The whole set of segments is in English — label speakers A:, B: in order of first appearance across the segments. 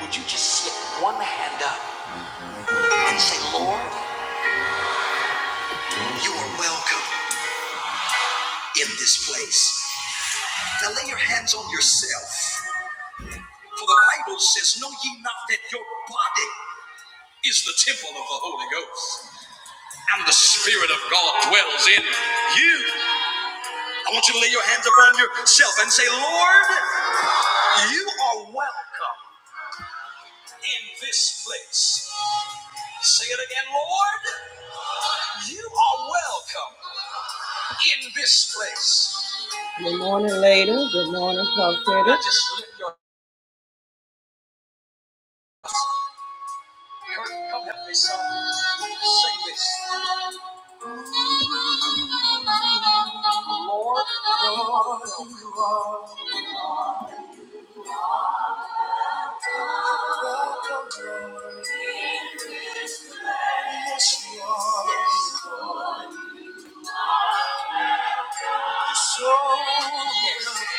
A: Would you just slip one hand up and say, Lord, you are welcome in this place? Now lay your hands on yourself. For the Bible says, Know ye not that your body is the temple of the Holy Ghost, and the Spirit of God dwells in you. I want you to lay your hands upon yourself and say, Lord, you are welcome in this place. Say it again, Lord, you are welcome in this place. Good morning, later. Good morning, prophetic. just lift your- Come help me, son. Sing this. Yes, So this way,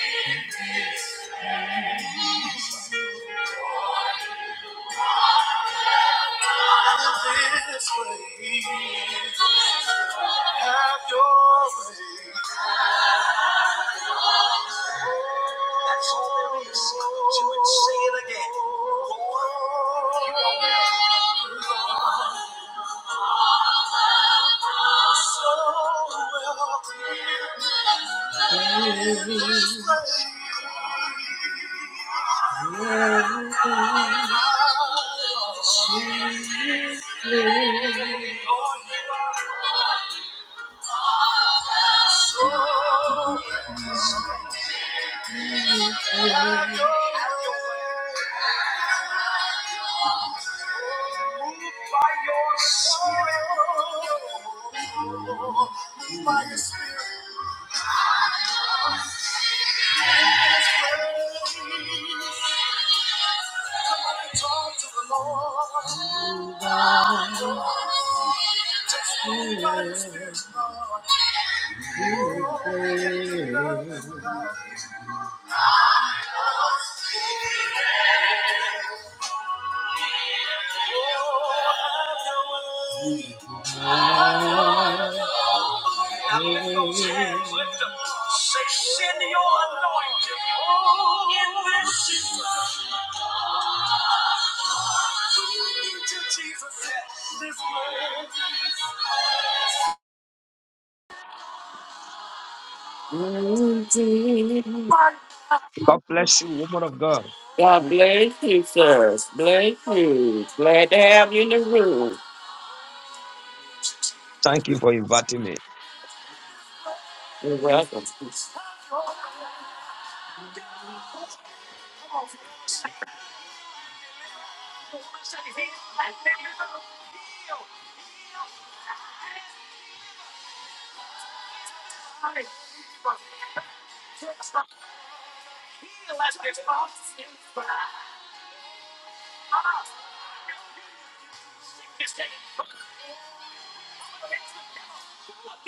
A: have your way. That's all there is to it. Sing it again. so welcome this place. Lord, you are Spirit. Lift those hands, lift them. Say, send your anointing. Oh, in this season. lead to Jesus, at this moment.
B: God bless you, woman of God.
A: God bless you, sir. Bless you. Glad to have you in the room.
B: Thank you for inviting me.
A: You're welcome.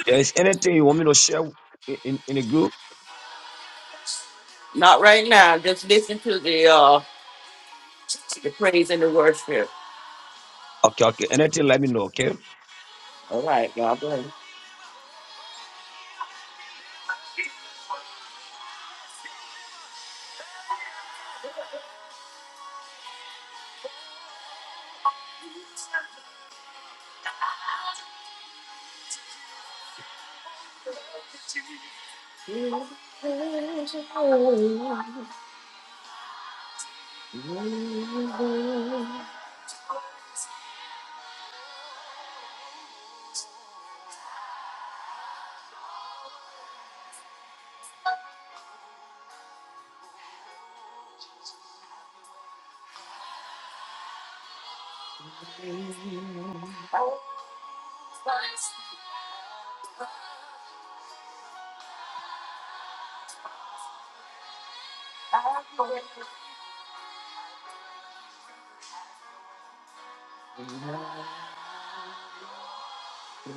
B: There is anything you want me to share in, in, in the group?
A: Not right now. Just listen to the uh the praise and the worship.
B: Okay, okay. Anything, let me know, okay?
A: All right, God bless.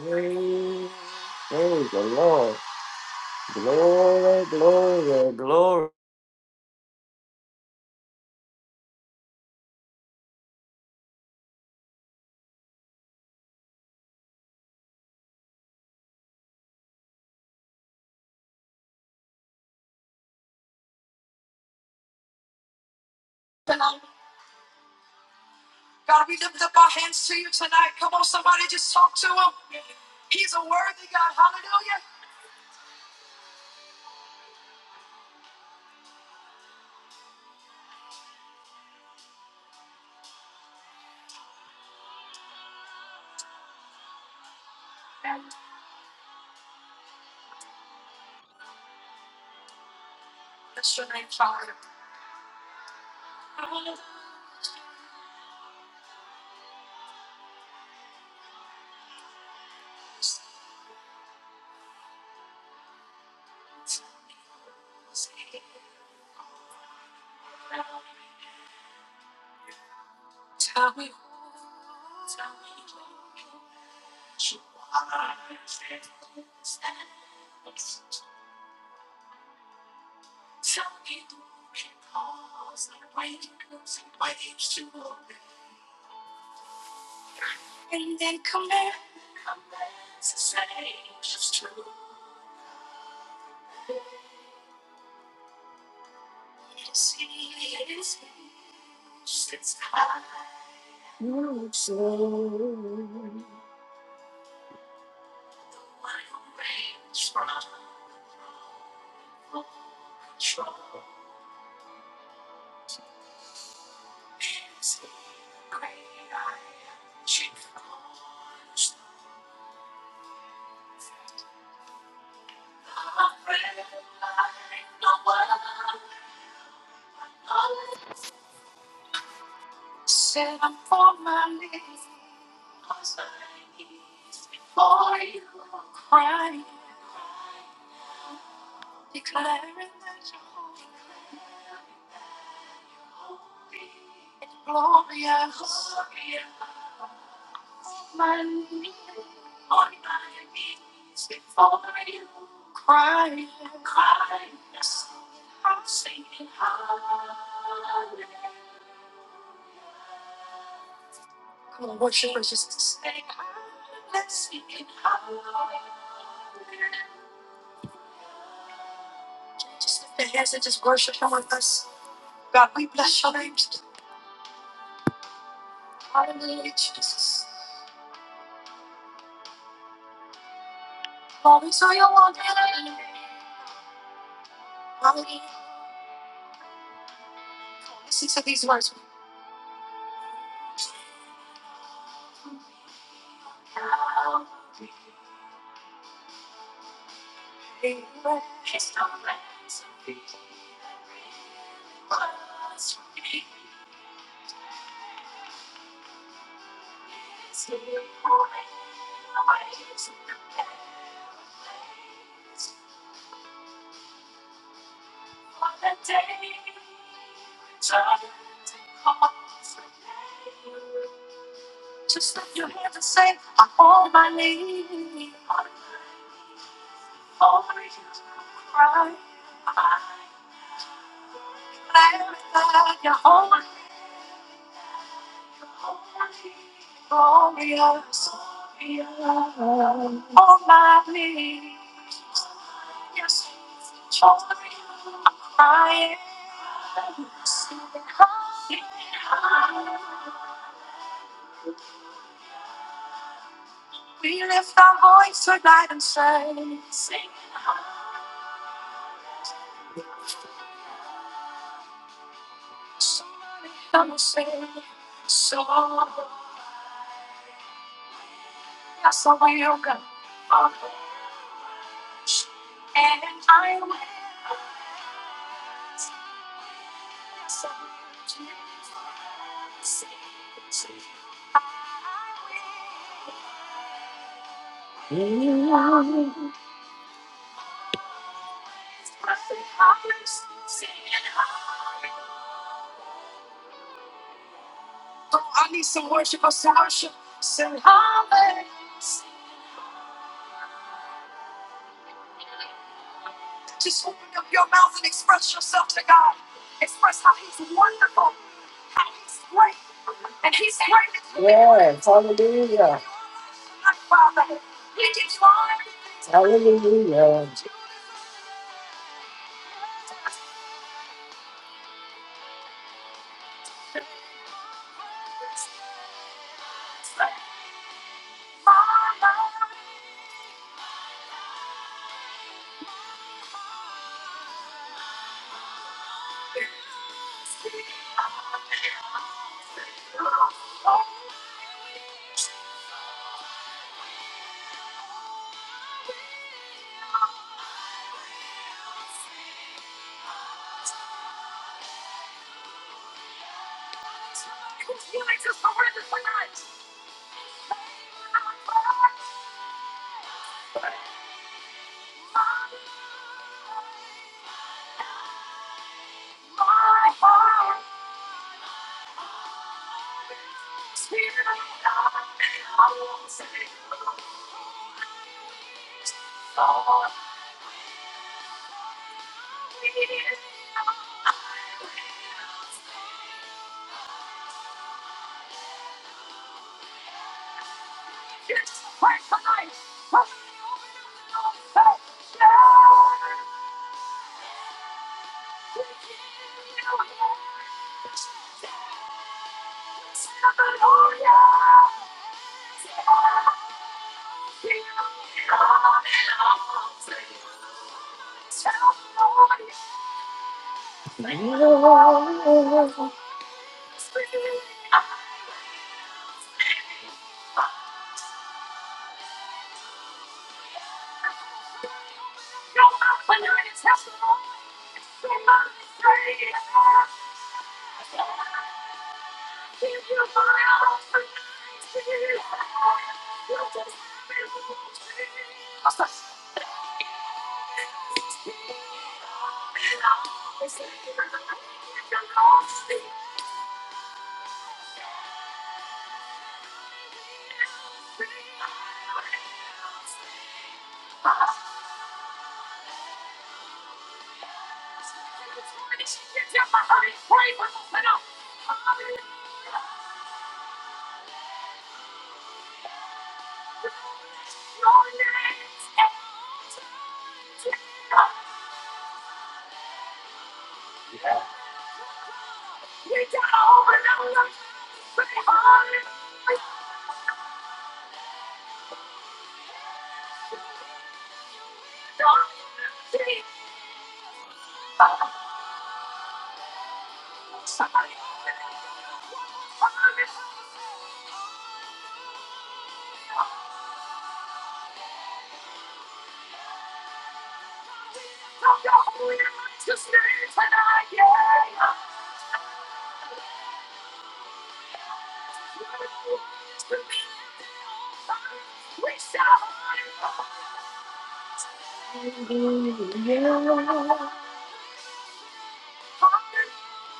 A: Praise praise the Lord. Glory, glory, glory. God, we lift up our hands to you tonight. Come on, somebody just talk to him. He's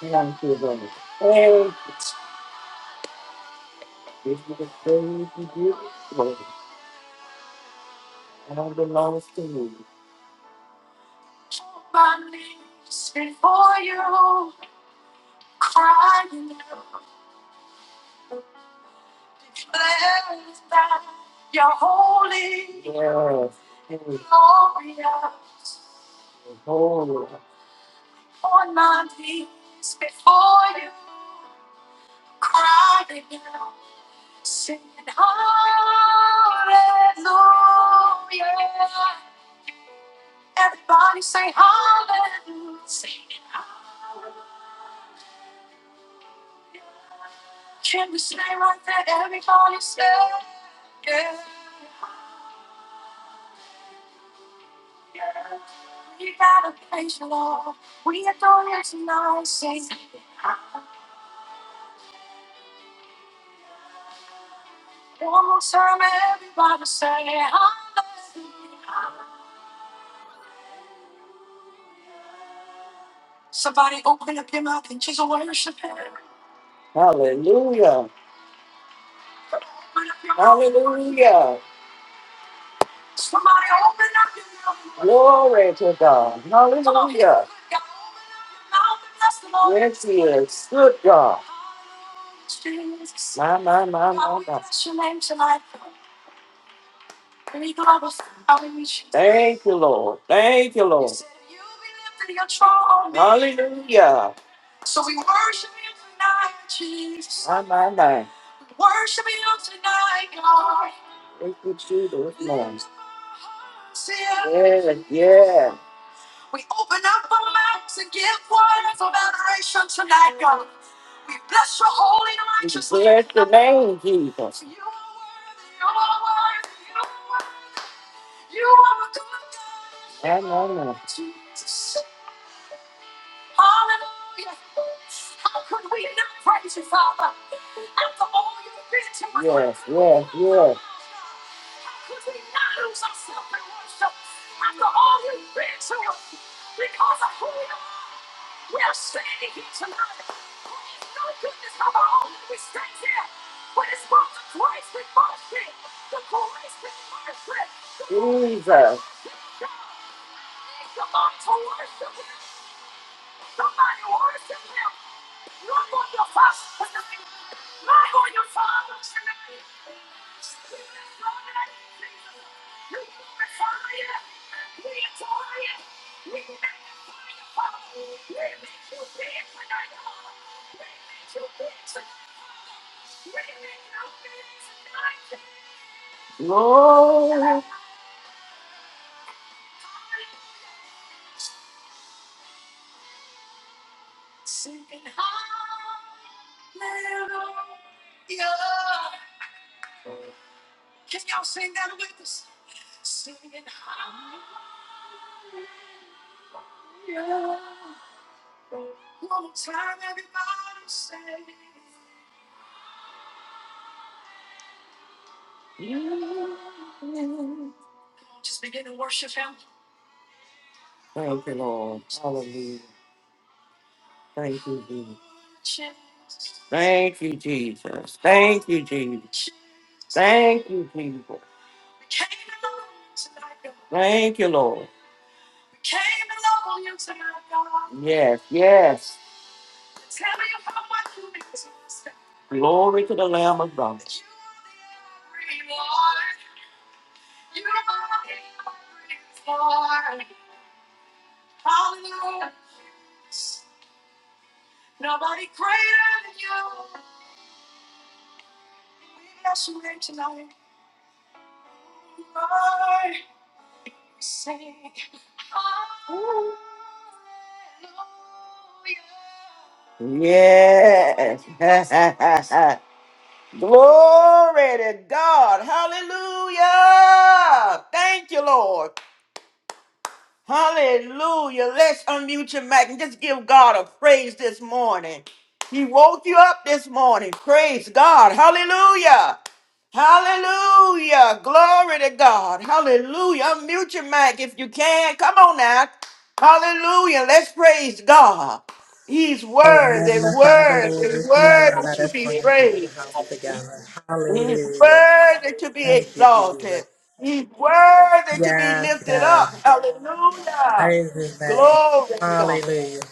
A: Thank you, Lord. Hey, this is the praise you give, Lord. And it all belongs to you. Yes. Hey, Glory. Hallelujah. Hallelujah. Glory to God. Hallelujah. This is good God. My, my, my. Thank you, Lord. Thank you, Lord. Hallelujah. My, my, my. Thank you, Jesus. Yes. Yeah, yeah. Name Jesus. Amen. amen. Yes, Jesus. Lord. Thank you, Lord. Hallelujah. Thank you, Jesus. Thank you, Jesus. Thank you, Jesus. Thank you, Jesus. Thank you, Lord. Yes, yes. Glory to the Lamb of God. Yes. Glory to God. Hallelujah. Thank you, Lord. Hallelujah. Let's unmute your mic and just give God a praise this morning. He woke you up this morning. Praise God. Hallelujah. Hallelujah. Glory to God. Hallelujah. Unmute your mic if you can. Come on now. Hallelujah. Let's praise God. He's
C: Oh,
A: worthy,
C: magnify the Lord
A: worthy,
C: with me and
A: worthy
C: let
A: to
C: us bring
A: be
C: him in the
A: praised.
C: house together.
A: He's
C: Hallelujah.
A: worthy to be
C: Thank you, Jesus.
A: exalted. He's worthy to be
C: Yes,
A: lifted
C: God.
A: up. Hallelujah.
C: Praise his name.
A: Glory to God.
C: Hallelujah.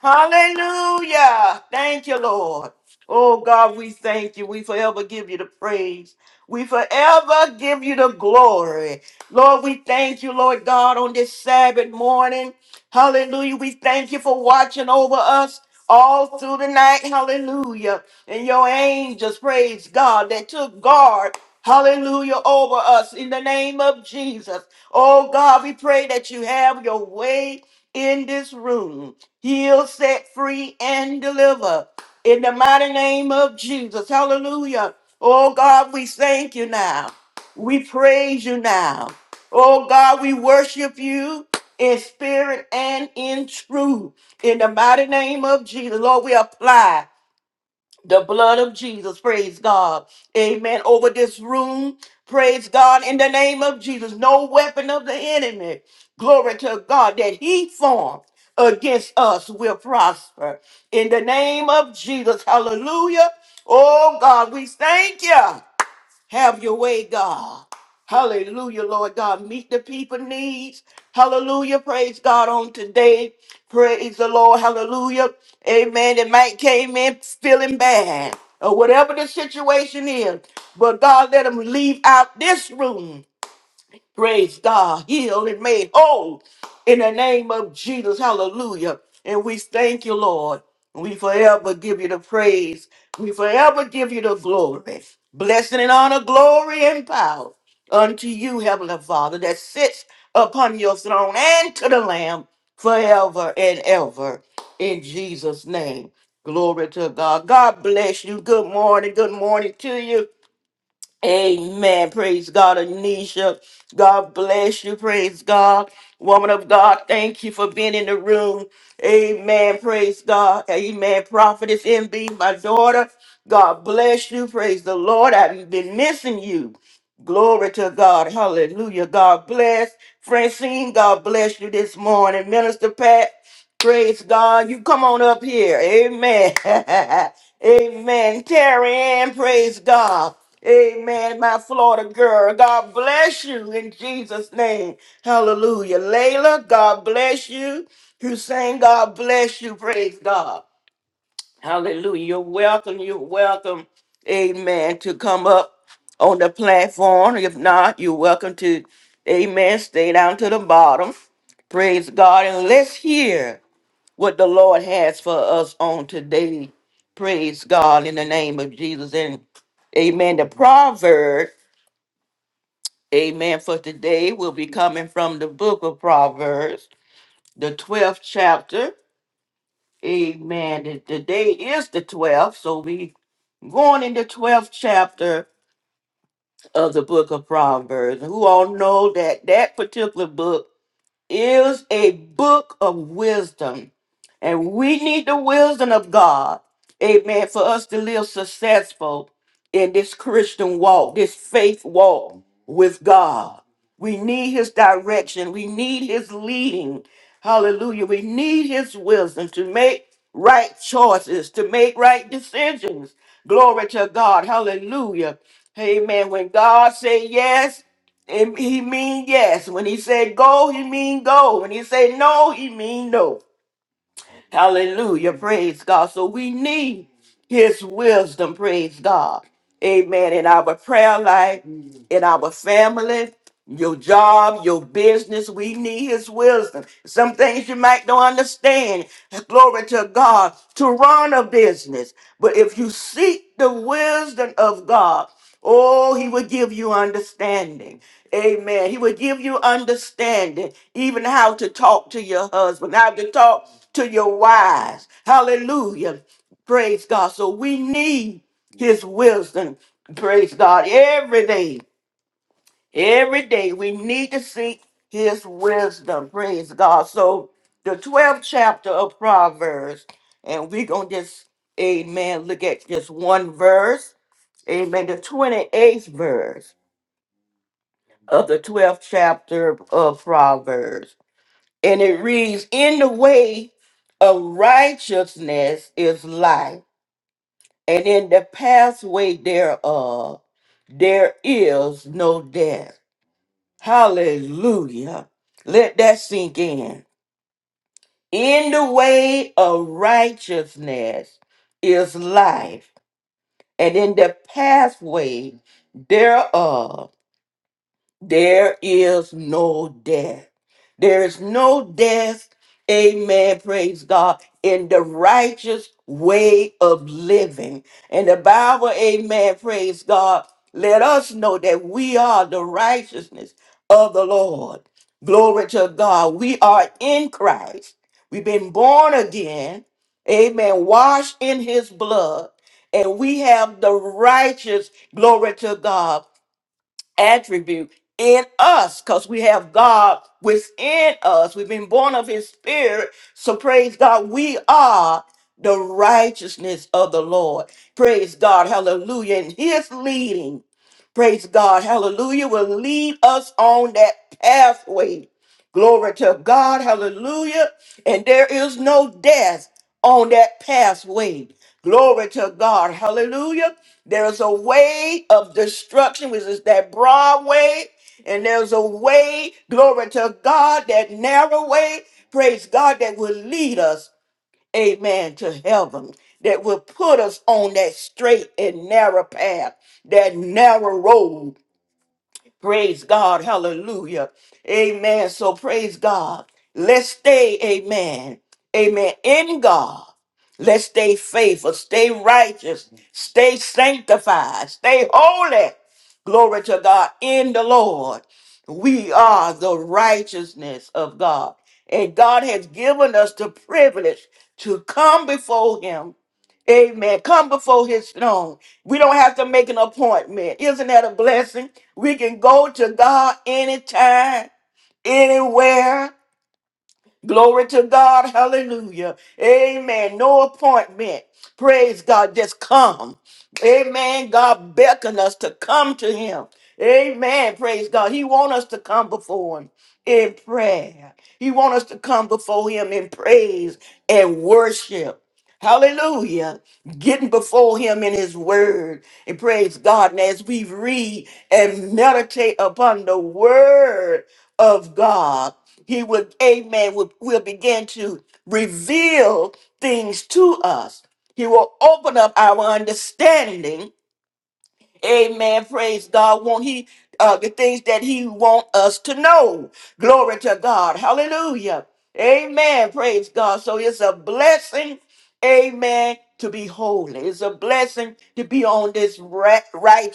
A: Hallelujah. Thank you, Lord. Oh God, we thank you. We forever give you the praise. We forever give you the glory. Lord, we thank you, Lord God, on this Sabbath morning. Hallelujah. We thank you for watching over us all through the night. Hallelujah. And your angels, praise God, that took guard. Hallelujah over us in the name of Jesus. Oh God, we pray that you have your way in this room heal, set free, and deliver. In the mighty name of Jesus. Hallelujah. Oh God, we thank you now. We praise you now. Oh God, we worship you in spirit and in truth. In the mighty name of Jesus, Lord, we apply. The blood of Jesus, praise God. Amen. Over this room, praise God, in the name of Jesus. No weapon of the enemy, glory to God, that he formed against us will prosper. In the name of Jesus, hallelujah. Oh God, we thank you. Have your way, God. Hallelujah, Lord. Or what the situation is, but God, let them leave out this room. Praise God, healed and made whole in the name of Jesus. Hallelujah. And we thank you, Lord. We forever give you the praise. We forever give you the glory. Blessing and honor, glory and power unto you, Heavenly Father, that sits upon your throne and to the Lamb forever and ever. In Jesus' name. Glory to God. God bless you. Good morning. Good morning to you. Amen. Praise God, Anisha. God bless you. Praise God. Woman of God, thank you for being in the room. Amen. Praise God. Amen. Prophetess MB, my daughter. God bless you. Praise the Lord. I've been missing you. Glory to God. Hallelujah. God bless. Francine, God bless you this morning. Minister Pat, praise God. You come on up here. Amen. Amen. Terry Ann, praise God. Amen, my Florida girl. God bless you in Jesus' name. Hallelujah. Layla, God bless you. Hussein, God bless you. Praise God. Hallelujah. You're welcome. You're welcome. Amen. To come up on the platform. If not, you're welcome to, amen, stay down to the bottom. Praise God. And let's hear what the Lord has for us on today. Praise God in the name of Jesus. And amen. The proverb, amen, for today will be coming from the book of Proverbs, the 12th chapter. Amen. The- the day is the 12th, so we going in the 12th chapter of the book of Proverbs. Who all know that that particular book is a book of wisdom And we need the wisdom of God, amen, for us to live successful in this Christian walk, this faith walk with God. We need his direction. We need his leading. Hallelujah. We need his wisdom to make right choices, to make right decisions. Glory to God. Hallelujah. Amen. When God say yes, and he mean yes. When he say go, he mean go. When he say no, he mean no. Hallelujah. Praise God. So we need his wisdom. Praise God. Amen. In our prayer life in our family, your job, your business. We need his wisdom. Some things you might don't understand. Glory to God to run a business. But if you seek the wisdom of God, oh, he will give you understanding. Amen. He will give you understanding, even how to talk to your husband, how to talk to your wives. Hallelujah. Praise God. So we need his wisdom. Praise God. Every day. Every day we need to seek his wisdom. Praise God. So the 12th chapter of Proverbs, and we're gonna just amen. Look at just one verse. Amen. The 28th verse of the 12th chapter of Proverbs. And it reads, In the way of righteousness is life, and in the pathway thereof there is no death. Hallelujah. Let that sink in. In the way of righteousness is life, and in the pathway thereof there is no death. There is no death. Amen. Praise God. In the righteous way of living. And the Bible, amen. Praise God. Let us know that we are the righteousness of the Lord. Glory to God. We are in Christ. We've been born again. Amen. Washed in his blood. And we have the righteous, glory to God attribute in us because we have God within us. We've been born of his spirit. So praise God, we are the righteousness of the Lord. Praise God. Hallelujah. And his leading. Praise God. Hallelujah. Will lead us on that pathway. Glory to God. Hallelujah. And there is no death on that pathway. Glory to God. Hallelujah. There is a way of destruction, which is that broad way. And there's a way, glory to God, that narrow way, praise God, that will lead us into heaven. Praise, hallelujah. Amen. So praise God. Let's stay, amen. Amen. In God, let's stay faithful, stay righteous, stay sanctified, stay holy. Glory to God. In the Lord, we are the righteousness of God. And God has given us the privilege to come before Him. Amen. Come before His throne. We don't have to make an appointment. Isn't that a blessing? We can go to God anytime, anywhere. Glory to God. Hallelujah. Amen. No appointment. Praise God. Just come. Amen. God beckon us to come to him. Amen. Praise God. He want us to come before him in prayer. He want us to come before him in praise and worship. Hallelujah. Getting before him in his word. And praise God. And as we read and meditate upon the word of God. He would, amen, will, will begin to reveal things to us. Well, and blessing, amen, to be holy. It's a blessing to be his ra-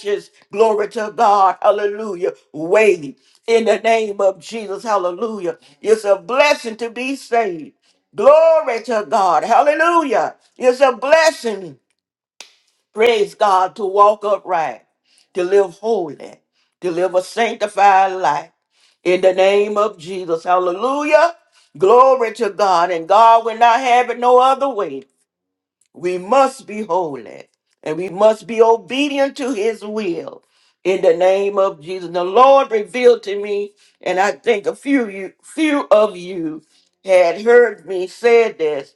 A: righteous. Glory to God. Hallelujah. Way in the name of Jesus. Hallelujah. It's a blessing to be saved. Glory to God. Hallelujah. It's a blessing Praise God to walk upright, to live holy, to live a sanctified life. In the name of Jesus. Hallelujah. Glory to God. And God will not have it no other way. We must be holy and we must be obedient to his will. In the name of Jesus. The Lord revealed to me, and I think a few you few of you had heard me say this,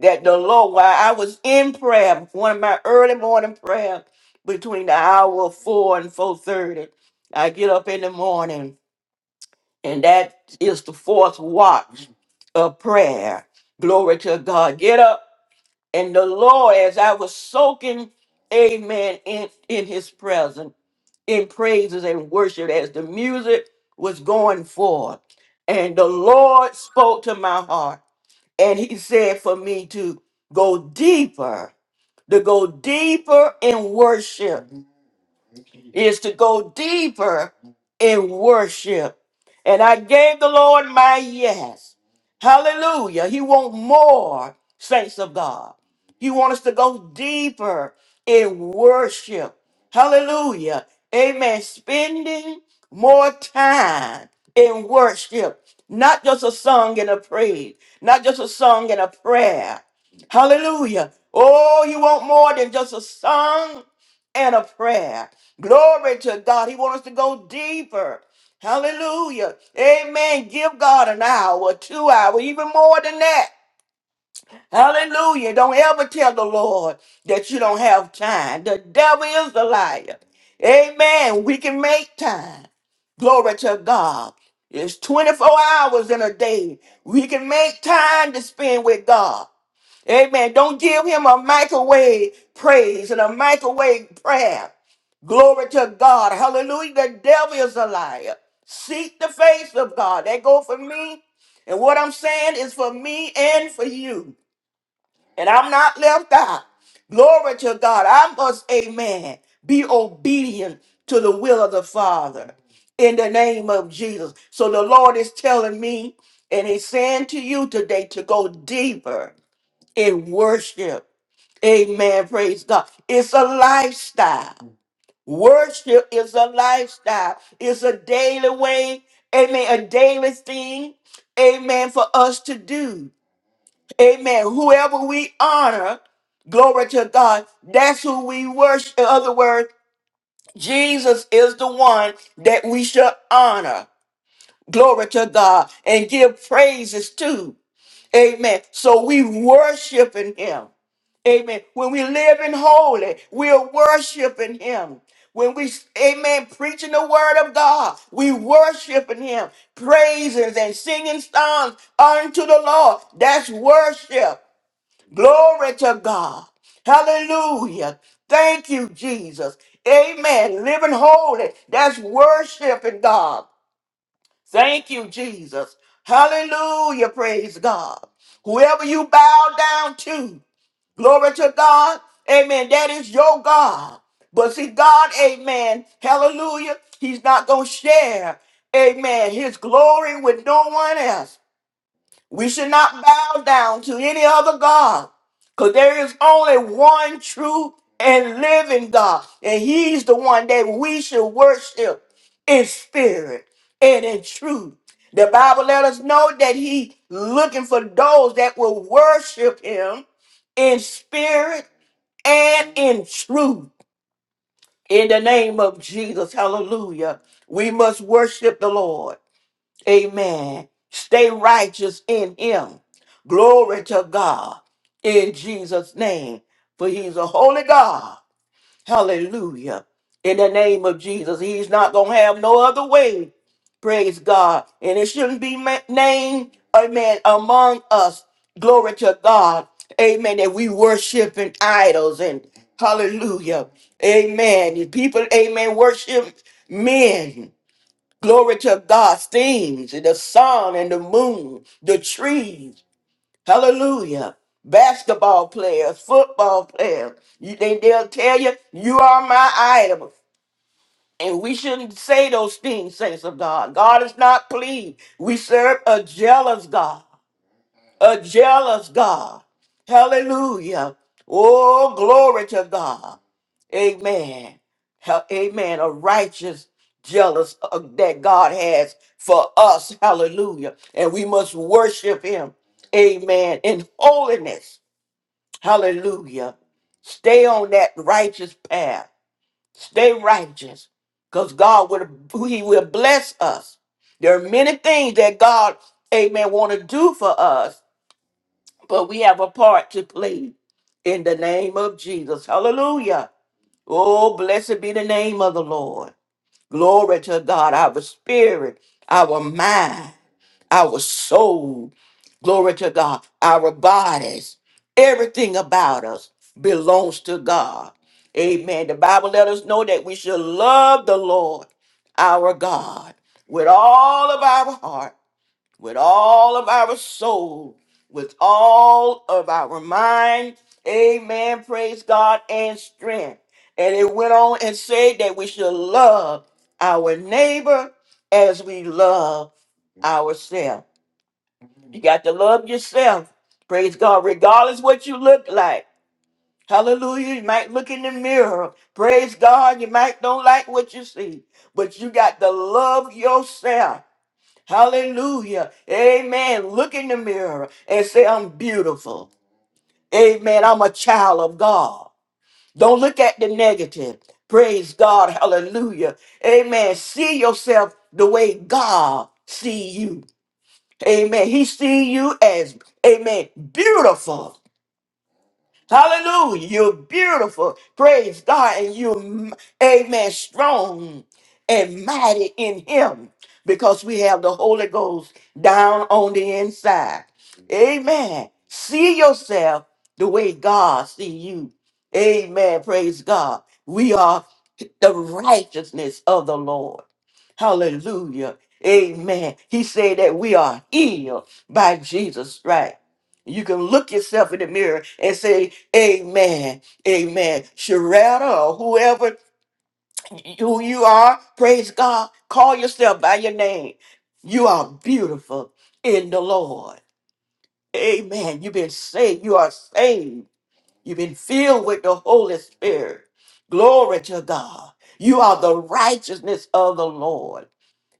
A: that the Lord, while I was in prayer, one of my early morning prayer between the hour of four and four thirty, I get up in the morning, and that is the fourth watch of prayer. Glory to God. Get up and the Lord, as I was soaking, amen, in, in his presence, in praises and worship, as the music was going forth. And the Lord spoke to my heart, and he said for me to go deeper, to go deeper in worship, is to go deeper in worship. I gave the Lord my yes. Hallelujah. He wants more, saints of God. want us to go deeper in worship. Hallelujah. Amen. Spending more time in worship, not just a song and a praise, not just a song and a prayer. Hallelujah. Oh, you want more than just a song and a prayer. Glory to God. He wants us to go deeper. Hallelujah. Amen. Give God an hour, two hours, even more than that. Hallelujah. Don't ever tell the Lord that you don't have time. The devil is a liar. Amen. We can make time. Glory to God. It's 24 hours in a day. We can make time to spend with God. Amen. Don't give him a microwave praise and a microwave prayer. Glory to God. Hallelujah. The devil is a liar. Seek the face of God. That go for me. And what I'm saying is for me and for you and I'm not left out. Glory to God. I must, amen, be obedient to the will of the Father in the name of Jesus. So the Lord is telling me and He's saying to you today to go deeper in worship. Amen. Praise God. It's a lifestyle. Worship is a lifestyle, it's a daily way, amen, a daily thing, amen, for us to do. Amen. Whoever we honor, glory to God, that's who we worship. In other words, Jesus is the one that we should honor. Glory to God and give praises to. Amen. So we worshiping him. Amen. When we live in holy, we're worshiping him. When we, amen, preaching the word of God, we worshiping him, praises and singing songs unto the Lord. That's worship. Glory to God. Hallelujah. Thank you, Jesus. Amen. Living holy. That's worshiping God. Thank you, Jesus. Hallelujah. Praise God. Whoever you bow down to, glory to God. Amen. That is your God. But see, God, amen. Hallelujah. He's not going to share, amen, his glory with no one else. We should not bow down to any other God because there is only one true and living God, and He's the one that we should worship in spirit and in truth. The Bible let us know that He looking for those that will worship Him in spirit and in truth. In the name of Jesus, hallelujah. We must worship the Lord. Amen. Stay righteous in him. Glory to God in Jesus' name. For he's a holy God. Hallelujah. In the name of Jesus. He's not going to have no other way. Praise God. And it shouldn't be ma- named, amen, among us. Glory to God. Amen. That we worshiping idols and hallelujah. Amen. People, amen, worship men. Glory to God. Steams, the sun and the moon, the trees. Hallelujah. Basketball players, football players. You think they'll tell you, you are my idol. And we shouldn't say those things, saints of God. God is not pleased. We serve a jealous God. A jealous God. Hallelujah. Oh, glory to God. Amen. Ha- Amen. A righteous jealous uh, that God has for us. Hallelujah. And we must worship him. Amen. In holiness. Hallelujah. Stay on that righteous path. Stay righteous. Because God will he will bless us. There are many things that God, amen, want to do for us, but we have a part to play in the name of Jesus. Hallelujah. Oh, blessed be the name of the Lord. Glory to God, our spirit, our mind, our soul. Glory to God, our bodies. Everything about us belongs to God. Amen. The Bible let us know that we should love the Lord our God with all of our heart with all of our soul, with all of our mind. Amen. Praise God and strength. And it went on and said that we should love our neighbor as we love ourselves. You got to love yourself. Praise God, regardless what you look like. Hallelujah. You might look in the mirror. Praise God. You might don't like what you see, but you got to love yourself. Hallelujah. Amen. Look in the mirror and say, I'm beautiful. Amen. I'm a child of God. Hallelujah. God, you as, amen, beautiful. Hallelujah. You're beautiful. Praise God. And you amen, strong and mighty in Him because we have the Holy Ghost down on the inside. Amen. See yourself the way God see you. Amen. Praise God. We are the righteousness of the Lord. Hallelujah. Amen. He said that we are healed by Jesus' stripes. You can look yourself in the mirror and say, Amen, Amen. Sharetta or whoever who you are, praise God. Call yourself by your name. You are beautiful in the Lord. Amen. You've been saved. You are saved. You've been filled with the Holy Spirit. Glory to God. You are the righteousness of the Lord.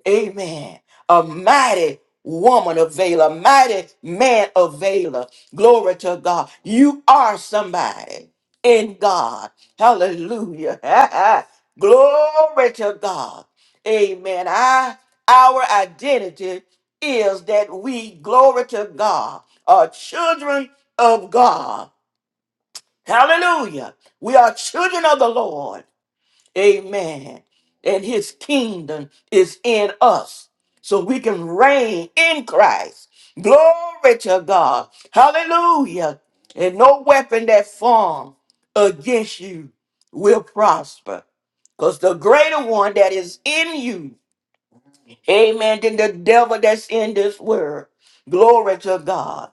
A: Amen. A mighty woman of Valor, mighty man of Valor. Glory to God. You are somebody in God. Hallelujah. Glory to God. Amen. I, our identity is that we, glory to God, are children of God. Hallelujah. We are children of the Lord. Amen. And his kingdom is in us. So we can reign in Christ. Glory to God. Hallelujah. And no weapon that formed against you will prosper. Because the greater one that is in you Amen. Then the devil that's in this world. Glory to God.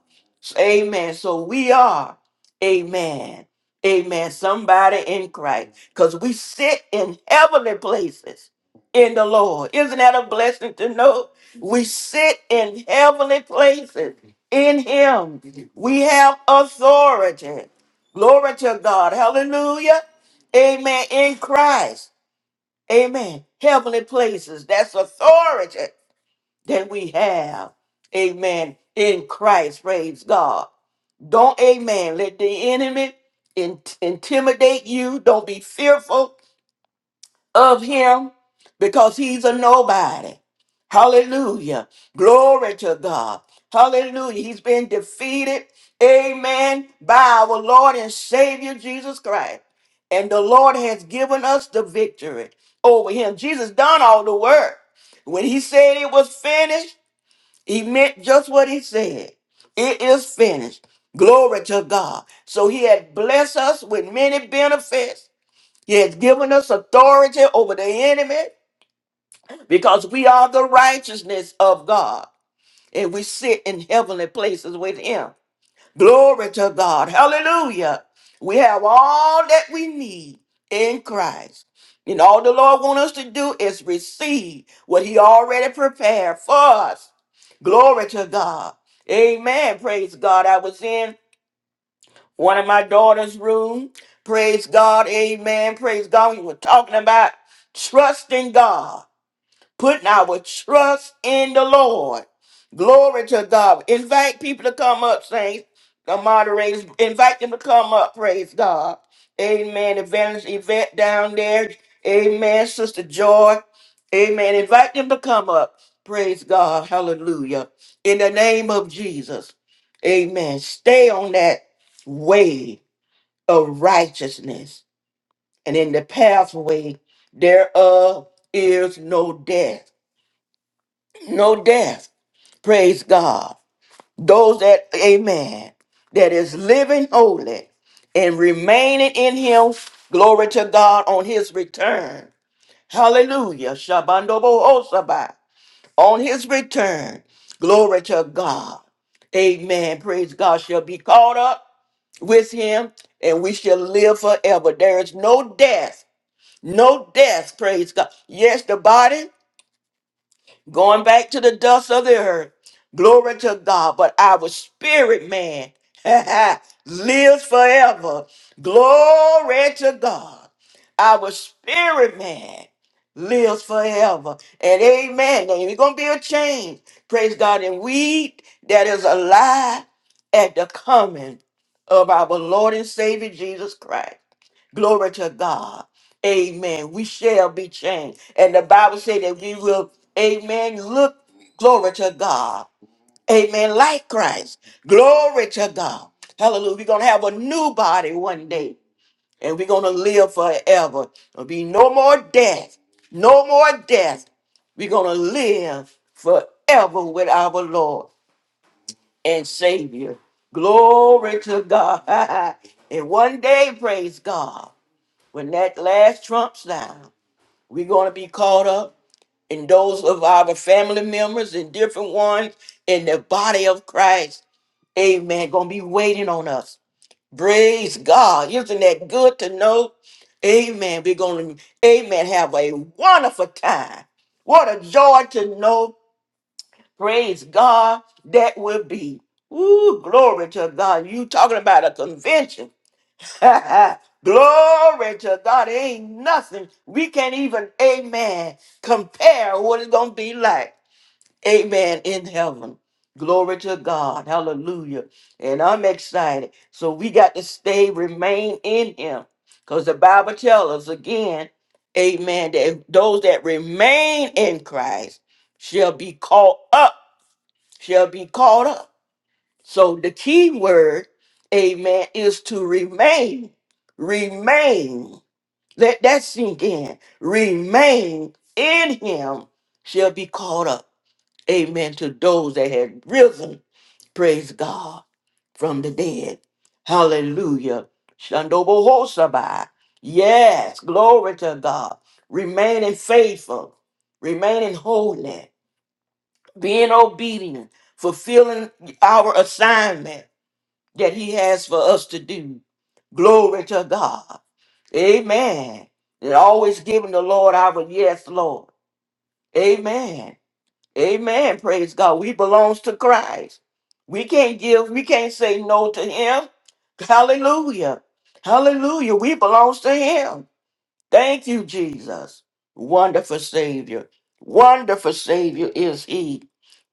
A: Amen. So we are, amen. Amen. Somebody in Christ. Because we sit in heavenly places in the Lord. Isn't that a blessing to know? We sit in heavenly places in Him. We have authority. Glory to God. Hallelujah. Amen. In Christ. Amen. Heavenly places. That's authority that we have. Amen. In Christ, praise God. Don't, amen. Let the enemy in- intimidate you. Don't be fearful of him because he's a nobody. Hallelujah. Glory to God. Hallelujah. He's been defeated. Amen. By our Lord and Savior Jesus Christ. And the Lord has given us the victory over him. Jesus done all the work. When he said it was finished, he meant just what he said is finished. Glory to God. So he had blessed us with many benefits. He has given us authority over the enemy because we are the righteousness of God and we sit in heavenly places with him. Glory to God. Hallelujah. We have all that we need in Christ. And all the Lord wants us to do is receive what he already prepared for us. Glory to God. Amen. Praise God. I was in one of my daughter's room. Praise God. Amen. Praise God. We were talking about trusting God, putting our trust in the Lord. Glory to God. Invite people to come up, saints, the moderators. Invite them to come up. Praise God. Amen. Evangelist Yvette down there. Amen. Sister Joy. Amen. Invite them to come up. Praise God. Hallelujah. In the name of Jesus. Amen. Stay on that wave of righteousness, and in the pathway thereof is no death. No death. It's God that, amen, that is living and remaining in him, glory to God, on his return. Hallelujah. Shabandobohosabai. On his return, glory to God. Amen. Praise God. Shall be caught up with him, and we shall live forever. There is no death. No death, praise God. Yes, the body. going back to the dust of the earth. Glory to God. But our spirit man lives forever. Glory to God. Our spirit man lives forever. And amen. There ain't going to be a change. Praise God. And we that is alive at the coming of our Lord and Savior Jesus Christ. Glory to God. Amen. We shall be changed. And the Bible says that we will, amen, look, glory to God. Amen. Like Christ. Glory to God. Hallelujah. We're going to have a new body one day. And we're going to live forever. There'll be no more death. No more death. We're going to live forever with our Lord and Savior. Glory to God. and one day, praise God. When that last trumps down, we're going to be caught up and those of our family members and different ones in the body of Christ. Amen. Going to be waiting on us. Praise God. Isn't that good to know? Amen. We're going to, amen, have a wonderful time. What a joy to know. Praise God. That will be. Ooh, glory to God. You talking about a convention. Glory to God. There ain't nothing we can't even, amen, compare what it's going to be like, amen, in heaven. Glory to God. Hallelujah. And I'm excited. So we got to stay, remain in Him. Because the Bible tells us again, amen, that those that remain in Christ shall be caught up, shall be caught up. So the key word, amen, is to remain. Remain. Let that sink in. Remain in him shall be caught up. Amen. To those that had risen, praise God, from the dead. Hallelujah. Shandobohosabai. Yes, glory to God. Remaining faithful, remaining holy, being obedient, fulfilling our assignment that he has for us to do. Glory to God. Amen. And always giving the Lord our yes, Lord. Amen. Amen. Praise God. We belongs to Christ. We can't give, we can't say no to him. Hallelujah. Hallelujah. We belongs to him. Thank you, Jesus. Wonderful Savior. Wonderful Savior is he.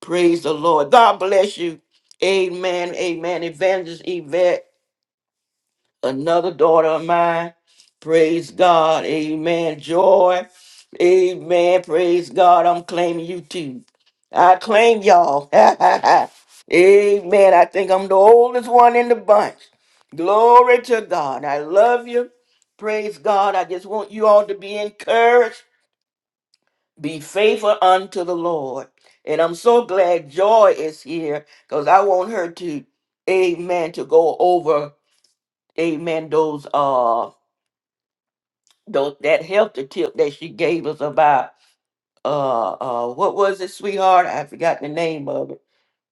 A: Praise the Lord. God bless you. Amen. Amen. Evangelist Yvette another daughter of mine. Praise God. Amen. Joy. Amen. Praise God. I'm claiming you too. I claim y'all. Amen. I think I'm the oldest one in the bunch. Glory to God. I love you. Praise God. I just want you all to be encouraged. Be faithful unto the Lord. And I'm so glad Joy is here because I want her to, amen, to go over, amen, those. uh. those that helped the tip that she gave us about uh uh what was it, sweetheart? I forgot the name of it.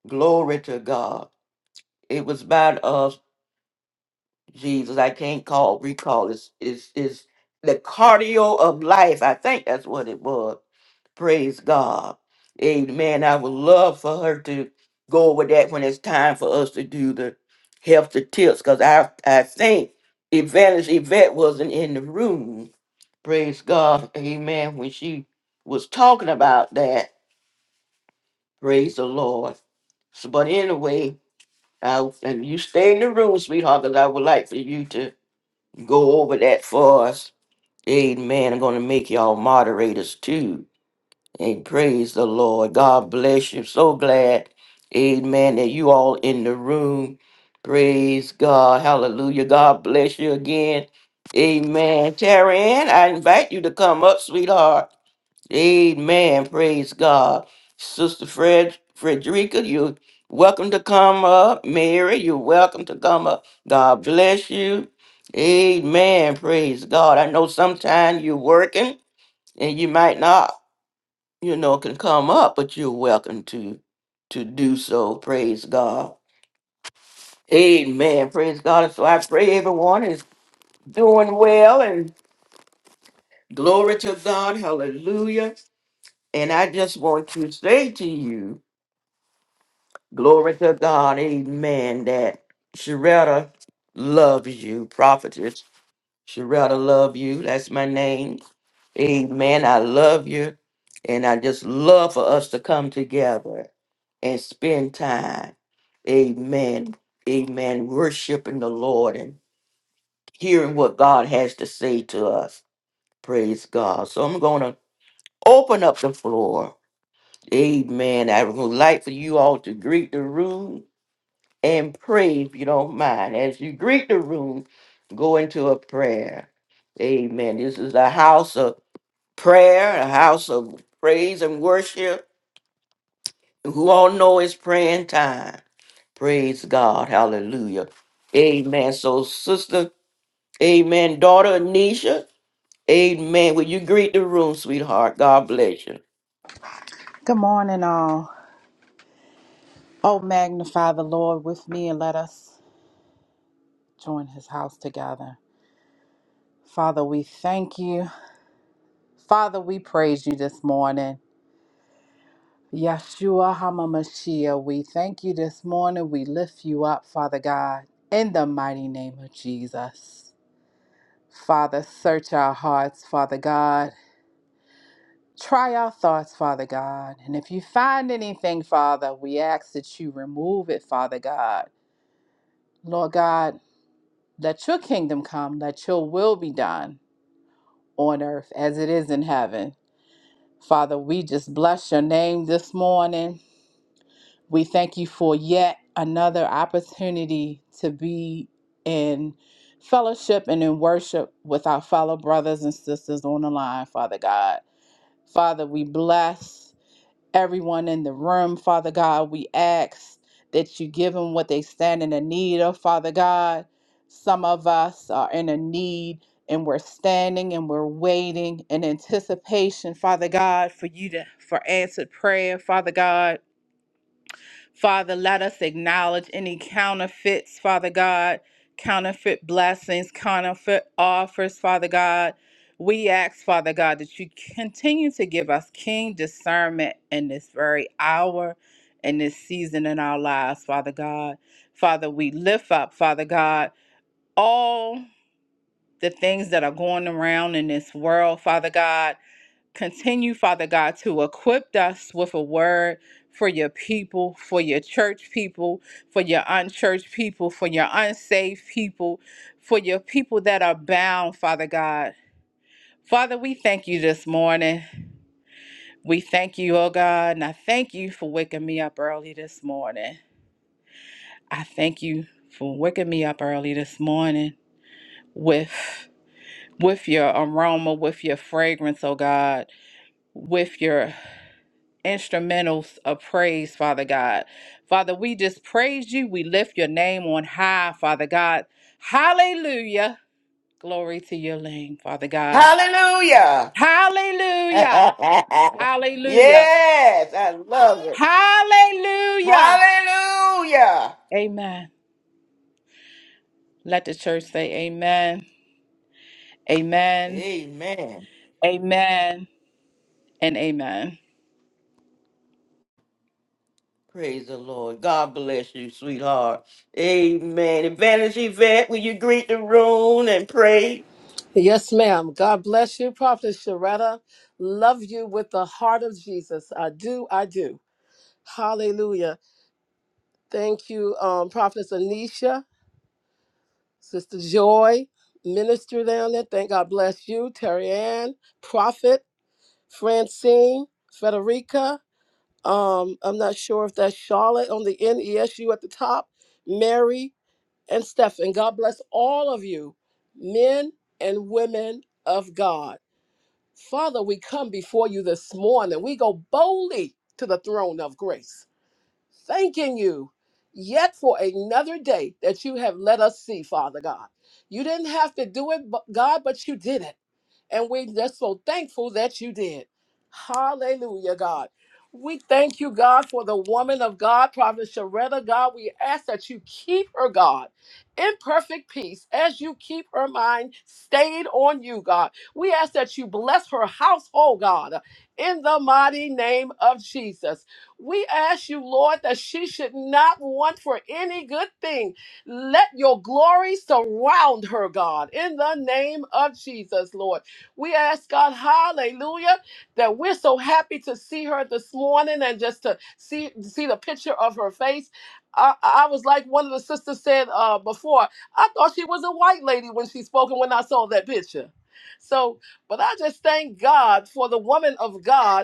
A: Glory to God. It was about uh Jesus. I can't call recall. It's is is the cardio of life. I think that's what it was. Praise God. Amen. I would love for her to go over that when it's time for us to do the health the tips because I I think Evangelist Yvette wasn't in the room Praise God. Amen. When she was talking about that, praise the Lord. So, but anyway, I, and you stay in the room, sweetheart, because I would like for you to go over that for us. Amen. I'm going to make y'all moderators too. And praise the Lord. God bless you. So glad. Amen. That you all in the room. Praise God. Hallelujah. God bless you again. Amen. Taryn, I invite you to come up, sweetheart. Amen. Praise God. Sister Fred Frederica, you're welcome to come up. Mary, you're welcome to come up. God bless you. Amen. Praise God. I know sometimes you're working and you might not, you know, can come up, but you're welcome to to do so. Praise God. Amen. Praise God. And so I pray everyone is doing well and glory to God. Hallelujah. And I just want to say to you. Glory to God. Amen. That Sharetta loves you, prophetess. Sharetta love you. That's my name. Amen. I love you. And I just love for us to come together and spend time. Amen. Amen. Worshiping the Lord and hearing what God has to say to us. Praise God. So I'm going to open up the floor. Amen. I would like for you all to greet the room. and pray if you don't mind. As you greet the room, go into a prayer. Amen. This is a house of prayer, a house of praise and worship. Who all know it's praying time. Praise God. Hallelujah. Amen. So, sister, amen. Daughter Anisha, amen. Will you greet the room, sweetheart? God bless you.
C: Good morning, all. Oh, magnify the Lord with me and let us join his house together. Father, we thank you. Father, we praise you this morning. Yeshua HaMashiach, we thank you this morning. We lift you up, Father God, in the mighty name of Jesus. Father, search our hearts, Father God. Try our thoughts, Father God. And if you find anything, Father, we ask that you remove it, Father God. Lord God, let your kingdom come, let your will be done on earth as it is in heaven. Father, we just bless your name this morning. We thank you for yet another opportunity to be in fellowship and in worship with our fellow brothers and sisters on the line, Father God. Father, we bless everyone in the room. Father God, we ask that you give them what they stand in the need of. Father God, some of us are in a need and we're standing and we're waiting in anticipation, Father God, for you to for answered prayer, Father God. Father, let us acknowledge any counterfeits, Father God, counterfeit blessings, counterfeit offers, Father God. We ask, Father God, that you continue to give us keen discernment in this very hour, in this season in our lives, Father God. Father, we lift up, Father God, all the things that are going around in this world, Father God. Continue, Father God, to equip us with a word for your people, for your church people, for your unchurched people, for your unsaved people, for your people that are bound, Father God. Father, we thank you this morning. We thank you, oh God, and I thank you for waking me up early this morning. I thank you for waking me up early this morning with with your aroma, with your fragrance, oh God, with your instrumentals of praise, Father God. Father, we just praise you. We lift your name on high, Father God. Hallelujah. Glory to your name, Father God.
A: Hallelujah.
C: Hallelujah. Hallelujah.
A: yes, I love it.
C: Hallelujah.
A: Hallelujah.
C: Amen. Let the church say amen. Amen.
A: Amen.
C: Amen. And amen.
A: Praise the Lord. God bless you, sweetheart. Amen. Advantage Yvette, will you greet the room and pray?
D: Yes, ma'am. God bless you, Prophet Sharetta. Love you with the heart of Jesus. I do, I do. Hallelujah. Thank you, um, Prophetess Anisha, Sister Joy, Minister down there. Thank God bless you, Terry Ann, Prophet, Francine, Frederica. Um, I'm not sure if that's Charlotte on the NESU at the top, Mary, and Stephen. God bless all of you, men and women of God. Father, we come before you this morning. We go boldly to the throne of grace thanking you yet for another day that you have let us see, Father God. You didn't have to do it, bu- God, but you did it. And we're just so thankful that you did. Hallelujah, God. We thank you, God, for the woman of God, Prophet Sharetta, God. We ask that you keep her, God, in perfect peace as you keep her mind stayed on you, God. We ask that you bless her household, God, in the mighty name of Jesus. We ask you, Lord, that she should not want for any good thing. Let your glory surround her, God, in the name of Jesus, Lord. We ask, God, hallelujah, that we're so happy to see her this morning and just to see, see the picture of her face. I, I was like one of the sisters said uh, before, I thought she was a white lady when she spoke and when I saw that picture. So, but I just thank God for the woman of God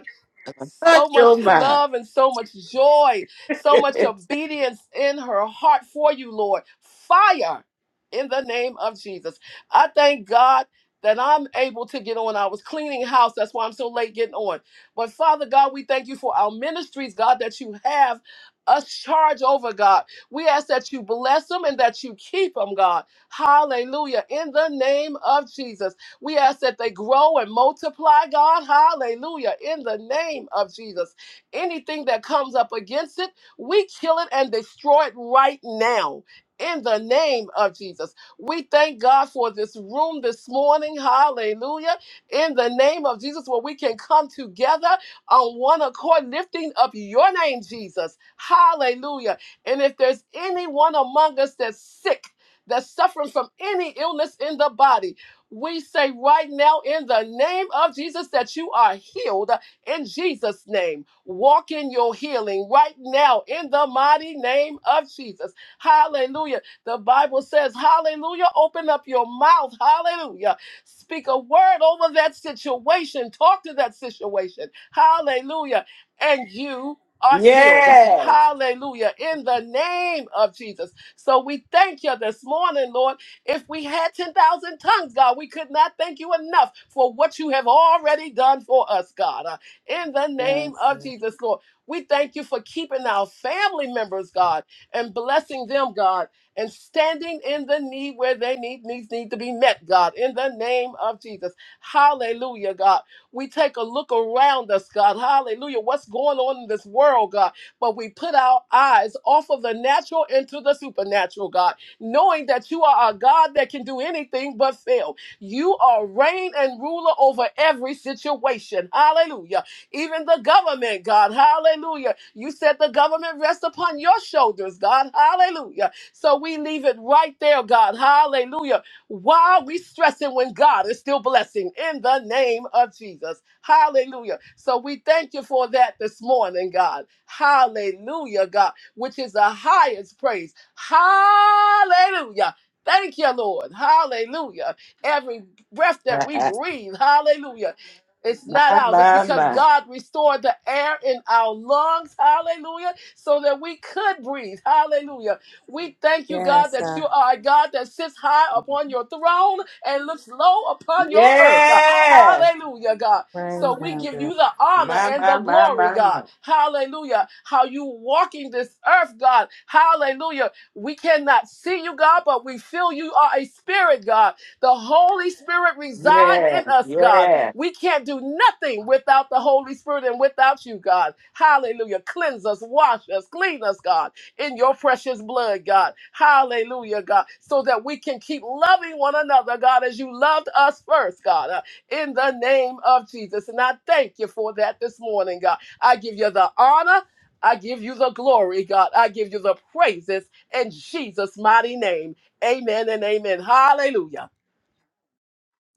A: Touch
D: so
A: your
D: much
A: mind.
D: love and so much joy, so much obedience in her heart for you, Lord. Fire in the name of Jesus. I thank God that I'm able to get on. I was cleaning house, that's why I'm so late getting on. But Father God, we thank you for our ministries, God, that you have us charge over, God. We ask that you bless them and that you keep them, God. Hallelujah. In the name of Jesus. We ask that they grow and multiply, God. Hallelujah. In the name of Jesus. Anything that comes up against it, we kill it and destroy it right now. In the name of Jesus. We thank God for this room this morning. Hallelujah. In the name of Jesus, where we can come together on one accord, lifting up your name, Jesus. Hallelujah. And if there's anyone among us that's sick, that's suffering from any illness in the body, we say right now in the name of Jesus that you are healed in Jesus' name. Walk in your healing right now in the mighty name of Jesus. Hallelujah. The Bible says, Hallelujah. Open up your mouth. Hallelujah. Speak a word over that situation. Talk to that situation. Hallelujah. And you are healed.
A: Yes.
D: Hallelujah. In the name of Jesus. So we thank you this morning, Lord. If we had 10,000 tongues, God, we could not thank you enough for what you have already done for us, God. Uh, in the
C: Yes,
D: name of
C: God.
D: Jesus, Lord, we thank you for keeping our family members, God, and blessing them, God, and standing in the need where they need needs need to be met, God. In the name of Jesus, Hallelujah, God. We take a look around us, God. Hallelujah. What's going on in this world, God? But we put our eyes off of the natural into the supernatural, God knowing that you are a God that can do anything but fail. You are reign and ruler over every situation. Hallelujah. Even the government, God. Hallelujah. You said the government rests upon your shoulders, God. Hallelujah. So we leave it right there, God. Hallelujah. Why are we stressing when God is still blessing in the name of Jesus? Hallelujah. So we thank you for that this morning, God. Hallelujah, God which is the highest praise. Hallelujah. Thank you, Lord. Hallelujah. Every breath that we
A: my,
D: breathe, hallelujah. It's not ours. It's
A: my,
D: because
A: my.
D: God restored the air in our lungs, hallelujah, so that we could breathe, hallelujah. We thank you, God,
C: Yes,
D: that
C: God.
D: you are a God that sits high upon your throne and looks low upon your earth.
A: Yes.
D: Hallelujah, God.
C: Rain
D: So we
C: down,
D: give
C: God.
D: you the honor
A: My,
D: and the
A: my, my,
D: glory,
A: my, my.
D: God. Hallelujah. How you walking this earth, God. Hallelujah. We cannot see you, God, but we feel you are a spirit, God. The Holy Spirit reside in
A: Yes.
D: us, God.
A: Yes.
D: We can't do nothing without the Holy Spirit and without you, God. Hallelujah. Cleanse us, wash us, clean us, God, in your precious blood, God. Hallelujah, God. So that we can keep loving one another, God, as you loved us first, God in the name of Jesus. And I thank you for that this morning, God. I give you the honor. I give you the glory, God. I give you the praises in Jesus' mighty name. Amen and amen. Hallelujah.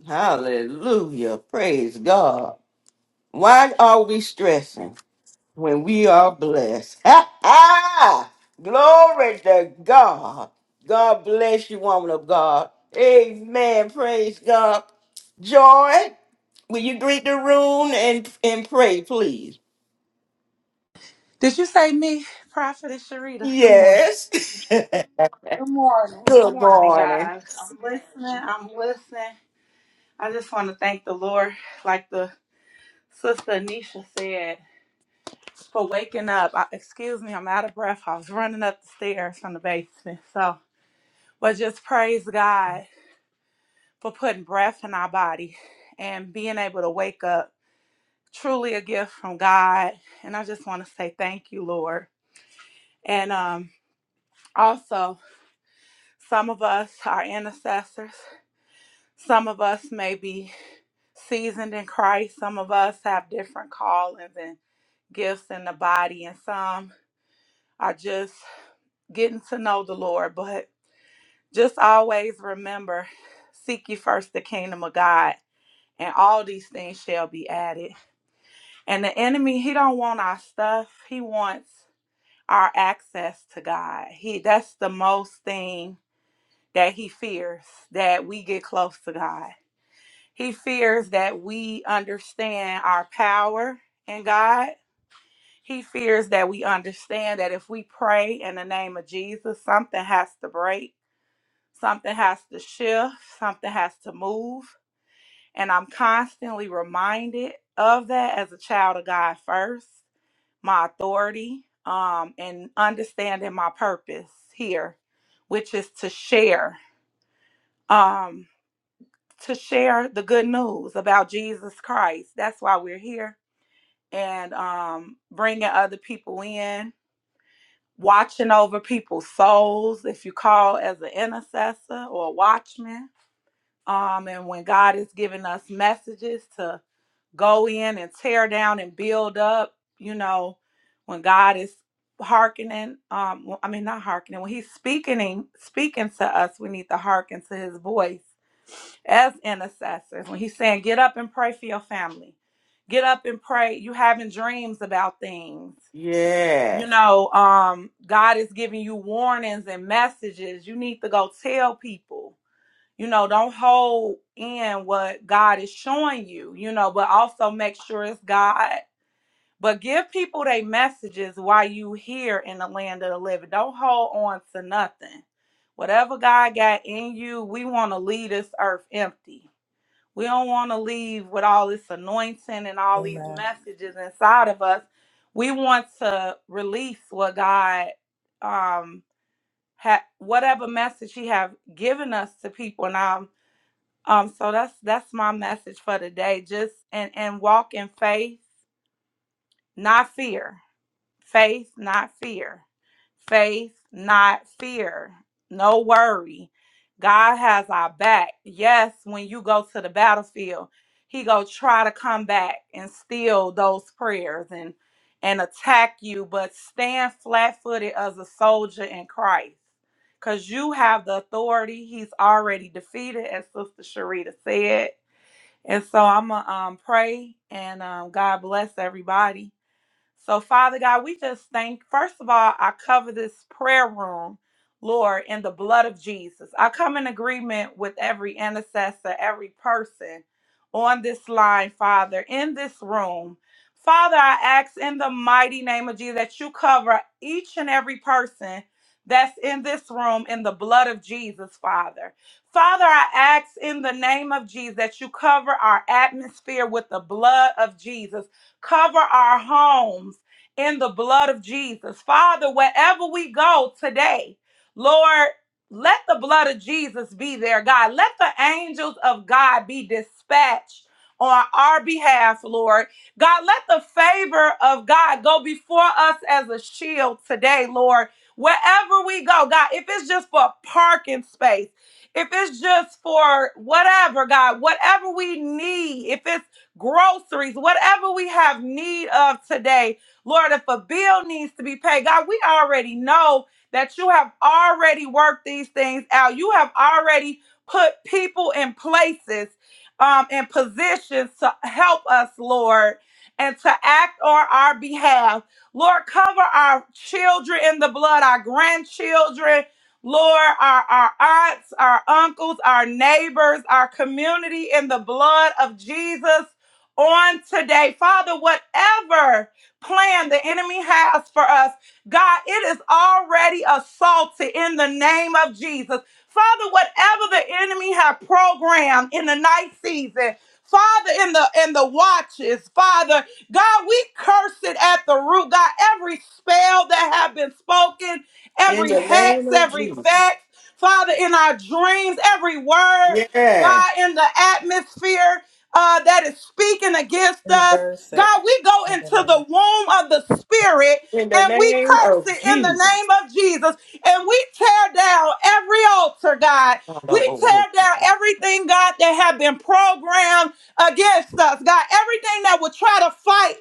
A: Hallelujah. Praise God. Why are we stressing? when we are blessed. Ha ha! Glory to God. God bless you, woman of God. Amen. Praise God. Joy, will you greet the room and, and pray, please?
E: Did you say me, Prophetess Sharita? Good morning.
A: Yes.
E: Good morning. Good
A: Good
E: morning,
A: morning.
E: guys. I'm listening. I'm listening. I just want to thank the Lord, like the sister Anisha said, for waking up. I, excuse me, I'm out of breath. I was running up the stairs from the basement. So, but just praise God for putting breath in our body and being able to wake up. Truly a gift from God. And I just want to say thank you, Lord. And um, also, Some of us are intercessors. Some of us may be seasoned in Christ. Some of us have different callings and gifts in the body, and some are just getting to know the Lord. But just always remember seek ye first the kingdom of God, and all these things shall be added. And the enemy, he don't want our stuff. He wants our access to God. He that's the most thing that he fears that we get close to God. He fears that we understand our power in God. He fears that we understand that if we pray in the name of Jesus, something has to break, something has to shift, something has to move. And I'm constantly reminded of that as a child of God first, my authority, um, and understanding my purpose here, which is to share. Um, to share the good news about Jesus Christ. That's why we're here and um, bringing other people in, watching over people's souls, if you call as an intercessor or a watchman. Um, and when God is giving us messages to go in and tear down and build up, you know, when God is hearkening, um well, I mean not hearkening, when he's speaking in- speaking to us, we need to hearken to his voice as intercessors. When he's saying, get up and pray for your family. Get up and pray. You having dreams about things. You
A: Yes.
E: know, um, God is giving you warnings and messages. You need to go tell people you know, don't hold in what God is showing you, you know, but also make sure it's God. But give people their messages while you here in the land of the living. Don't hold on to nothing. Whatever God got in you, we want to leave this earth empty. We don't want to leave with all this anointing and all these
C: Amen.
E: messages inside of us. We want to release what God um ha- whatever message he have given us to people. And I'm. Um, so that's that's my message for today. Just and and walk in faith, not fear. Faith, not fear. Faith, not fear. No worry. God has our back. Yes, when you go to the battlefield, He go try to come back and steal those prayers and and attack you, but stand flat footed as a soldier in Christ. Cause you have the authority He's already defeated, as Sister Sharita said and so I'm going to um, pray and um, God bless everybody. So, Father God, we just thank, first of all, I cover this prayer room, Lord, in the blood of Jesus. I come in agreement with every intercessor, every person on this line, Father, in this room. Father, I ask in the mighty name of Jesus that you cover each and every person that's in this room in the blood of Jesus, Father. Father, I ask in the name of Jesus that you cover our atmosphere with the blood of Jesus. Cover our homes in the blood of Jesus. Father, wherever we go today, Lord, let the blood of Jesus be there, God. Let the angels of God be dispatched on our behalf, Lord. God, let the favor of God go before us as a shield today, Lord. Wherever we go, God, if it's just for a parking space, if it's just for whatever, God, whatever we need, if it's groceries, whatever we have need of today. Lord, if a bill needs to be paid, God, we already know that you have already worked these things out. You have already put people in places um, and positions to help us, Lord, and to act on our behalf. Lord, cover our children in the blood, our grandchildren, Lord, our, our aunts, our uncles, our neighbors, our community in the blood of Jesus on today. Father, whatever plan the enemy has for us, God, it is already assaulted in the name of Jesus. Father, whatever the enemy have programmed in the night season, Father, in the in the watches, Father, God, we curse it at the root. God, every spell that have been spoken,
A: In
E: every
A: the
E: hex,
A: name of
E: every vex, Father, in our dreams, every word,
A: Jesus.
E: God, in the atmosphere uh, that is speaking against us.
C: Reverse it.
E: God, we go
C: In the
E: into
C: name
E: the
C: of-
E: womb of the Spirit and we curse it in the name of Jesus and we tear down every altar, God. We tear down everything, God, that have been programmed against us, God. Everything that would try to fight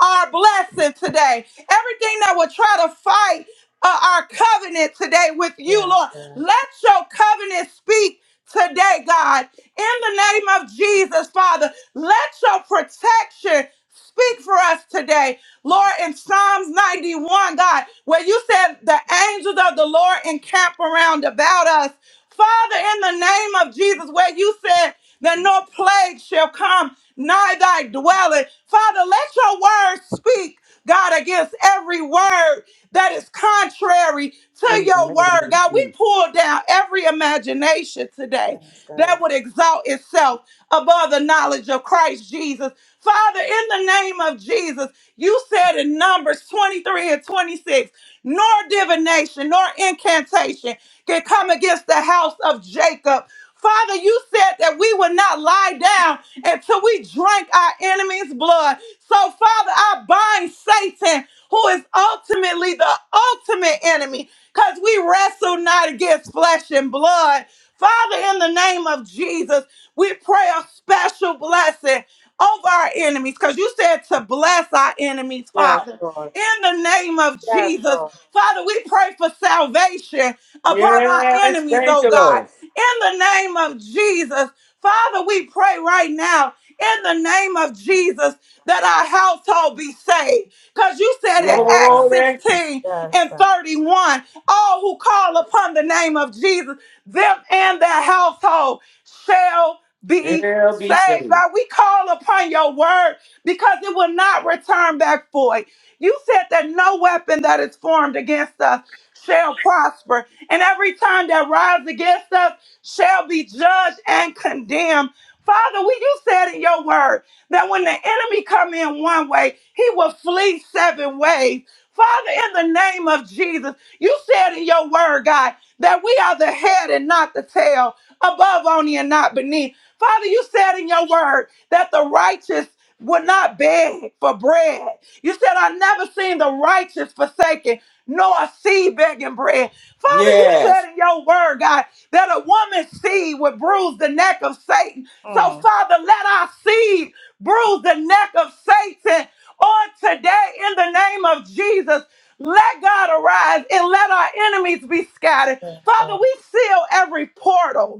E: our blessing today, everything that would try to fight uh, our covenant today with you,
C: Yes,
E: Lord.
C: God.
E: Let your covenant speak today, God. In the name of Jesus, Father, let your protection speak for us today. Lord, in Psalms 91, God, where you said the angels of the Lord encamp around about us. Father, in the name of Jesus, where you said that no plague shall come nigh thy dwelling. Father, let your word speak, God, against every word that is contrary to
A: In the
E: your
A: name
E: word.
A: of
E: God, we
A: Jesus.
E: pull down every imagination today
C: Yes, God.
E: that would exalt itself above the knowledge of Christ Jesus. Father, in the name of Jesus, you said in Numbers 23 and 26, nor divination, nor incantation can come against the house of Jacob. Father, you said that we would not lie down until we drank our enemy's blood. So, Father, I bind Satan who is ultimately the ultimate enemy, because we wrestle not against flesh and blood. Father, in the name of Jesus, we pray a special blessing over our enemies, because you said to bless our enemies, Father. In the name of Jesus, Father, we pray for salvation upon our enemies, oh God. In the name of Jesus, Father, we pray right now, in the name of Jesus, that our household be saved. Because you said in
C: Yes,
E: Acts
C: sir.
A: Glory
E: 16
C: Yes,
E: and
C: sir.
E: 31, all who call upon the name of Jesus, them and their household shall be
A: shall be
E: saved.
A: saved.
E: God, we call upon your word because it will not return back void. You said that no weapon that is formed against us shall prosper, and every time that rises against us shall be judged and condemned. Father, we you said in your word that when the enemy come in one way, he will flee seven ways. Father, in the name of Jesus, you said in your word, God, that we are the head and not the tail, above only and not beneath. Father, you said in your word that the righteous would not beg for bread. You said, i never seen the righteous forsaken, nor a seed begging bread. Father, you
A: Yes.
E: said in your word, God, that a woman's seed would bruise the neck of Satan. So,
C: Mm.
E: Father, let our seed bruise the neck of Satan on today in the name of Jesus. Let God arise and let our enemies be scattered.
C: Yes,
E: Father,
C: Lord.
E: we seal every portal.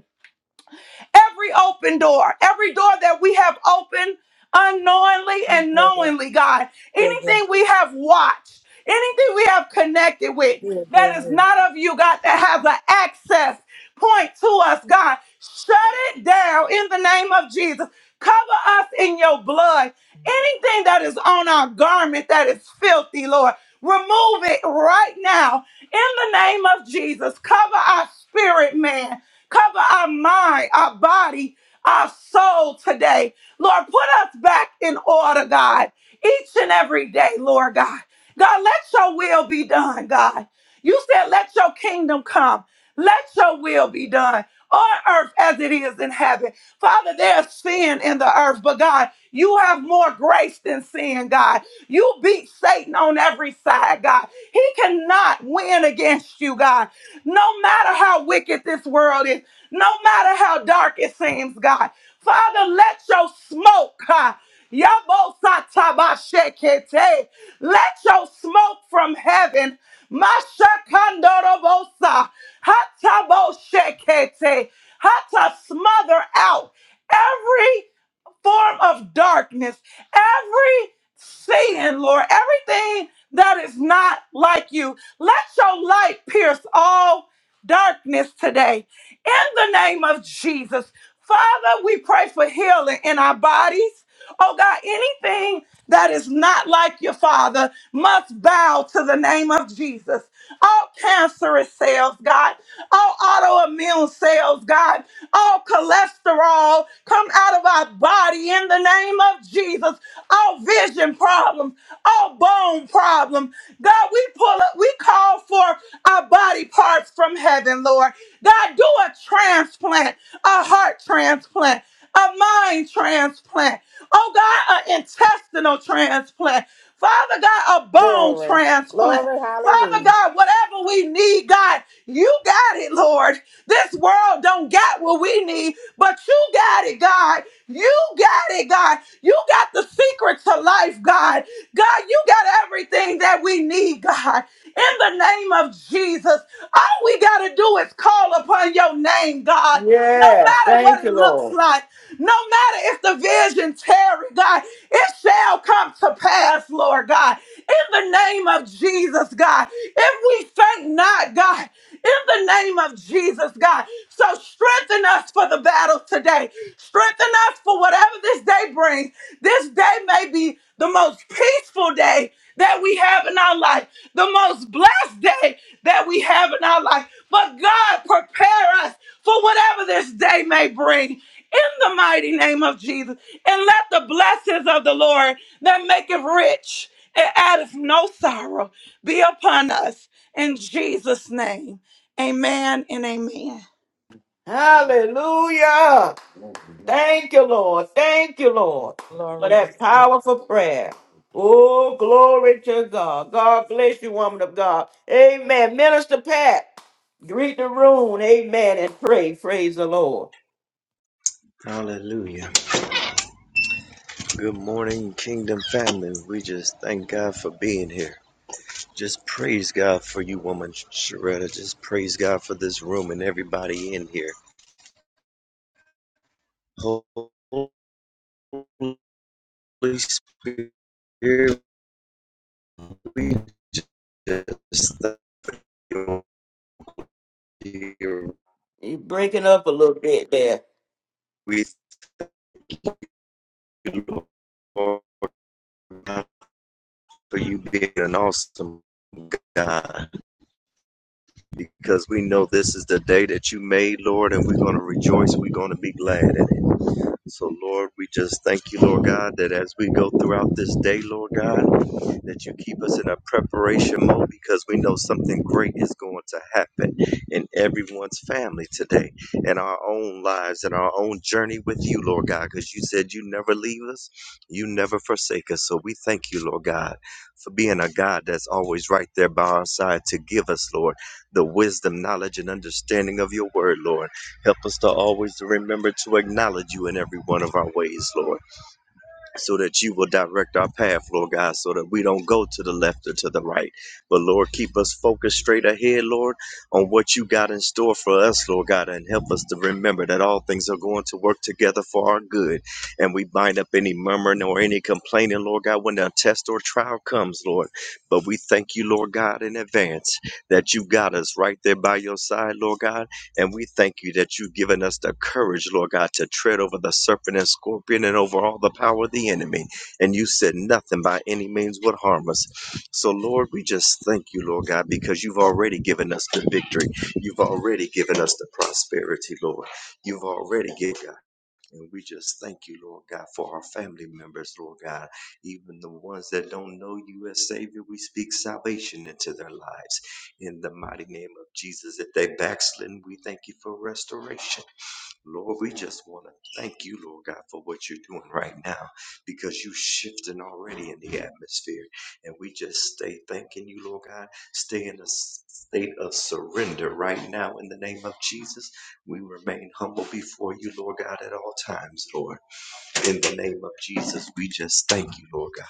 E: Every open door, every door that we have opened unknowingly and knowingly, God,
C: Yeah, yeah.
E: anything we have watched, anything we have connected with
C: Yeah, yeah,
E: that is
C: yeah.
E: not of you, God, that has an access point to us, God, shut it down in the name of Jesus. Cover us in your blood. Anything that is on our garment that is filthy, Lord, remove it right now in the name of Jesus. Cover our spirit, man. Cover our mind, our body, our soul today. Lord, put us back in order, God, each and every day, Lord God. God, let your will be done, God. You said, let your kingdom come. Let your will be done on earth as it is in heaven. Father, there's sin in the earth, but God, you have more grace than sin, God. You beat Satan on every side, God. He cannot win against you, God. No matter how wicked this world is, no matter how dark it seems, God. Father, let your smoke, God. Yabosatabashekete. Let your smoke from heaven. Mashakandorobosa. Hatabo shekete. Hata smother out every form of darkness, every sin, Lord, everything that is not like you. Let your light pierce all darkness today. In the name of Jesus. Father, we pray for healing in our bodies. Oh God, anything that is not like your Father must bow to the name of Jesus. All cancerous cells, God all autoimmune cells, God, all cholesterol come out of our body in the name of Jesus, all vision problems, all bone problems. God, we pull up, we call for our body parts from heaven, Lord. God, do a transplant a heart transplant, a mind transplant, oh God, an intestinal transplant, Father God, a bone
C: Glory.
E: transplant.
C: Glory.
E: Father
C: Hallelujah.
E: God, whatever we need, God, you got it, Lord. This world don't got what we need, but you got it, God. You got it, God. You got the secret to life, God. God, you got everything that we need, God. In the name of Jesus, all we got to do is call upon your name, God. No
A: Yes.
E: matter what
A: Thank
E: it
A: you,
E: looks
A: Lord.
E: like, no matter if the vision tarry, God, it shall come to pass, Lord God. In the name name of Jesus, God. If we faint not, God, in the name of Jesus, God. So strengthen us for the battle today. Strengthen us for whatever this day brings. This day may be the most peaceful day that we have in our life, the most blessed day that we have in our life. But God, prepare us for whatever this day may bring. In the mighty name of Jesus, and let the blessings of the Lord that maketh rich it out no sorrow be upon us in Jesus' name. Amen and amen.
A: Hallelujah. Thank you, Lord. Thank you, Lord, for
C: Glory be to
A: that
C: your
A: powerful prayer. Oh, glory to God. God bless you, woman of God. Amen. Minister Pat, greet the room. Amen. And pray. Praise the Lord.
F: Hallelujah. Good morning, Kingdom family. We just thank God for being here. Just praise God for you, woman Sharetta. Just praise God for this room and everybody in here. Holy Spirit, we just thank you.
A: He's breaking up a little bit there.
F: We thank you, Lord, for you being an awesome God, because we know this is the day that you made, Lord, and we're going to rejoice. We're going to be glad in it. So, Lord, we just thank you, Lord God, that as we go throughout this day, Lord God, that you keep us in a preparation mode because we know something great is going to happen in everyone's family today, in our own lives, in our own journey with you, Lord God, because you said you never leave us, you never forsake us. So we thank you, Lord God, for being a God that's always right there by our side to give us, Lord, the wisdom, knowledge, and understanding of your word, Lord. Help us to always remember to acknowledge you in every one of our ways, Lord, so that you will direct our path, Lord God, so that we don't go to the left or to the right. But Lord, keep us focused straight ahead, Lord, on what you got in store for us, Lord God, and help us to remember that all things are going to work together for our good. And we bind up any murmuring or any complaining, Lord God, when a test or trial comes, Lord. But we thank you, Lord God, in advance that you got us right there by your side, Lord God and we thank you that you've given us the courage, Lord God, to tread over the serpent and scorpion and over all the power of the enemy. And you said nothing by any means would harm us. So, Lord, we just thank you, Lord God, because you've already given us the victory. You've already given us the prosperity, Lord. You've already given God. And we just thank you, Lord God, for our family members, Lord God. Even the ones that don't know you as Savior, we speak salvation into their lives. In the mighty name of Jesus, if they backslidden, we thank you for restoration. Lord, we just want to thank you, Lord God, for what you're doing right now because you're shifting already in the atmosphere. And we just stay thanking you, Lord God. Stay in a s- state of surrender right now in the name of Jesus. We remain humble before you, Lord God, at all times, Lord. In the name of Jesus, we just thank you, Lord God.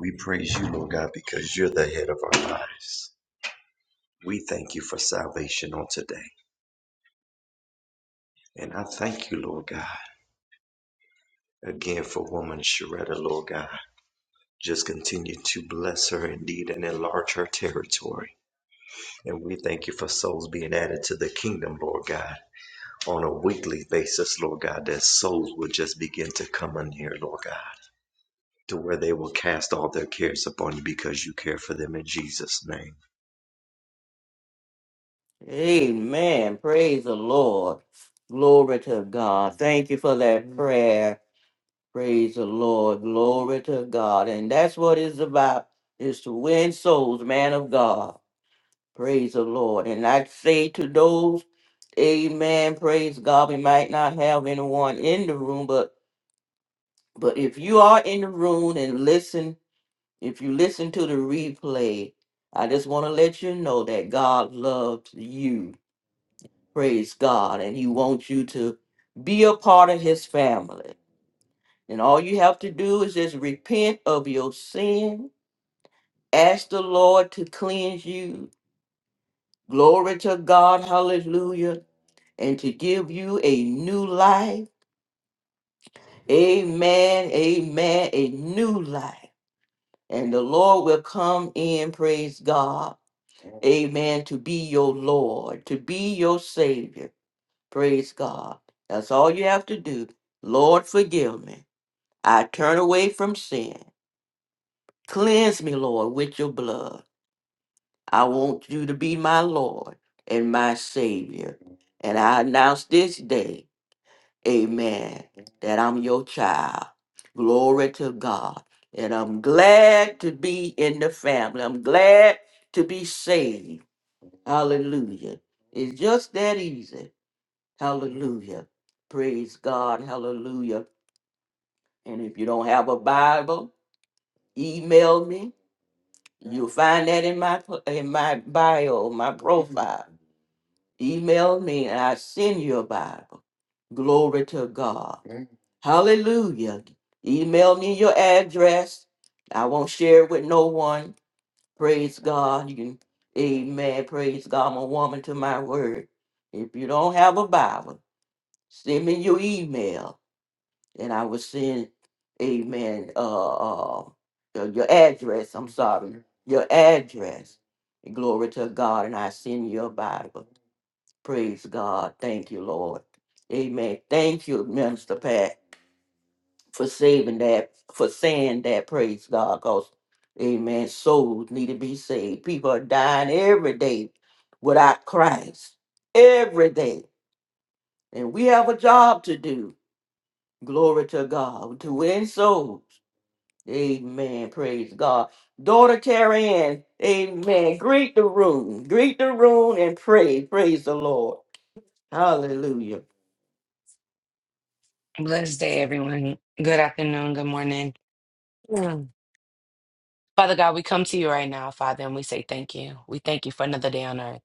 F: We praise you, Lord God, because you're the head of our lives. We thank you for salvation on today. And I thank you, Lord God, again for woman Sharetta, Lord God. Just continue to bless her indeed and enlarge her territory. And we thank you for souls being added to the kingdom, Lord God, on a weekly basis, Lord God, that souls will just begin to come in here, Lord God, to where they will cast all their cares upon you because you care for them in Jesus' name.
A: Amen. Praise the Lord. Glory to God. Thank you for that prayer. Praise the Lord. Glory to God. And that's what it's about is to win souls, man of God. Praise the Lord. And I say to those, Amen. Praise God. We might not have anyone in the room, but but if you are in the room and listen, if you listen to the replay, I just want to let you know that God loves you Praise God. And He wants you to be a part of His family. And all you have to do is just repent of your sin, ask the Lord to cleanse you. Glory to God. Hallelujah. And to give you a new life. Amen. Amen. A new life. And the Lord will come in, praise God. Amen. To be your Lord, to be your Savior. Praise God. That's all you have to do. Lord, forgive me. I turn away from sin. Cleanse me, Lord, with your blood. I want you to be my Lord and my Savior. And I announce this day, amen, that I'm your child. Glory to God. And I'm glad to be in the family. I'm glad to be saved. Hallelujah. It's just that easy. Hallelujah. Praise God. Hallelujah. And if you don't have a Bible, email me You'll find that in my pl- in my bio, my Mhm. profile. Email me and I send you a Bible. Glory to God. Mhm. Hallelujah. Email me your address. I won't share it with no one. Praise God. You can, amen. Praise God. I'm a woman to my word. If you don't have a Bible, send me your email and I was seeing, amen, uh, uh, your your address, I'm sorry, your address. Glory to God, and I send you a Bible. Praise God. Thank you, Lord. Amen. Thank you, Minister Pat, for saving that, for saying that, praise God, because, amen, souls need to be saved. People are dying every day without Christ, every day. And we have a job to do. Glory to God, to win souls. Amen. Praise God. Daughter Carrie Ann, amen. Greet the room. Greet the room and pray. Praise the Lord. Hallelujah.
G: Blessed day, everyone. Good afternoon, good morning. Mm. Father God, we come to you right now, Father, and we say thank you. We thank you for another day on earth.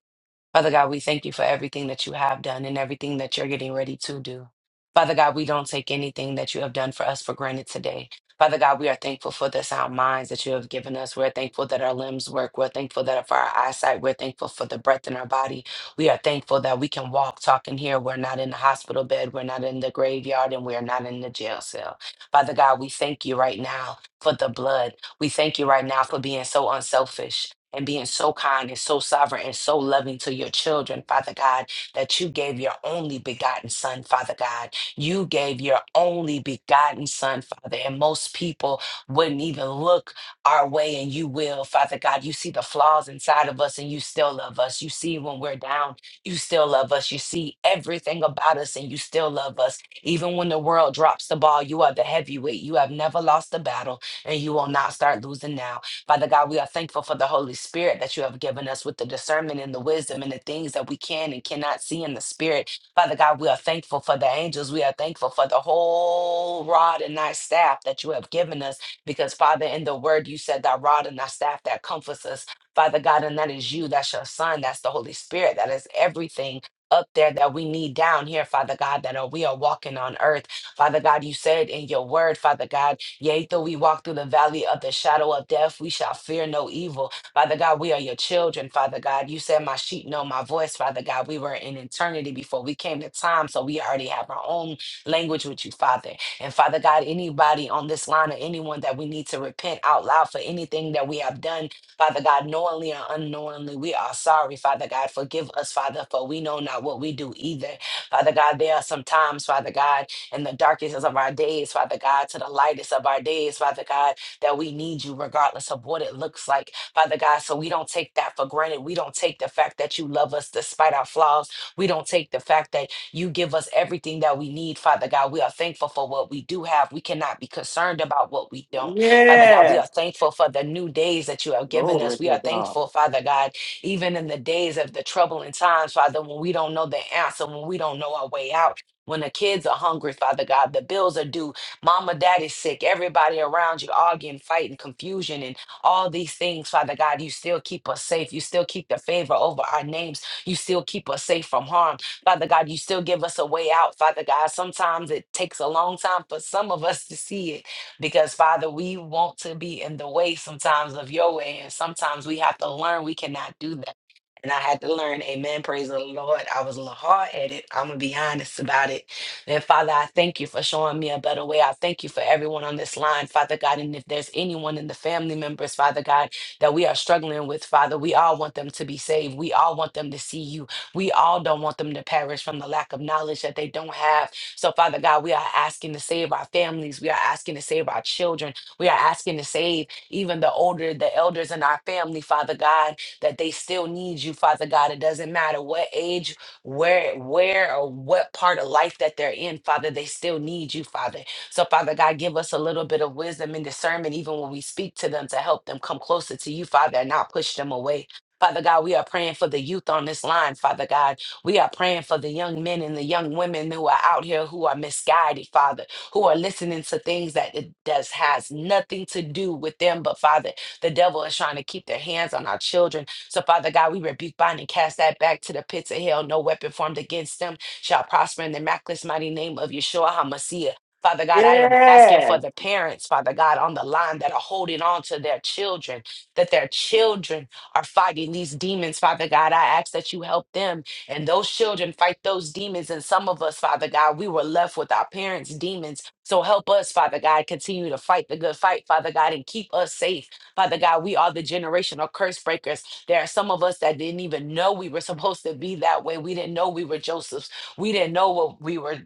G: Father God, we thank you for everything that you have done and everything that you're getting ready to do. Father God, we don't take anything that you have done for us for granted today. Father God, we are thankful for the sound minds that you have given us. We're thankful that our limbs work. We're thankful that for our eyesight. We're thankful for the breath in our body. We are thankful that we can walk, talk, and hear. We're not in the hospital bed. We're not in the graveyard, and we are not in the jail cell. Father God, we thank you right now for the blood. We thank you right now for being so unselfish and being so kind and so sovereign and so loving to your children, Father God, that you gave your only begotten Son, Father God. You gave your only begotten Son, Father. And most people wouldn't even look our way, and you will, Father God. You see the flaws inside of us, and you still love us. You see when we're down, you still love us. You see everything about us, and you still love us. Even when the world drops the ball, you are the heavyweight. You have never lost a battle and you will not start losing now. Father God, we are thankful for the Holy Spirit that you have given us with the discernment and the wisdom and the things that we can and cannot see in the Spirit. Father God, we are thankful for the angels. We are thankful for the whole rod and thy staff that you have given us because, Father, in the word you said, thy rod and thy staff that comforts us. Father God, and that is you, that's your Son, that's the Holy Spirit, that is everything up there that we need down here, Father God, that are, we are walking on earth. Father God, you said in your word, Father God. Yea, though we walk through the valley of the shadow of death, we shall fear no evil. Father God, we are your children, Father God. You said, My sheep know my voice, Father God. We were in eternity before we came to time, so we already have our own language with you, Father. And Father God, anybody on this line or anyone that we need to repent out loud for anything that we have done, Father God, knowingly or unknowingly, we are sorry, Father God. Forgive us, Father, for we know not what we do either. Father God, there are some times, Father God in the darkest of our days, Father God, to the lightest of our days, Father God, that we need you regardless of what it looks like, Father God. So we don't take that for granted. We don't take the fact that you love us despite our flaws. We don't take the fact that you give us everything that we need, Father God. We are thankful for what we do have. We cannot be concerned about what we don't. Father God, we
A: Yes.
G: are thankful for the new days that you have given us.
A: Glory
G: We
A: to
G: are
A: God.
G: thankful, Father God, even in the days of the troubling times, Father, when we don't know the answer, when we don't know our way out when the kids are hungry, Father God, the bills are due, mama, daddy's sick, everybody around you arguing, fighting, confusion, and all these things, Father God, you still keep us safe. You still keep the favor over our names. You still keep us safe from harm. Father God, you still give us a way out, Father God. Sometimes it takes a long time for some of us to see it because, Father, we want to be in the way sometimes of your way, and sometimes we have to learn we cannot do that and I had to learn, amen, praise the Lord. I was a little hard headed. I'm going to be honest about it. And Father, I thank you for showing me a better way. I thank you for everyone on this line, Father God. And if there's anyone in the family members, Father God, that we are struggling with, Father, we all want them to be saved. We all want them to see you. We all don't want them to perish from the lack of knowledge that they don't have. So, Father God, we are asking to save our families. We are asking to save our children. We are asking to save even the older, the elders in our family, Father God that they still need you, Father God. It doesn't matter what age, where, where, or what part of life that they're in, Father, they still need you, Father. So, Father God, give us a little bit of wisdom and discernment, even when we speak to them, to help them come closer to you, Father, and not push them away. Father God, we are praying for the youth on this line, Father God. We are praying for the young men and the young women who are out here who are misguided, Father, who are listening to things that it does has nothing to do with them, but Father, the devil is trying to keep their hands on our children so, Father God, we rebuke, bind, and cast that back to the pits of hell. No weapon formed against them shall prosper in the miraculous mighty name of Yeshua HaMashiach. Father God, I am asking for
A: Yes.
G: the parents, Father God, on the line that are holding on to their children, that their children are fighting these demons, Father God. I ask that you help them and those children fight those demons. And some of us, Father God, we were left with our parents' demons. So help us, Father God, continue to fight the good fight, Father God, and keep us safe. Father God, we are the generational curse breakers. There are some of us that didn't even know we were supposed to be that way. We didn't know we were Joseph's. We didn't know what we were.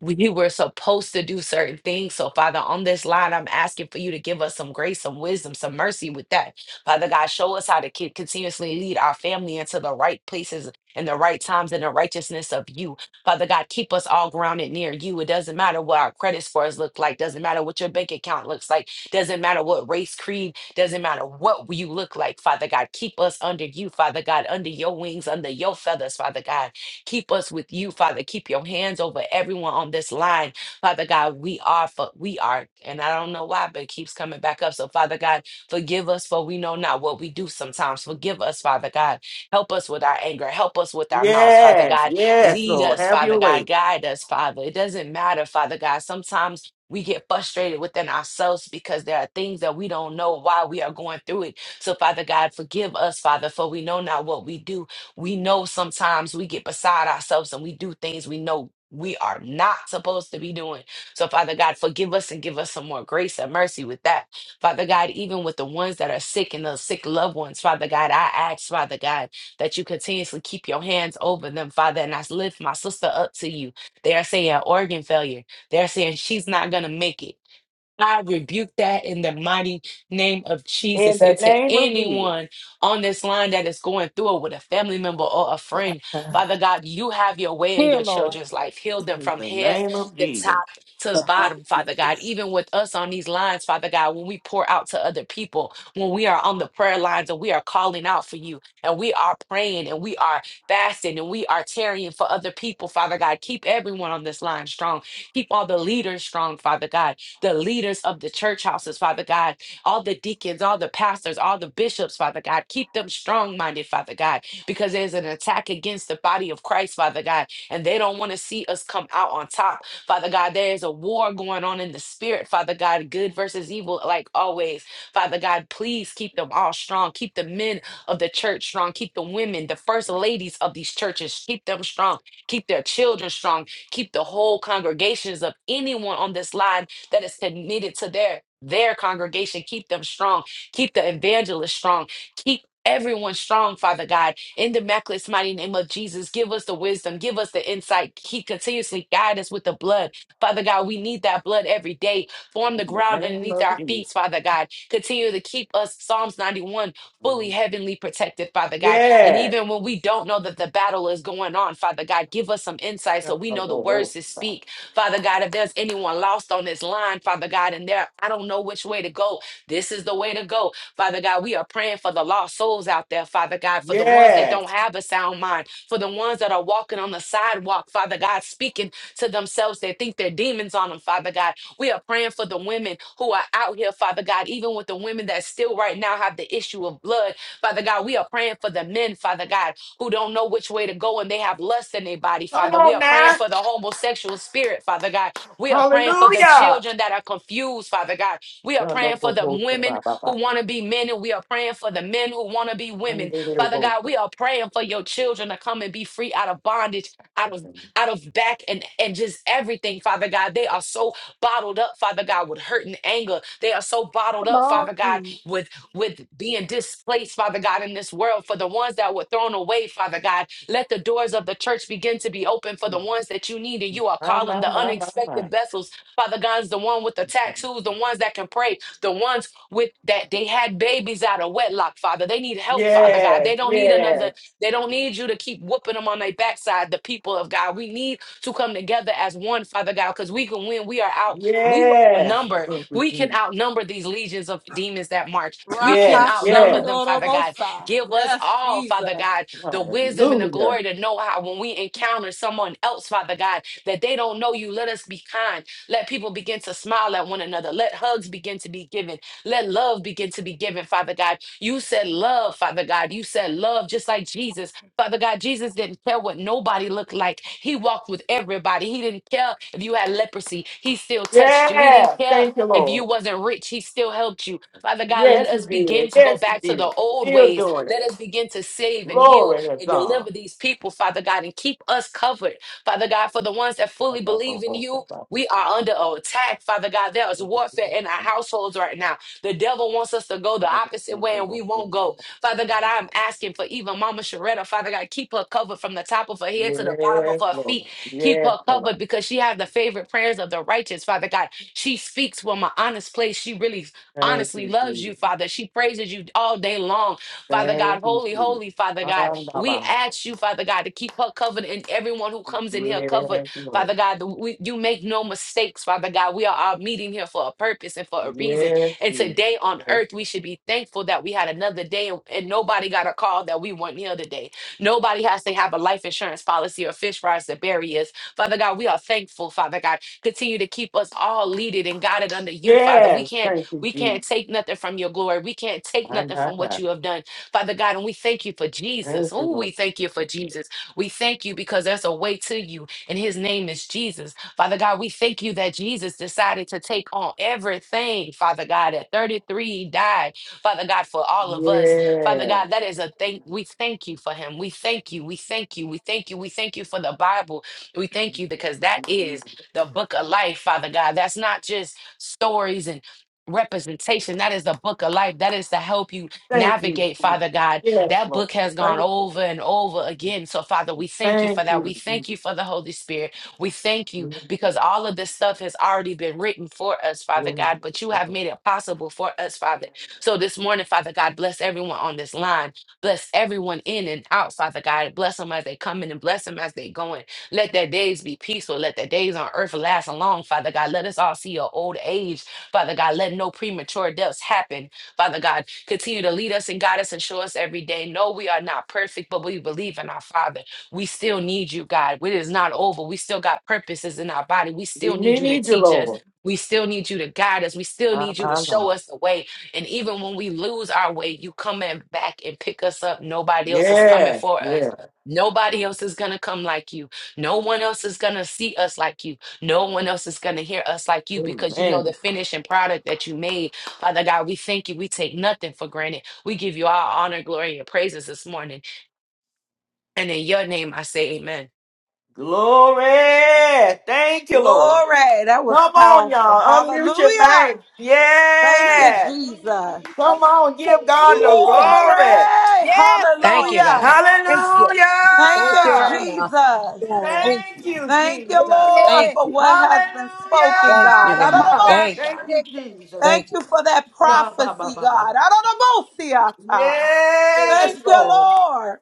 G: We were supposed to do certain things. So, Father, on this line, I'm asking for you to give us some grace, some wisdom, some mercy with that. Father God, show us how to keep, continuously lead our family into the right places and the right times and the righteousness of you. Father God, keep us all grounded near you. It doesn't matter what our credit scores look like, doesn't matter what your bank account looks like. Doesn't matter what race, creed, doesn't matter what you look like, Father God. Keep us under you, Father God, under your wings, under your feathers, Father God. Keep us with you, Father. Keep your hands over everyone on this line, Father God. We are, for, we are, and I don't know why, but it keeps coming back up. So, Father God, forgive us for we know not what we do sometimes. Forgive us, Father God. Help us with our anger. Help us with our mouths, Father
A: Yes.
G: God.
A: Yes,
G: Lead
A: Lord.
G: us,
A: Have your
G: Father
A: way.
G: God. Guide us, Father. It doesn't matter, Father God. Sometimes we get frustrated within ourselves because there are things that we don't know why we are going through it. So, Father God, forgive us, Father, for we know not what we do. We know sometimes we get beside ourselves and we do things we know we are not supposed to be doing. So, Father God, forgive us and give us some more grace and mercy with that. Father God, even with the ones that are sick and the sick loved ones, Father God, I ask, Father God, that you continuously keep your hands over them, Father, and I lift my sister up to you. They are saying organ failure. They're saying she's not going to make it. I rebuke that in the mighty name of
A: In
G: Jesus.
A: the
G: And to
A: name of Jesus.
G: anyone on this line that is going through it with a family member or a friend,
C: name.
G: Father God, you have your way in
C: Here,
G: your
C: Lord.
G: children's life. Heal them
A: In
G: from
A: the
G: head
A: name of
G: to top
A: Jesus.
G: to the bottom, Father God. Even with us on these lines, Father God, when we pour out to other people, when we are on the prayer lines and we are calling out for you and we are praying and we are fasting and we are tarrying for other people, Father God, keep everyone on this line strong. Keep all the leaders strong, Father God the leaders of the church houses, Father God, all the deacons, all the pastors, all the bishops, Father God. Keep them strong minded, Father God, because there's an attack against the body of Christ, Father God, and they don't want to see us come out on top, Father God. There is a war going on in the spirit, Father God, good versus evil, like always, Father God. Please keep them all strong. Keep the men of the church strong. Keep the women, the first ladies of these churches, keep them strong. Keep their children strong. Keep the whole congregations of anyone on this line that is to- needed to their their congregation. Keep them strong. Keep the evangelist strong. Keep everyone strong, Father God. In the miraculous mighty name of Jesus, give us the wisdom. Give us the insight. Keep continuously guide us with the blood. Father God, we need that blood every day. Form the
A: In the
G: ground
A: name
G: underneath
A: of
G: our feet,
A: Jesus.
G: Father God. Continue to keep us, Psalms 91, fully
A: Yes.
G: heavenly protected, Father God. And even when we don't know that the battle is going on, Father God, give us some insight so we know the words to speak Father God, if there's anyone lost on this line, Father God, and there, I don't know which way to go. This is the way to go. Father God, we are praying for the lost souls out there, Father God, for the ones that don't
A: Yes.
G: have a sound mind, for the ones that are walking on the sidewalk, Father God, speaking to themselves. They think they're demons on them, Father God. We are praying for the women who are out here, Father God, even with the women that still right now have the issue of blood. Father God, we are praying for the men, Father God, who don't know which way to go and they have lust in their body,
A: Come
G: Father. We
A: on
G: are praying
A: now.
G: for the homosexual spirit, Father God. We are praying for the
A: Hallelujah.
G: children that are confused, Father God. We are
A: Y'all
G: praying
A: don't
G: for
A: go
G: the
A: close to
G: women
A: Baba.
G: who want to be men and we are praying for the men who want to be women. Father
A: Unbelievable.
G: God, we are praying for your children to come and be free out of bondage, out of out of back and and just everything, Father God. They are so bottled up, Father God, with hurt and anger. They are so bottled
C: Come
G: up,
C: on,
G: Father God,
C: Jesus.
G: with with being displaced, Father God, in this world, for the ones that were thrown away, Father God. Let the doors of the church begin to be open for the ones that you need and you are
A: My,
G: calling
A: my,
G: the
A: my, my, my.
G: unexpected vessels. Father God's the one with the tattoos, the ones that can pray, the ones with that they had babies out of wedlock, Father. They need help, Father God. They
A: Yes,
G: don't need another,
A: yes,
G: they don't need you to keep whooping them on their backside, the people of God. We need to come together as one, Father God, because we can win. We are out. We were
A: yes.
G: outnumbered.
A: Thank you,
G: We can
A: Jesus.
G: outnumber these legions of demons that march. We can
A: Yes,
G: outnumber
A: yes.
G: them, Father God.
E: Rakashandorobosa.
G: Give us
E: Yes,
G: all, Father
E: Jesus.
G: God, the wisdom and the
A: Hallelujah.
G: glory to know how when we encounter someone else, Father God, that they don't know you. Let us be kind. Let people begin to smile at one another. Let hugs begin to be given. Let love begin to be given, Father God. You said love, Father God. You said love just like Jesus. Father God, Jesus didn't care what nobody looked like. He walked with everybody. He didn't care if you had leprosy. He still touched you. He didn't
A: Yes.
G: care
A: Thank you,
G: if you
A: Lord.
G: wasn't rich. He still helped you. Father God, let
A: Yes, you
G: us begin
A: did.
G: to go
A: Yes, you
G: back to the
A: did.
G: old
A: Still
G: ways.
A: doing
G: Let
A: it.
G: us begin to save and heal
A: Glory to
G: and
A: God.
G: deliver these people, Father God, and keep us covered. Father God, for the ones that
A: I
G: fully
A: love
G: believe
A: you,
G: in
A: both
G: you,
A: of
G: we are under attack, Father God. There is
A: you.
G: warfare in our households right now. The devil wants us to go
A: I
G: the
A: love
G: opposite way,
A: you,
G: and we
A: both of
G: won't go.
A: you.
G: Father God, I am asking for even Mama Sharetta, Father God, keep her covered from the top of her head to the bottom of
A: Yes,
G: her
A: Lord.
G: feet. Keep
A: Yes,
G: her
A: Lord.
G: covered because she has the favorite prayers of the righteous, Father God. She speaks from an honest place. She really
A: Thank
G: honestly
A: you,
G: loves you,
A: Jesus.
G: Father. She praises you all day long, Father
A: Thank
G: God.
A: you,
G: Holy, holy, Father God. We
A: Jesus.
G: ask you, Father God, to keep her covered and everyone who comes in here covered,
A: Yes,
G: Father
A: Lord.
G: God. we- you make no mistakes, Father God. We are all meeting here for a purpose and for a reason.
A: Yes,
G: And today on
A: Jesus.
G: earth, we should be thankful that we had another day and, and nobody got a call that we weren't here today. Nobody has to have a life insurance policy or fish fries to bury us. Father God, we are thankful, Father God. Continue to keep us all leaded and guided under you, Father. We
A: Yes,
G: can't
A: thank you,
G: we
A: Jesus.
G: can't take nothing from your glory. We can't take
A: My,
G: nothing
A: my,
G: from what
A: my.
G: you have done, Father God. And we thank you for Jesus.
A: Thank you,
G: Oh,
A: Lord.
G: we thank you for Jesus. We thank you because there's a way to you, and his name is Jesus. Father God, we thank you that Jesus decided to take on everything, Father God. At 33, he died, Father God, for all of us. Father
A: Yes.
G: God, that is a thank. We thank you for him. We thank you. We thank you. We thank you. We thank you for the Bible. We thank you because that is the book of life, Father God. That's not just stories and representation. That is the book of life. That is to help you
A: Thank you,
G: navigate,
A: Jesus.
G: Father God.
A: Yes,
G: That
A: Lord.
G: book has gone
A: Thank you.
G: over and over again. So, Father, we thank you for
A: Thank
G: that. We
A: you,
G: thank
A: Jesus.
G: you for the Holy Spirit. We thank you
A: Yes,
G: because all of this stuff has already been written for us, Father God, but you
A: yes.
G: have made it possible for us, Father. So, this morning, Father God, bless everyone on this line. Bless everyone in and out, Father God. Bless them as they come in and bless them as they go in. Let their days be peaceful. Let their days on earth last long, Father God. Let us all see your old age Father God, let no premature deaths happen. Father God, continue to lead us and guide us and show us every day. No, we are not perfect, but we believe in our Father. We still need you, God. It is not over. We still got purposes in our body. We
A: We
G: still need you to
A: need you,
G: teach us.
A: Lord.
G: We still need you to guide us. We still
A: My,
G: need you to
A: my, my.
G: show us the way. And even when we lose our way, you come and back and pick us up. Nobody else is coming
A: Yeah,
G: for us.
A: yeah.
G: Nobody else is going to come like you. No one else is going to see us like you. No one else is going to hear us like you because you know the
A: Amen.
G: finishing product that you made. Father God, we thank you. We take nothing for granted. We give you all honor, glory, and praises this morning. And in your name, I say amen.
A: Glory. Thank you, Lord.
E: Glory. That was
A: Come on,
E: powerful.
A: y'all. Unmute your mic.
E: Hallelujah. Thank you,
A: Yeah.
E: Jesus.
A: Come on. Give God the
C: Jesus.
E: Glory.
A: glory.
C: Yes,
G: Thank you,
C: Lord.
E: Hallelujah.
G: God. Thank you.
A: Hallelujah.
E: Thank
G: Thank
E: you,
G: you right now.
E: Jesus.
C: Yes.
G: Thank
A: Thank you,
E: Thank you,
C: Make
G: you.
A: Jesus.
E: Lord,
G: Thank
E: for
G: you.
E: what
A: Hallelujah.
E: has been spoken,
G: Thank
E: God.
G: you,
C: My
G: God.
C: God,
G: Thank you.
A: Thank
E: Adonabosha.
A: you,
C: fix it.
A: Jesus.
E: Thank
G: Thank you.
E: you for that prophecy, God.
A: Sha-ba-ba-ba-ba-ba.
E: Adonabosiata.
A: Yes,
E: Thank you,
A: Lord.
E: Lord.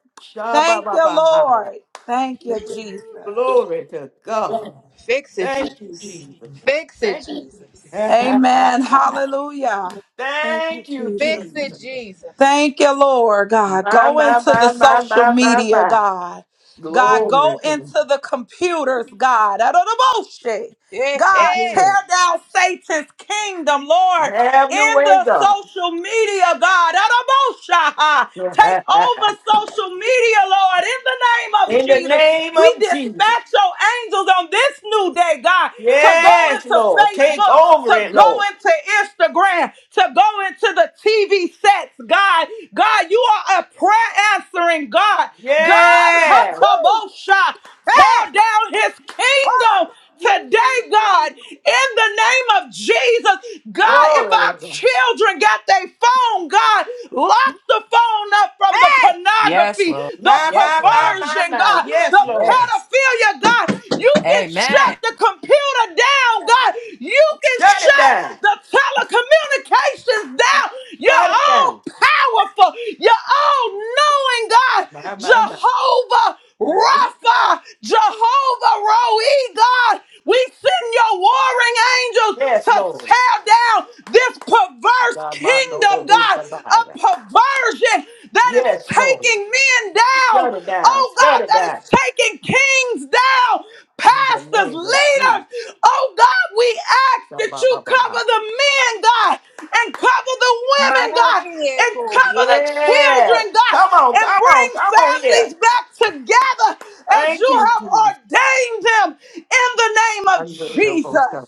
E: Thank you,
A: Sha-ba-ba-ba-ba.
E: Lord. Thank you, Jesus.
A: Glory to God.
C: Fix it, Jesus.
A: Thank you, Jesus.
C: Fix it,
A: Thank you.
C: Jesus.
E: Amen. Hallelujah. Thank you,
A: Thank you,
E: Jesus.
C: Fix it,
A: Jesus.
C: Jesus.
E: Thank you, Lord God.
A: My,
E: Go
A: my,
E: into the
A: my, my,
E: social
A: my, my,
E: media,
A: my.
E: God. God, go
A: Glory to God.
E: into the computers, God. Out of the bullshit.
C: Yeah.
A: Have
E: God,
A: your
E: tear
A: way.
E: down Satan's kingdom, Lord,
A: Have your
E: in
A: way,
E: the
A: God.
E: social media, God. Out of bullshit, ah. Take over social media, Lord, in the name of
A: In the
E: Jesus.
A: name
E: We
A: of Jesus.
E: dispatch your angels on this new day, God to go
A: Yes,
E: into
A: Lord. Take
E: Facebook,
A: over
E: to
A: it,
E: go
A: Lord.
E: into Instagram, to go into the TV sets, God. God, you are a prayer answering God. God,
A: Yes.
C: Woo.
E: Hatabosha,
C: Hey.
E: tear down his
C: Whoa.
E: kingdom Today, God, in the name of Jesus, God, if
A: Glory.
E: our
A: to God.
E: children got their phone, God, lock the phone up from the
C: Hey.
G: Yes,
E: pornography,
G: Lord.
E: the
A: My,
G: Yes,
A: my, my,
G: Lord.
A: my,
E: perversion,
A: my.
E: God,
A: Yes,
E: the
A: Lord.
G: Yes.
E: pedophilia, God. You can shut
G: Amen.
E: the computer down, God. You can
A: Shut it
E: shut
A: down.
E: the telecommunications down. You're
A: Shut it down.
E: all powerful. You're all knowing, God.
A: My, my, my.
E: Jehovah.
C: Yes.
E: Rapha, Jehovah Roe, God. We send your warring angels
A: Yes,
E: to
A: Lord.
E: tear down this perverse
A: God, my noble
E: kingdom, God,
A: host of
E: a
A: fire.
E: perversion that
A: Yes,
E: is
A: Lord.
E: taking men down.
A: Shut it down.
E: Oh, God,
A: Shut it
E: that is
A: down.
E: taking kings down
A: In the
E: pastors,
A: name of
E: leaders.
A: Jesus.
E: Oh God, we ask
A: God,
E: that
A: my,
E: you
A: my, my.
E: cover the men, God, and cover the
C: My
E: women,
C: God,
E: God, and
C: miracles.
E: cover the
A: Yeah.
E: children, God,
A: Come on,
E: and
A: come
E: bring
A: on, come on here.
E: families back together as
A: Thank
E: you
A: you,
E: have
A: Jesus.
E: ordained them in the name of
A: I'm ready to go
E: Jesus.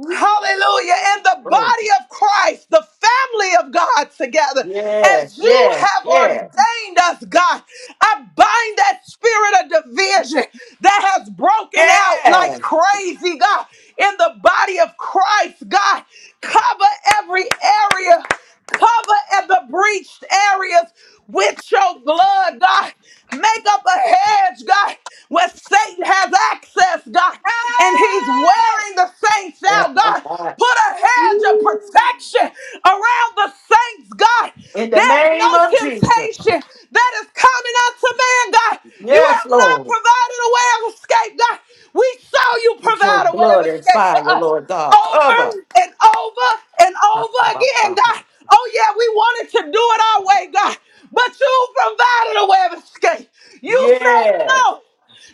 A: Ooh,
E: Hallelujah. In the
A: Lord.
E: body of Christ, the family of God together,
A: Yes,
E: as you
A: yes,
E: have
A: yes,
E: ordained us, God, I bind that spirit of division that has broken out like
A: yes.
E: crazy, God, in the body of Christ, God. Cover every area. Cover at the breached areas with your blood, God. Make up a hedge, God, where Satan has access, God, and he's
C: Hey.
E: wearing the saints out, God. Put a hedge of protection around the saints, God.
A: In the
E: There's no
A: name of Jesus.
E: temptation that is coming unto man, God. You
A: Yes,
E: have not
A: Lord.
E: provided a way of escape, God. We saw you
A: With
E: provide
A: your
E: a way of
A: blood and
E: escape for
A: fire,
E: us
A: Lord God.
E: over
A: Cover.
E: and over and
A: Ba,
E: over
A: ba, ba,
E: again,
A: ba,
E: God.
A: ba.
E: Oh, yeah, we wanted to do it our way, God, but you provided a way of escape. You said
A: Yes.
E: no.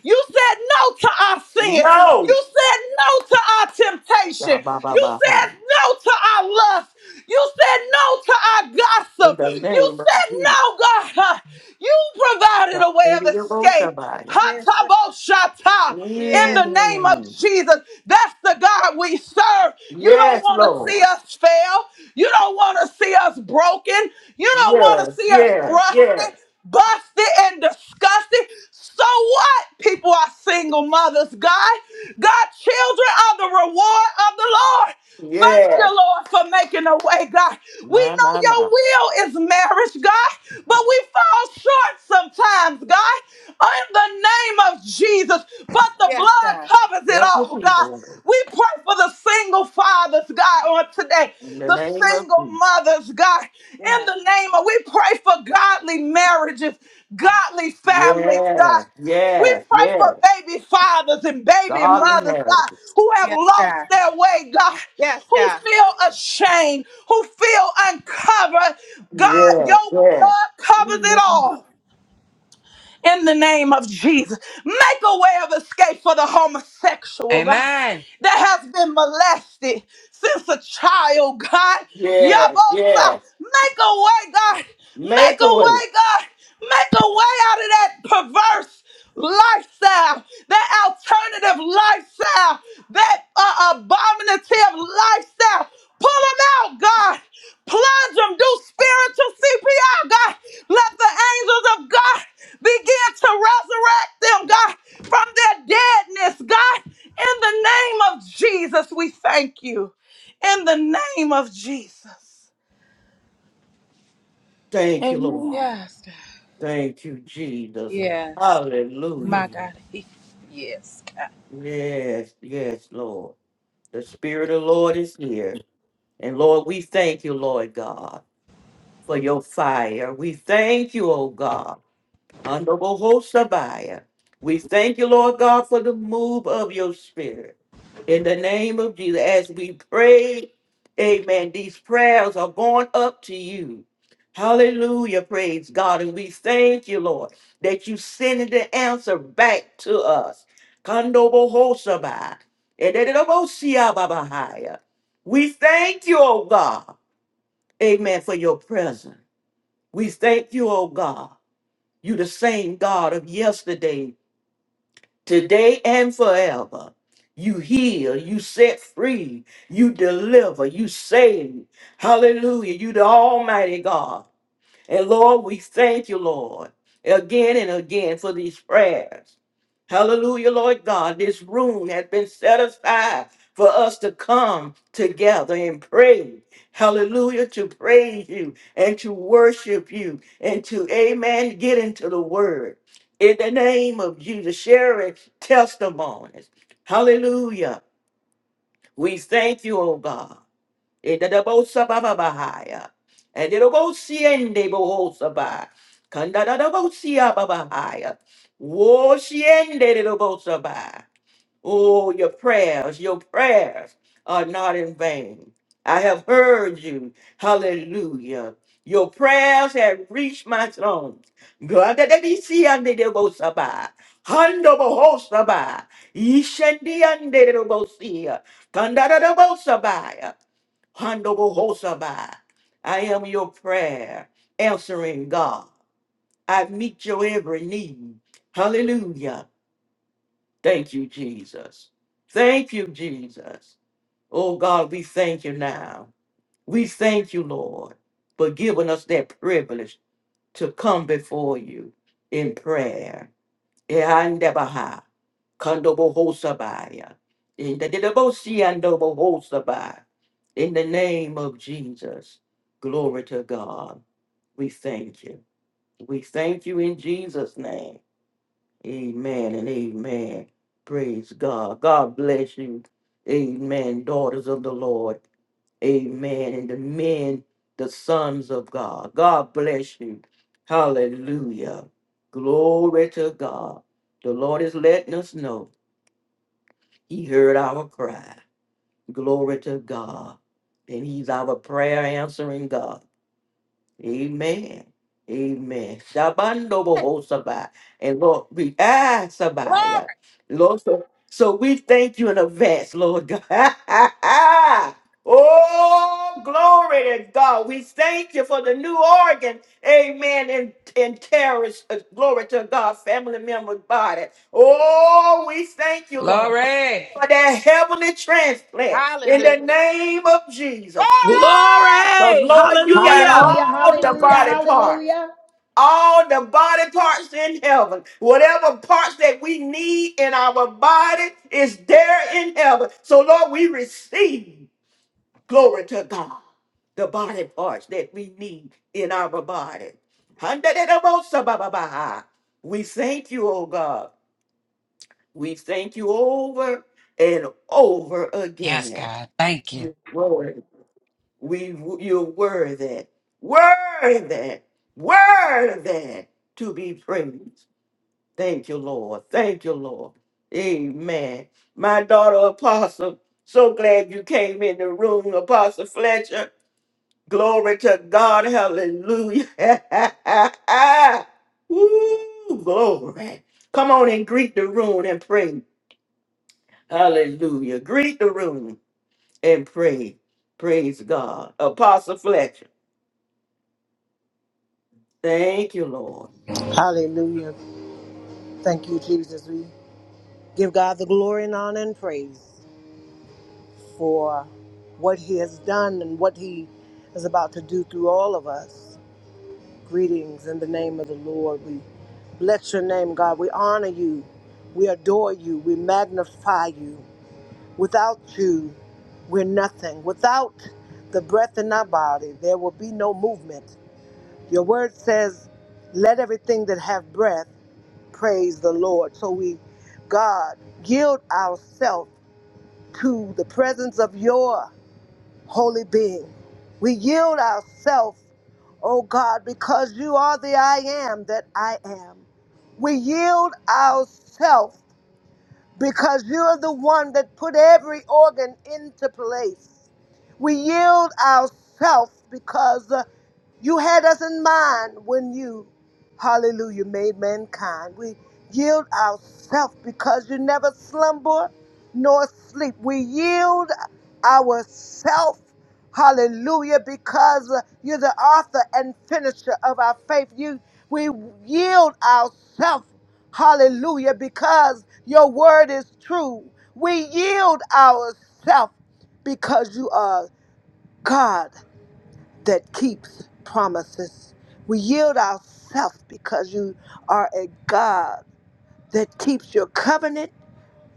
E: You said no to our sin.
A: No.
E: You said no to our
A: Ba,
E: temptation.
A: ba, ba,
E: You
A: ba, ba.
E: said no to our lust. You said no to our
A: In
E: gossip.
A: the
E: You
A: name of
E: said
A: Jesus.
E: no, God. Huh? You provided
A: Ba,
E: a
A: ba,
E: way of
A: ba, ba, ba,
E: escape.
A: ba.
C: Yes, sir.
E: Hataboshata. In
C: Yes,
E: the name of
A: Mm.
E: Jesus, that's the God we serve. You don't
A: Yes,
E: want to see
A: Lord.
E: us fail. You don't want to see us broken. You don't want
A: Yes,
E: to see us
A: yes, yes,
E: rusty busted and disgusted. So what? People are single mothers, God. God, children are the reward of the Lord. Thank you,
A: yes.
E: Lord, for making a way, God. We
A: My,
E: know
A: my,
E: your
A: my.
E: will is marriage, God, but we fall short sometimes, God. In the name of Jesus, but the
C: yes,
E: blood
C: God.
E: covers it
A: Help the
E: all,
A: people
E: God.
A: Lord.
E: We pray for the the single fathers, God, on today,
A: in the
E: the
A: name of
E: single
A: Jesus.
E: mothers, God,
C: Yes,
E: in the name of, we pray for godly marriages,
C: God.
E: godly families, God.
A: Yes,
E: We
A: yes,
E: pray for
A: yes.
E: baby fathers and baby
A: Godly
E: mothers, God,
A: marriages.
E: who have
C: Yes,
E: lost
C: God.
E: their way, God,
C: Yes,
E: who
C: God.
E: feel ashamed, who feel uncovered. God,
A: Yes,
E: your
A: yes,
E: blood
C: We
E: covers it
C: lift him up.
E: all in the name of Jesus. Make a way of escape for the homosexual, God,
G: Amen.
E: that has been molested since a child, God.
A: yes,
E: Yabosa,
A: yes.
E: make a way, God. Make
A: Make a
E: a
A: way.
E: way, God. Make a way out of that perverse lifestyle, that alternative lifestyle, that uh, abominative lifestyle. Pull them out, God. Plunge them. Do spiritual CPR, God. Let the angels of God Begin to resurrect them, God, from their deadness, God. In the name of Jesus, we thank you. In the name of Jesus.
A: Thank you, Lord.
E: Amen.
C: Yes, God.
A: Thank you, Jesus.
C: Yes.
A: Hallelujah.
C: My God. He, yes.
A: Yes, yes, Lord. The Spirit of the Lord is here. And Lord, we thank you, Lord God, for your fire. We thank you, oh God. Andobohosabaya. We thank you, Lord God, for the move of your spirit. In the name of Jesus, as we pray, amen, these prayers are going up to you. Hallelujah, praise God. And we thank you, Lord, that you sending the answer back to us. Kandobohosabaya. Edededobosiababahaya. We thank you, oh God, amen, for your presence. We thank you, oh God. You the same God of yesterday, today, and forever. You heal, you set free, you deliver, you save. Hallelujah. You the Almighty God. And Lord, we thank you, Lord, again and again for these prayers. Hallelujah, Lord God. This room has been set aside for us to come together and pray. Hallelujah, to praise you and to worship you and to, amen, get into the word. In the name of Jesus, sharing testimonies. Hallelujah. We thank you, oh God. Edadabosabababahaya. Edadabosiendebohosaba. Kandadadabosiababahaya. Woshiendedabosaba. Oh, your prayers, your prayers are not in vain. I have heard you. Hallelujah. Your prayers have reached my throne. God, Gadadabisiandedebosaba. Handobohosaba. Ishendiandedebosia. Kandadadabosabaya. Handobohosabai. I am your prayer, answering God. I meet your every need. Hallelujah. Thank you, Jesus. Thank you, Jesus. Oh God, we thank you now. We thank you, Lord, for giving us that privilege to come before you in prayer. Kandobohosabaya. In the Dedebosiandobohosabaya. In the name of Jesus. Glory to God. We thank you. We thank you in Jesus' name. Amen and amen. Praise God. God bless you. Amen. Daughters of the Lord. Amen. And the men, the sons of God. God bless you. Hallelujah. Glory to God. The Lord is letting us know. He heard our cry. Glory to God. And He's our prayer answering God. Amen. Amen. Shabando
C: Hey,
A: boho sabai. And Lord, we ah sabaya.
C: glory.
A: Lord, so, so we thank you in advance, Lord God. Oh, glory to God. We thank you for the new organ. Amen. And, and terrorist, uh, glory to God, family member body. Oh, we thank you, Lord
G: Glory.
A: for that heavenly transplant in
C: Hallelujah.
A: the name of Jesus.
C: Glory.
A: Because,
E: Glory.
A: Lord, you got
E: Hallelujah.
H: Hallelujah,
A: all the
H: hallelujah,
A: body parts,
H: hallelujah.
A: all the body parts in heaven. Whatever parts that we need in our body is there in heaven. So, Lord, we receive glory to God, the body parts that we need in our body. Handadadabosabababaha. We thank you, oh God. We thank you over and over
G: Yes,
A: again.
G: God. Thank you.
A: You're worthy. We, you're worthy, worthy, worthy to be praised. Thank you, Lord. Thank you, Lord. Amen. My daughter, Apostle, so glad you came in the room, Apostle Fletcher. Glory to God. Hallelujah. Woo, glory. Come on and greet the room and pray. Hallelujah. Greet the room. and pray. Praise God. Apostle Fletcher. Thank you, Lord.
I: Hallelujah. Thank you, Jesus. We give God the glory and honor and praise for what He has done and what He is about to do through all of us. Greetings in the name of the Lord. We bless your name, God. We honor you. We adore you. We magnify you. Without you, we're nothing. Without the breath in our body, there will be no movement. Your word says, Let everything that have breath Praise the Lord. So we, God, yield ourselves to the presence of your holy being. We yield ourselves, oh God, because you are the I am that I am. We yield ourselves because you're the one that put every organ into place. We yield ourselves because uh, you had us in mind when you, hallelujah, made mankind. We yield ourselves because you never slumber nor sleep. We yield ourselves, hallelujah, because you're the author and finisher of our faith. You, we yield ourselves, hallelujah, because your word is true. We yield ourselves because you are God that keeps promises. We yield ourselves because you are a God that keeps your covenant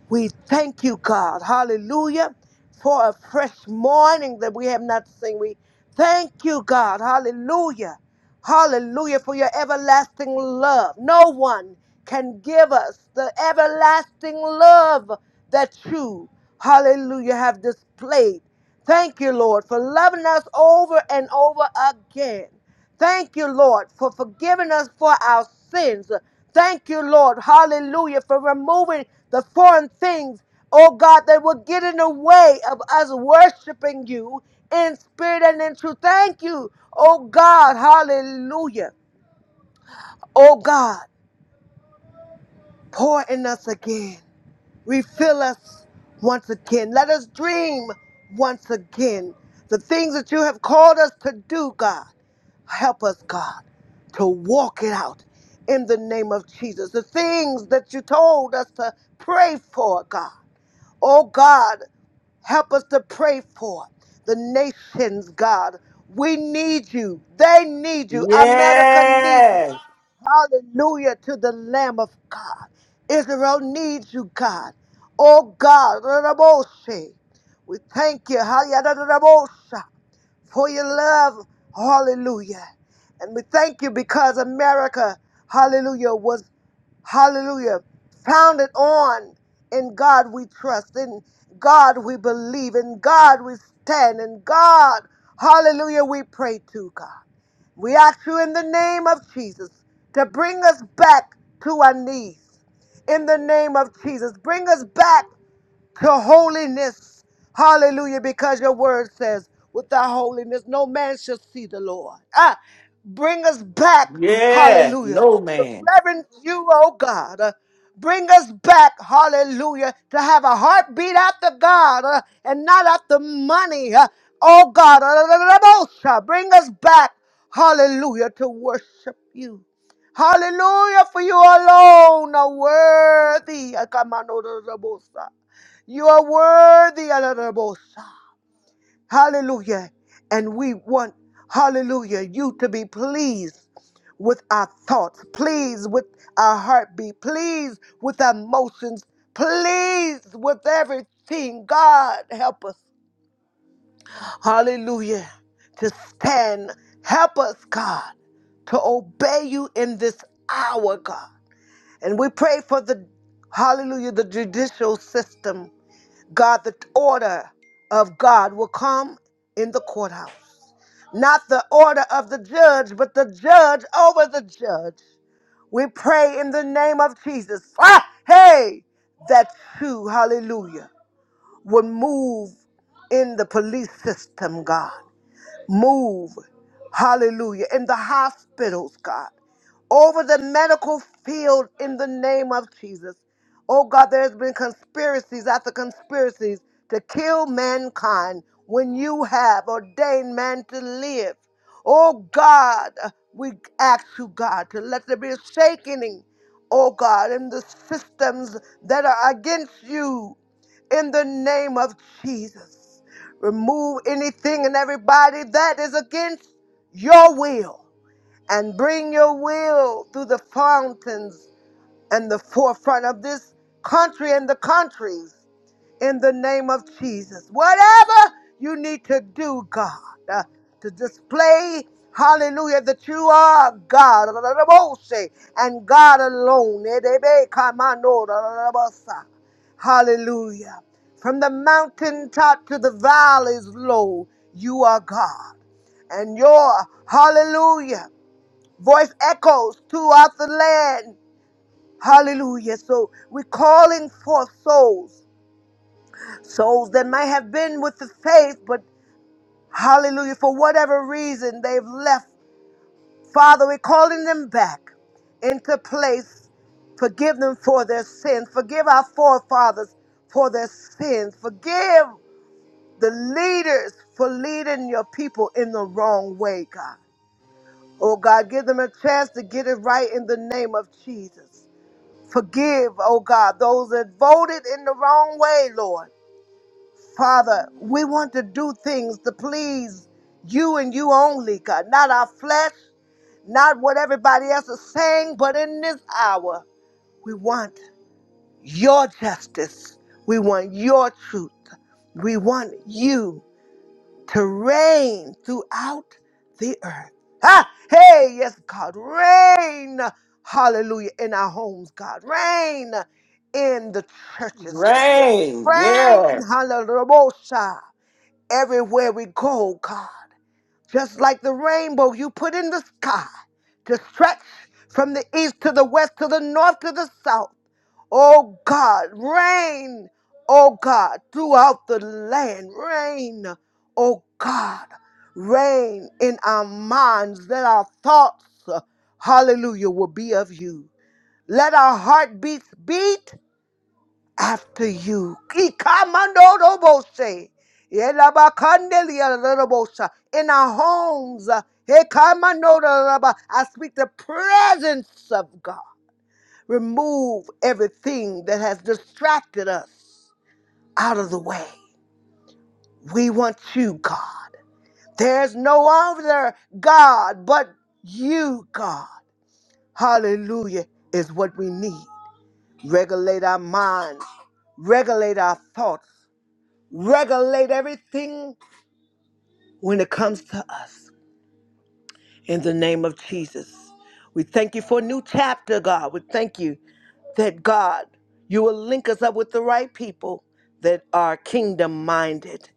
I: we thank you, God. Hallelujah. For a fresh morning that we have not seen. We thank you, God. Hallelujah. Hallelujah. For your everlasting love. No one can give us the everlasting love that you, hallelujah, have displayed. Thank you, Lord, for loving us over and over again. Thank you, Lord, for forgiving us for our sins. Thank you, Lord, hallelujah, for removing the foreign things, oh God, that will get in the way of us worshiping you in spirit and in truth. Thank you, oh God, hallelujah. Oh God, pour in us again. Refill us once again. Let us dream once again the things that you have called us to do, God. Help us, God, to walk it out in the name of Jesus. The things that you told us to pray for, God. Oh, God, help us to pray for the nations, God. We need you. They need you. America needs you.
A: Yes.
I: Hallelujah to the Lamb of God. Israel needs you, God. Oh, God. We thank you. Hallelujah for your love. Hallelujah. And we thank you because America, hallelujah, was, hallelujah, founded on in God we trust, in God we believe, in God we stand, in God, hallelujah, we pray to God. We ask you in the name of Jesus to bring us back to our knees. In the name of Jesus, bring us back to holiness. Hallelujah, because your word says, without holiness, no man shall see the Lord. Ah, bring us back,
A: Yes.
I: hallelujah,
A: No
I: to
A: man.
I: reverence you, oh God. Uh, Bring us back, hallelujah, to have a heartbeat after God uh, and not after money, uh, oh God. Uh, Bring us back, hallelujah, to worship you. Hallelujah, for you alone are worthy. Uh, come on, oh, you are worthy, Alabosa. Hallelujah. And we want, hallelujah, you to be pleased with our thoughts, pleased with our heartbeat, pleased with our emotions, pleased with everything. God, help us. Hallelujah. To stand. Help us, God, to obey you in this hour, God. And we pray for the, hallelujah, the judicial system. God, the order of God will come in the courthouse. Not the order of the judge, but the judge over the judge. We pray in the name of Jesus. Ah, hey, that you, hallelujah, would move in the police system, God. Move, hallelujah, in the hospitals, God, over the medical field in the name of Jesus. Oh God, there's been conspiracies after conspiracies to kill mankind when you have ordained man to live. Oh God, we ask you, God, to let there be a shaking, oh God, in the systems that are against you in the name of Jesus. Remove anything and everybody that is against your will and bring your will through the fountains and the forefront of this country and the countries in the name of Jesus. Whatever you need to do, God, uh, to display, hallelujah, that you are God and God alone. Hallelujah. From the mountaintop to the valleys low, you are God. And your hallelujah voice echoes throughout the land. Hallelujah. So we're calling forth souls souls that might have been with the faith, but hallelujah, for whatever reason they've left. Father, we're calling them back into place. Forgive them for their sins. Forgive our forefathers for their sins. Forgive the leaders for leading your people in the wrong way, God. Oh God, give them a chance to get it right in the name of Jesus. Forgive, oh God, those that voted in the wrong way, Lord. Father, we want to do things to please you and you only, God. Not our flesh, not what everybody else is saying, but in this hour, we want your justice. We want your truth. We want you to reign throughout the earth. Ah, hey, yes, God, reign. Hallelujah. In our homes, God. Reign in the churches.
A: Rain.
I: Reign.
A: Yes.
I: Hallelujah everywhere we go, God. Just like the rainbow you put in the sky to stretch from the east to the west to the north to the south. Oh God, rain, oh God, throughout the land. Rain, oh God, rain in our minds that our thoughts, uh, hallelujah, will be of you. Let our heartbeats beat after you. Ikamandorobose. Yelabakandeliarobose. In our homes. uh, Ikamandoraba. I speak the presence of God. Remove everything that has distracted us out of the way. We want you, God. There's no other God but you, God. Hallelujah is what we need. Regulate our minds, regulate our thoughts, regulate everything when it comes to us. In the name of Jesus, we thank you for a new chapter, God. We thank you that God, you will link us up with the right people that are kingdom minded.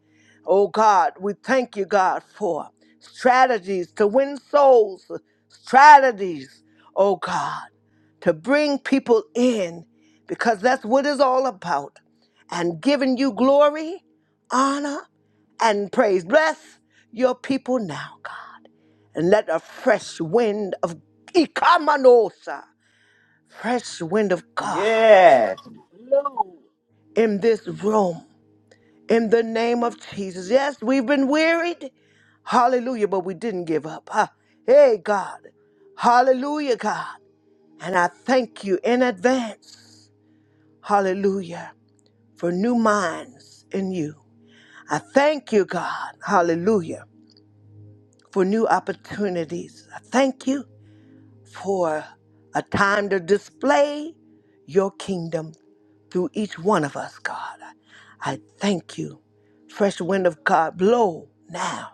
I: Oh God, we thank you, God, for strategies to win souls, strategies, oh God, to bring people in because that's what it's all about. And giving you glory, honor, and praise. Bless your people now, God, and let a fresh wind of Ikamanosa fresh wind of God
A: Yes.
I: in this room in the name of Jesus. Yes, we've been wearied. Hallelujah, but we didn't give up. Huh? Hey, God. Hallelujah, God. And I thank you in advance. Hallelujah. For new minds in you. I thank you, God. Hallelujah. For new opportunities. I thank you. for a time to display your kingdom through each one of us, God. I thank you. Fresh wind of God, blow now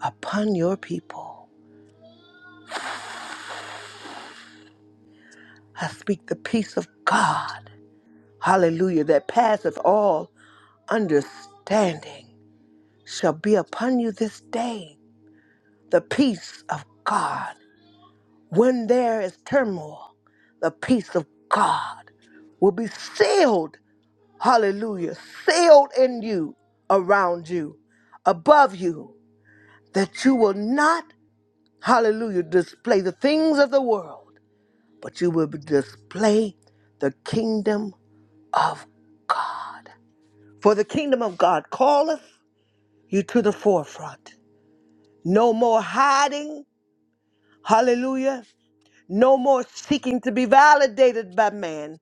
I: upon your people. I speak the peace of God, hallelujah, that passeth all understanding shall be upon you this day. The peace of God. When there is turmoil, the peace of God will be sealed hallelujah, sealed in you, around you, above you, that you will not, hallelujah, display the things of the world, but you will display the kingdom of God. For the kingdom of God calleth you to the forefront. No more hiding, hallelujah, no more seeking to be validated by man,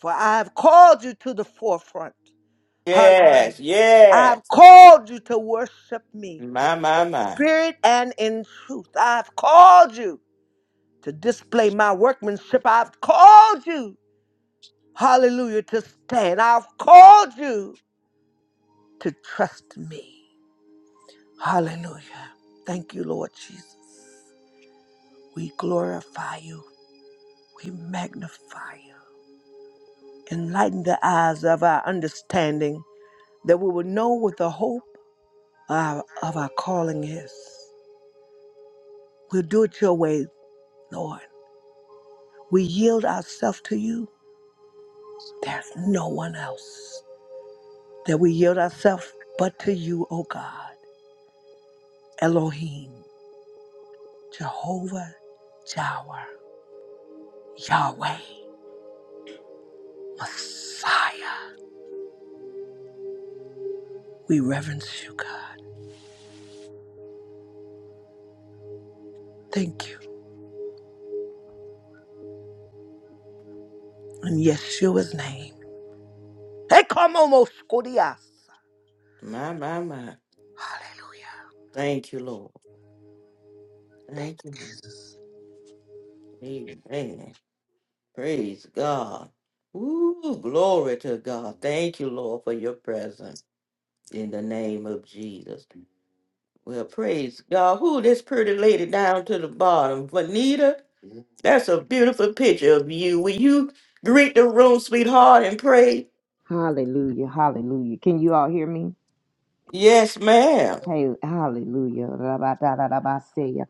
I: for I have called you to the forefront. Hallelujah.
A: Yes.
I: I've
A: Yes.
I: called you to worship me
A: My, my,
I: in
A: my.
I: spirit and in truth. I've called you to display my workmanship. I've called you, hallelujah, to stand. I've called you to trust me. Hallelujah. Thank you, Lord Jesus. We glorify you, we magnify you. Enlighten the eyes of our understanding that we will know what the hope of of our calling is. We'll do it your way, Lord. we yield ourselves to you, there's no one else that we yield ourselves but to you, O God, Elohim, Jehovah, Jireh, Yahweh, Messiah. We reverence you, God. Thank you. In Yeshua's name. Hey, come on, Moscodias.
A: My, my, my.
I: Hallelujah.
A: Thank you, Lord.
I: Thank
A: Thank you.
I: you,
A: Amen. Praise God. Ooh, glory to God. Thank you, Lord, for your presence in the name of Jesus. Well, praise God. Who this pretty lady down to the bottom? Vanita, that's a beautiful picture of you. Will you greet the room, sweetheart, and pray?
H: Hallelujah, hallelujah. Can you all hear me?
A: Yes, ma'am.
H: Hey, hallelujah. Rabadadadabaseya.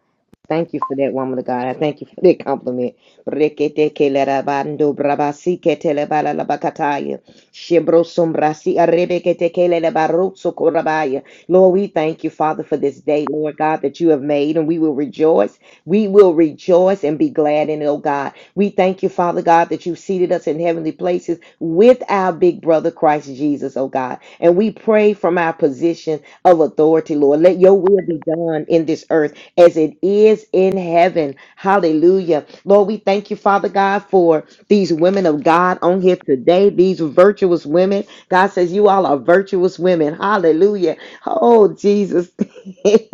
H: Thank you for that woman of God. I thank you for that compliment. Breketekelerabando brabasiketelebalalabakataya. Shebrosumbrasi arebeketekelebarosokorabaya. Lord, we thank you, Father, for this day, Lord God, that you have made, and we will rejoice. We will rejoice and be glad in it, oh God. We thank you, Father God, that you've seated us in heavenly places with our big brother Christ Jesus, oh God. And we pray from our position of authority, Lord. Let your will be done in this earth as it is in heaven. Hallelujah. Lord, we thank you, Father God, for these women of God on here today, these virtuous women. God says, You all are virtuous women. Hallelujah. Oh, Jesus.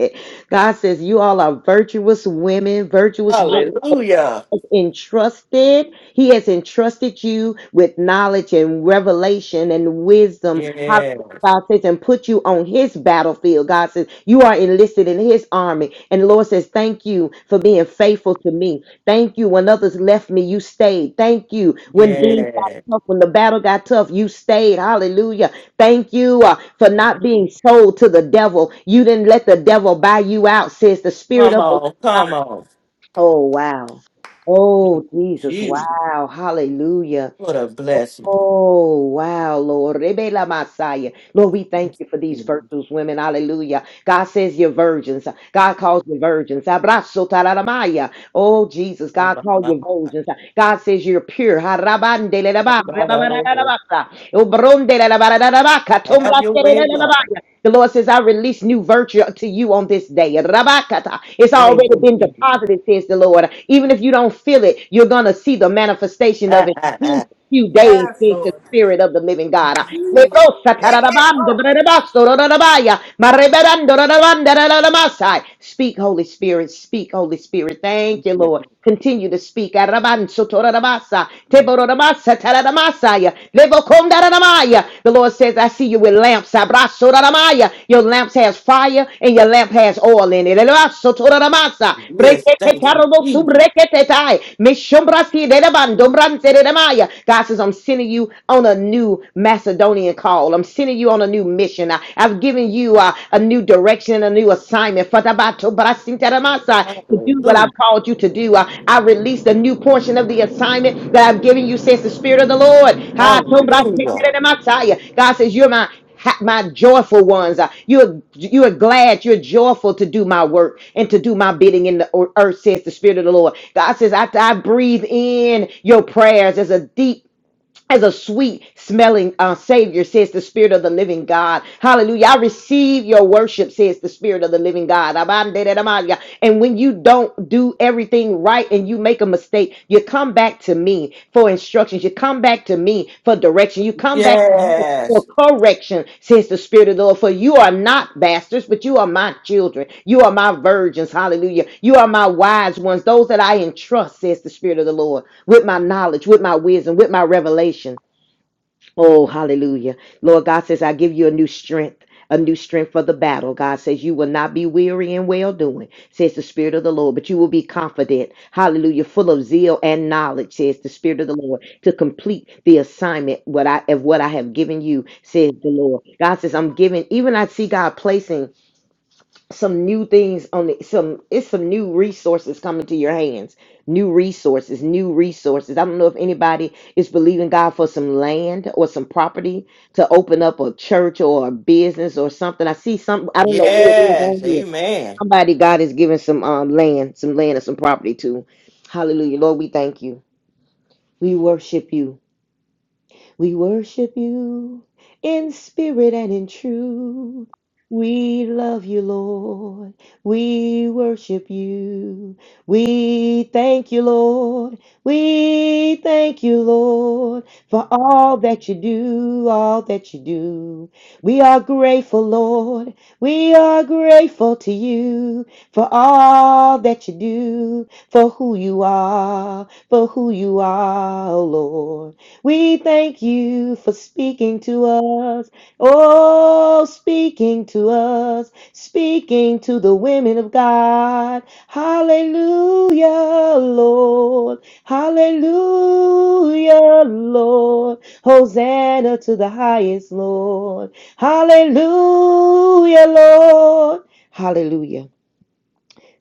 H: God says, You all are virtuous women, virtuous women
A: Hallelujah.
H: entrusted. He has entrusted you with knowledge and revelation and wisdom. How
A: Yes,
H: God says, and put you on his battlefield. God says, you are enlisted in his army. And the Lord says, thank you for being faithful to me. Thank you. When others left me, you stayed. Thank you. When things got
A: yes.
H: tough, when the battle got tough, you stayed. Hallelujah. Thank you uh, for not being sold to the devil. You didn't let the devil buy you out, says the spirit
A: Come
H: of the
A: on,
H: Lord.
A: come on.
H: Oh, wow. Oh, Jesus.
A: Jesus,
H: Wow. Hallelujah.
A: what a blessing.
H: Oh, wow, Lord. Rebe la Messiah. Lord, we thank you for these virtuous women. Hallelujah. God says you're virgins. God calls you virgins. Abrazo tararamaya. Oh, Jesus. God calls you virgins. God says you're pure. Harabande le la ba- rebabarabasa. Obronde le la barabarabaca.
A: Have your
H: Tombrase le
A: way,
H: le la
A: God.
H: baya. The Lord says, I release new virtue to you on this day. Rabakata. It's
A: Thank
H: already
A: you,
H: been
A: Jesus.
H: deposited, says the Lord. Even if you don't feel it, you're going to see the manifestation of it in a few days,
C: Yes,
H: says the
C: Lord.
H: Spirit of the living God.
C: We- eh, eh, Oh.
H: Speak, Holy Spirit. Speak, Holy Spirit. Thank you, Lord. Continue to speak. Teborabasa, Teborabasa, Taramasaya, Levokondaramaya. The Lord says, I see you with lamps. Abrasoramaya. Your lamps has fire and your lamp has oil in it. Elevasotoramasa.
A: Yes, thank you, Jesus.
H: Breketekarobosubreketetai. Mishombrasi dedebandombranteredamaya. God says, I'm sending you on a new Macedonian call. I'm sending you on a new mission. I- I've given you uh, a new direction direction, a new assignment. Father, bato brasintaramasa, to do what
A: Hallelujah.
H: I've called you to do. I, I release the new portion of the assignment that I've given you, says the Spirit of the Lord. Ha, tom
A: Hallelujah.
H: brasintaramasa. God says, You're my ha- my joyful ones. Uh, You are, you are glad, you're joyful to do my work and to do my bidding in the ear- earth, says the Spirit of the Lord. God says, I, I breathe in your prayers. There's a deep as a sweet smelling uh, savior, says the Spirit of the living God. Hallelujah. I receive your worship, says the Spirit of the living God. Abandedamaya. And when you don't do everything right and you make a mistake, you come back to me for instructions. You come back to me for direction. You come back to me for
A: Yes.
H: correction, says the Spirit of the Lord. For you are not bastards, but you are my children. You are my virgins. Hallelujah. You are my wise ones, those that I entrust, says the Spirit of the Lord, with my knowledge, with my wisdom, with my revelation. Oh, hallelujah. Lord God says, I give you a new strength, a new strength for the battle. God says, You will not be weary in well doing, says the Spirit of the Lord, but you will be confident. Hallelujah. Full of zeal and knowledge, says the Spirit of the Lord, to complete the assignment what I of what I have given you, says the Lord. God says, I'm giving, even I see God placing some new things on the some it's some new resources coming to your hands new resources new resources i don't know if anybody is believing god for some land or some property to open up a church or a business or something i see some i don't know who it is on
A: Yes.
H: here
A: Amen.
H: somebody god is giving some um land some land or some property to hallelujah lord we thank you we worship you we worship you in spirit and in truth. We love you, Lord. We worship you. We thank you, Lord. We thank you, Lord, for all that you do, all that you do. We are grateful, Lord. We are grateful to you for all that you do, for who you are, for who you are, oh Lord. We thank you for speaking to us. Oh, speaking to us, speaking to the women of God. Hallelujah, Lord. Hallelujah, Lord. Hosanna to the highest, Lord. Hallelujah, Lord. Hallelujah.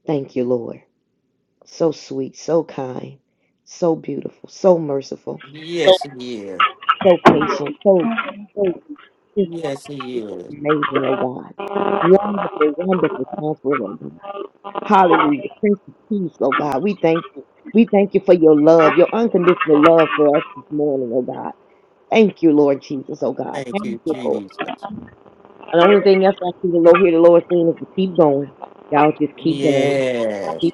H: Thank you, Lord. So sweet, so kind, so beautiful, so merciful
A: Yes, he is.
H: so patient, so, so just
A: Yes, he is.
H: amazing, oh God. Wonderful, wonderful counselor, oh God. Hallelujah. Prince of peace, oh God. We thank you. We thank you for your love, your unconditional love for us this morning, oh God. Thank you, Lord Jesus, oh God.
A: Thank
H: Thank
A: you,
H: you, Lord.
A: Jesus.
H: And the only thing else I see the Lord hear the Lord saying is to keep going. Y'all just keep going.
A: Yes.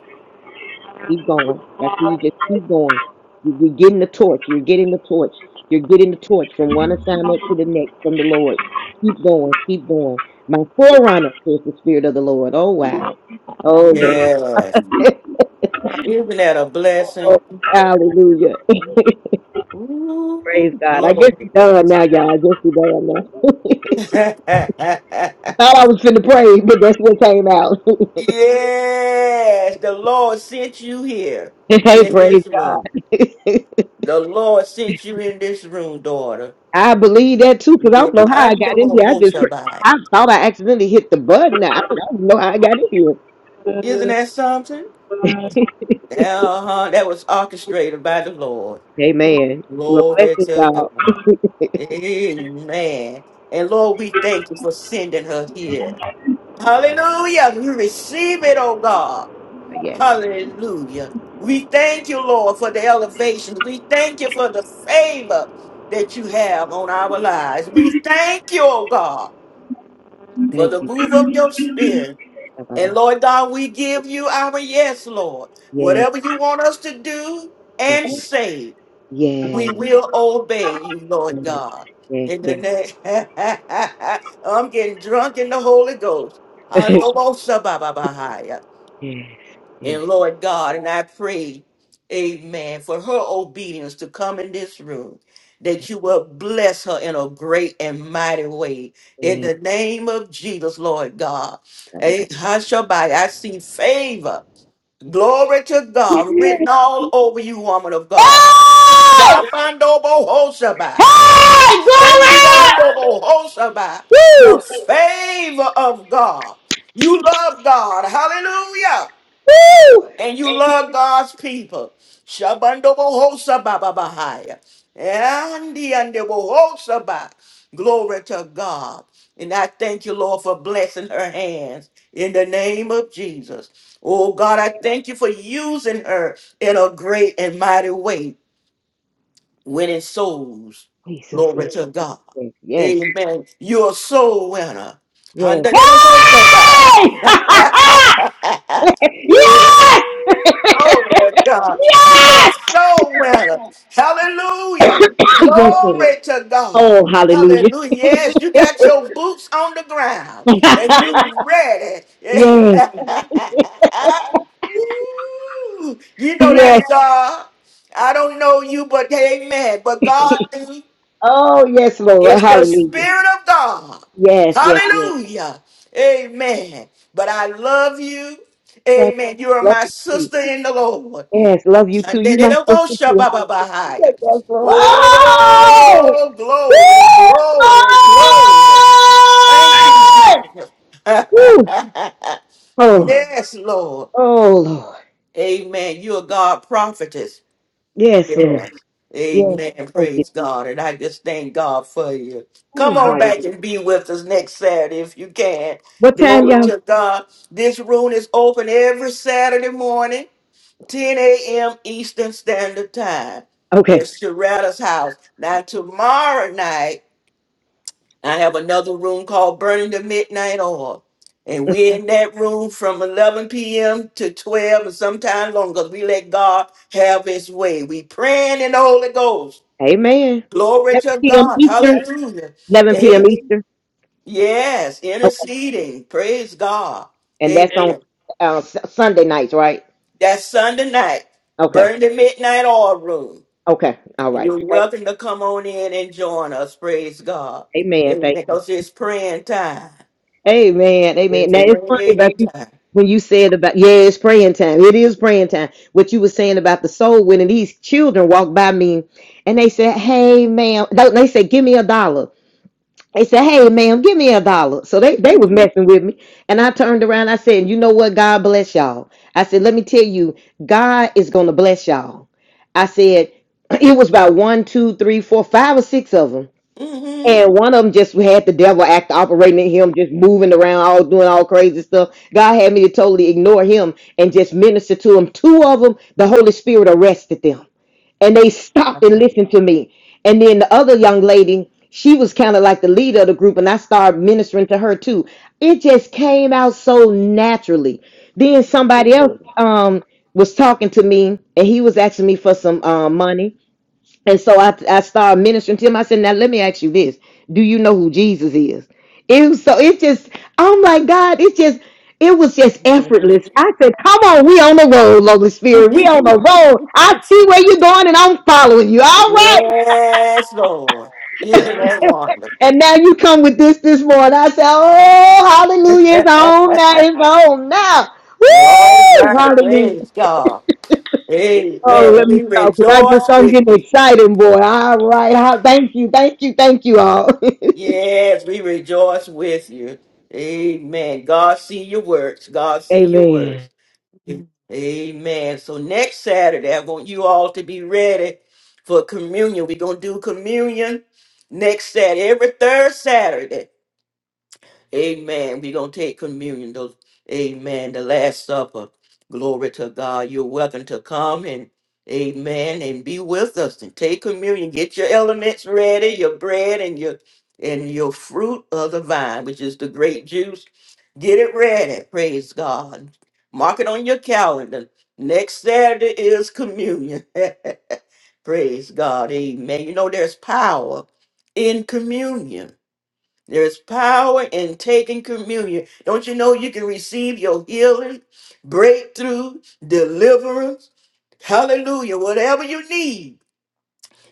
H: Keep going. That's where you just keep going. You- You're getting the torch. You're getting the torch. You're getting the torch from one assignment to the next from the Lord. Keep going. Keep going. My forerunner is the Spirit of the Lord. Oh, wow. Oh, Lord.
A: Yes. Isn't that a
H: oh,
A: blessing?
H: hallelujah. Praise
A: Ooh,
H: God. I guess
A: glory.
H: you're done now, y'all. I guess you're done now. Thought I was finna pray, but that's what came out.
A: yes, the Lord sent you here
H: hey,
A: in
H: praise
A: this room.
H: God.
A: The Lord sent you in this room, daughter.
H: I believe that too, because I
A: Yeah,
H: don't know how
A: I
H: I
A: know
H: got in here. I just,
A: what
H: I thought I accidentally hit the button. I don't, I don't know how I got in here.
A: Isn't that something? Uh-huh. That was orchestrated by the Lord.
H: Amen. Well, bless
A: Glory
H: you,
A: to
H: y'all.
A: God. Amen. And Lord, we thank you for sending her here. Hallelujah. We receive it, oh God.
H: yes,
A: Hallelujah. We thank you, Lord, for the elevation. We thank you for the favor that you have on our lives. We thank you, oh God, for
H: thank
A: the
H: you.
A: move of your spirit. And
H: Bye-bye.
A: Lord God, we give you our yes, Lord.
H: Yes,
A: Whatever you want us to do and
H: okay.
A: say, we
H: yes,
A: will obey you, Lord God.
H: yes,
A: In
H: yes,
A: the
H: yes,
A: name, I'm getting drunk in the Holy Ghost. Andobosababahaya.
H: yes,
A: And
H: yes.
A: Lord God, and I pray, amen, for her obedience to come in this room, that you will bless her in a great and mighty way. In
H: yes.
A: the name of Jesus, Lord God.
H: Ba-ba-ba.
A: Eh, Hashabai, I see favor. Glory to God, written
H: Yes.
A: all over you, woman of God.
H: Hey!
A: Shafandobo Hoshabai,
H: Hey! Glory!
A: Shandiandobo Hoshabai, the
H: Woo!
A: favor of God. You love God. Hallelujah
H: Woo!
A: and you love God's people. Shabando bohosa baba bahaya. andi Shabandobohosabababahaya. Andiandebohosaba. Glory to God. And I thank you, Lord, for blessing her hands in the name of Jesus. Oh God, I thank you for using her in a great and mighty way winning souls.
H: Jesus.
A: Glory
H: Yes,
A: to God.
H: yes, yes.
A: Amen. You're a soul winner. And they don't work like that.
H: yes.
A: bad.
H: Hey! yes!
A: Ooh, Glory to God. You're a
H: yes!
A: soul winner.
H: yes,
A: Hallelujah.
H: Lord.
A: Glory to God.
H: Oh, hallelujah.
A: Hallelujah. Yes, you got your boots on the ground and you ready.
H: yes,
A: Ooh, you know
H: yes.
A: that's God. I don't know you, but amen. But God
H: Oh, yes, Lord.
A: is the
H: Hallelujah.
A: Spirit of God.
H: Yes, yes, yes.
A: Hallelujah. Amen. But I love you.
H: Thank
A: Amen. You
H: you.
A: are
H: Love
A: my
H: you too.
A: sister in the Lord.
H: Yes, love you too. You my sister too. I
A: Shandededoboshabababahaya.
H: said yes, Lord. Oh!
A: Oh,
H: Woo!
A: glory, glory, glory. Thank you, Jesus.
H: Woo! Oh,
A: yes, Lord.
H: oh, Lord.
A: Amen. You are God prophetess.
H: Yes, Lord.
A: Yeah.
H: Yes,
A: Amen.
H: thank you.
A: Praise God. And I just thank God for you.
H: Ooh,
A: Come on
H: hallelujah.
A: back and be with us next Saturday if you can.
H: What time,
A: Glory
H: y'all?
A: to God. This room is open every Saturday morning, 10 a.m. Eastern Standard Time.
H: Okay.
A: It's Sharetta's house. Now, tomorrow night, I have another room called Burning the Midnight Oil. And we're in that room from 11 p.m. to 12 and sometime longer 'cause we let God have his way. We praying in the Holy Ghost.
H: Amen.
A: Glory
H: 11
A: to
H: p.m.
A: God.
H: Eastern.
A: Hallelujah.
H: 11 p.m.
A: Amen.
H: Eastern.
A: Yes,
H: Okay.
A: interceding. Praise God.
H: And that's on
A: Amen.
H: uh, S- Sunday nights, right?
A: That's Sunday night.
H: Okay.
A: Burn the Midnight Oil Room.
H: Okay. All right.
A: You're
H: Thank-
A: welcome to come on in and join us. Praise God.
H: Amen.
A: Amen.
H: Thank.
A: Because it's praying time.
H: Amen. Amen.
A: It's
H: Now it's funny about
A: praying
H: you
A: time.
H: when you said about yeah, it's praying time. It is praying time. What you were saying about the soul winning. These children walk by me and they said, "Hey, ma'am," no, they say, "Give me a dollar." They said, "Hey, ma'am, give me a dollar." So they they was messing with me, and I turned around. I said, "You know what? God bless y'all." I said, "Let me tell you, God is gonna bless y'all." I said, "It was about one, two, three, four, five, or six of them, and one of them just had the devil act operating in him, just moving around, all doing all crazy stuff. God had me to totally ignore him and just minister to him. Two of them, the Holy Spirit arrested them." and they stopped and listened to me. And then the other young lady, she was kind of like the leader of the group, and I started ministering to her too. It just came out so naturally. Then somebody else um was talking to me, and he was asking me for some uh, money and so I, I started ministering to him. I said, Now let me ask you this. Do you know who Jesus is? It was so it's just, oh my God, it's just, it was just effortless. I said, Come on, we on the road, Holy Spirit. We on the road. I
A: yes,
H: see where you're going and I'm following you. All right.
A: Lord. Isn't that wonderful?
H: And now you come with this this morning. I said, Oh, hallelujah. It's on now. It's on now.
A: All
H: Woo!
A: right.
H: Hallelujah.
A: Praise God.
H: Oh,
A: Amen.
H: let
A: We
H: me stop because I just
A: rejoice
H: I'm
A: with
H: getting
A: you.
H: excited, boy. All right. Ah, Thank you. Thank you. Thank you all.
A: Yes, we rejoice with you. Amen. God see your works. God see your works.
H: Amen.
A: Mhm. Amen. So next Saturday, I want you all to be ready for communion. We're going to do communion next Saturday, every third Saturday. Amen. We're going to take communion. Those, amen. The Last Supper. Glory to God. You're welcome to come and amen and be with us and take communion. Get your elements ready, your bread and your and your fruit of the vine, which is the grape juice. Get it ready. Praise God. Mark it on your calendar. Next Saturday is communion. Praise God. Amen. You know there's power in communion. There is power in taking communion. Don't you know you can receive your healing, breakthrough, deliverance? Hallelujah. Whatever you need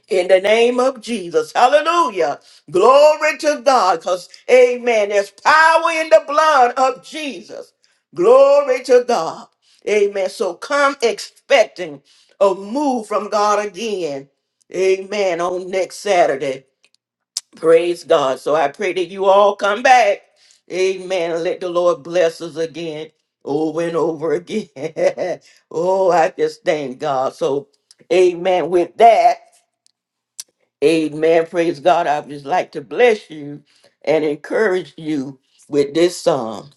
A: in the name of Jesus. Hallelujah. Glory to God. Because, amen, there's power in the blood of Jesus. Glory to God. Amen. So come expecting a move from God again. Amen. On next Saturday. Praise God. So I pray that you all come back. Amen. And Let the Lord bless us again over and over again. oh, I just thank God. So, amen. With that, amen. Praise God. I would just like to bless you and encourage you with this song.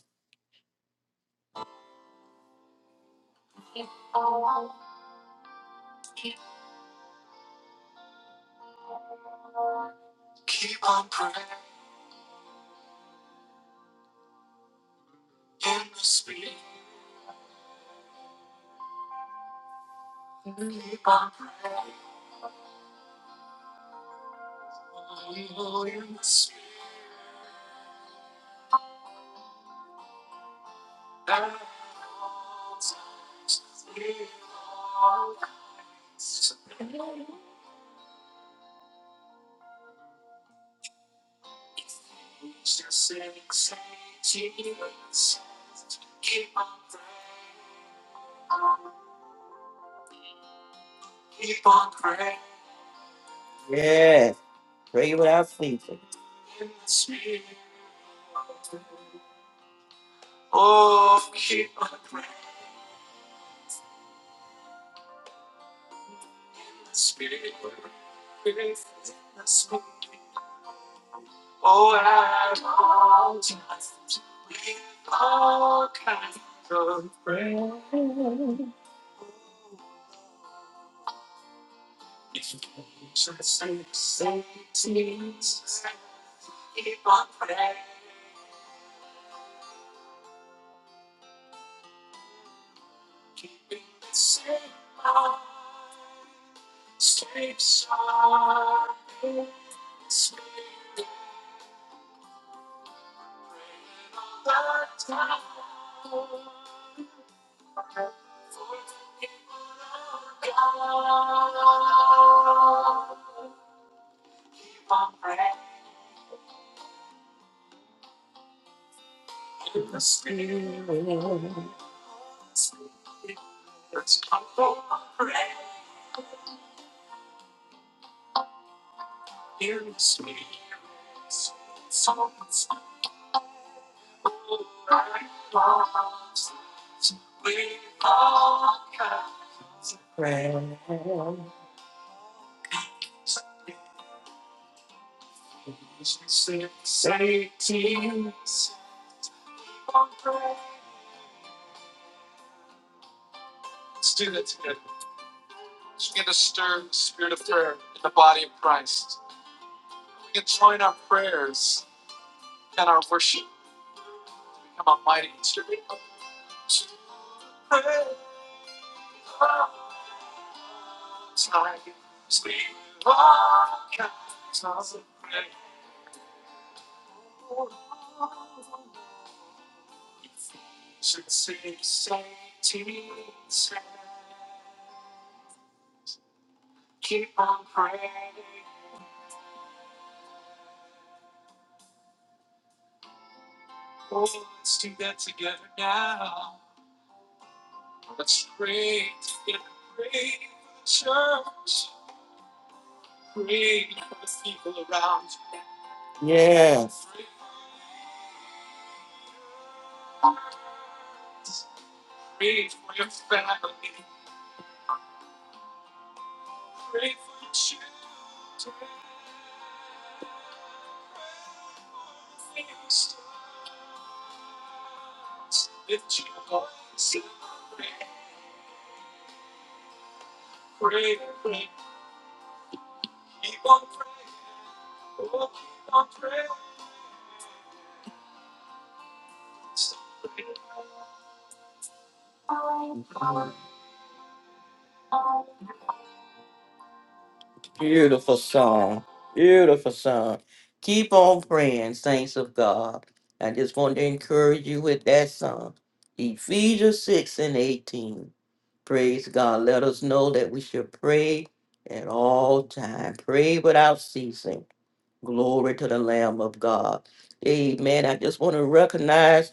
A: Yeah. Pray without ceasing. Oh, keep on speaking. Oh, at all times, with all kinds of praise. Yes, beautiful song. Beautiful song. Keep on praying, saints of God. I just want to encourage you with that song. Ephesians 6 and 18. Praise God. Let us know that we should pray at all time. Pray without ceasing. Glory to the Lamb of God. Amen. I just want to recognize.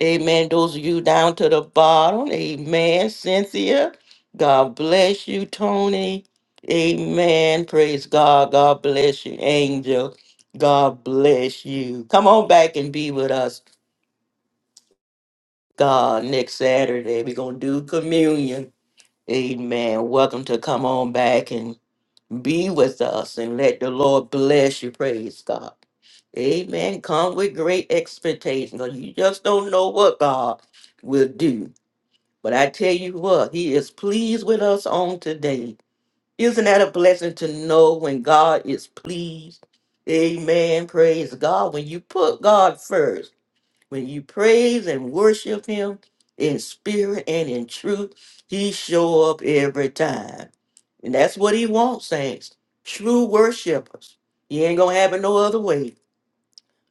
A: Amen. Those of you down to the bottom. Amen. Cynthia. God bless you, Tony. Amen. Praise God. God bless you, Angel. God bless you. Come on back and be with us, God, next Saturday. We're going to do communion. Amen. Welcome to come on back and be with us and let the Lord bless you. Praise God. Amen. Come with great expectation because you just don't know what God will do. But I tell you what, he is pleased with us on today. Isn't that a blessing to know when God is pleased? Amen. Praise God. When you put God first, when you praise and worship him in spirit and in truth, he show up every time. And that's what he wants, saints. True worshipers. He ain't gonna have it no other way.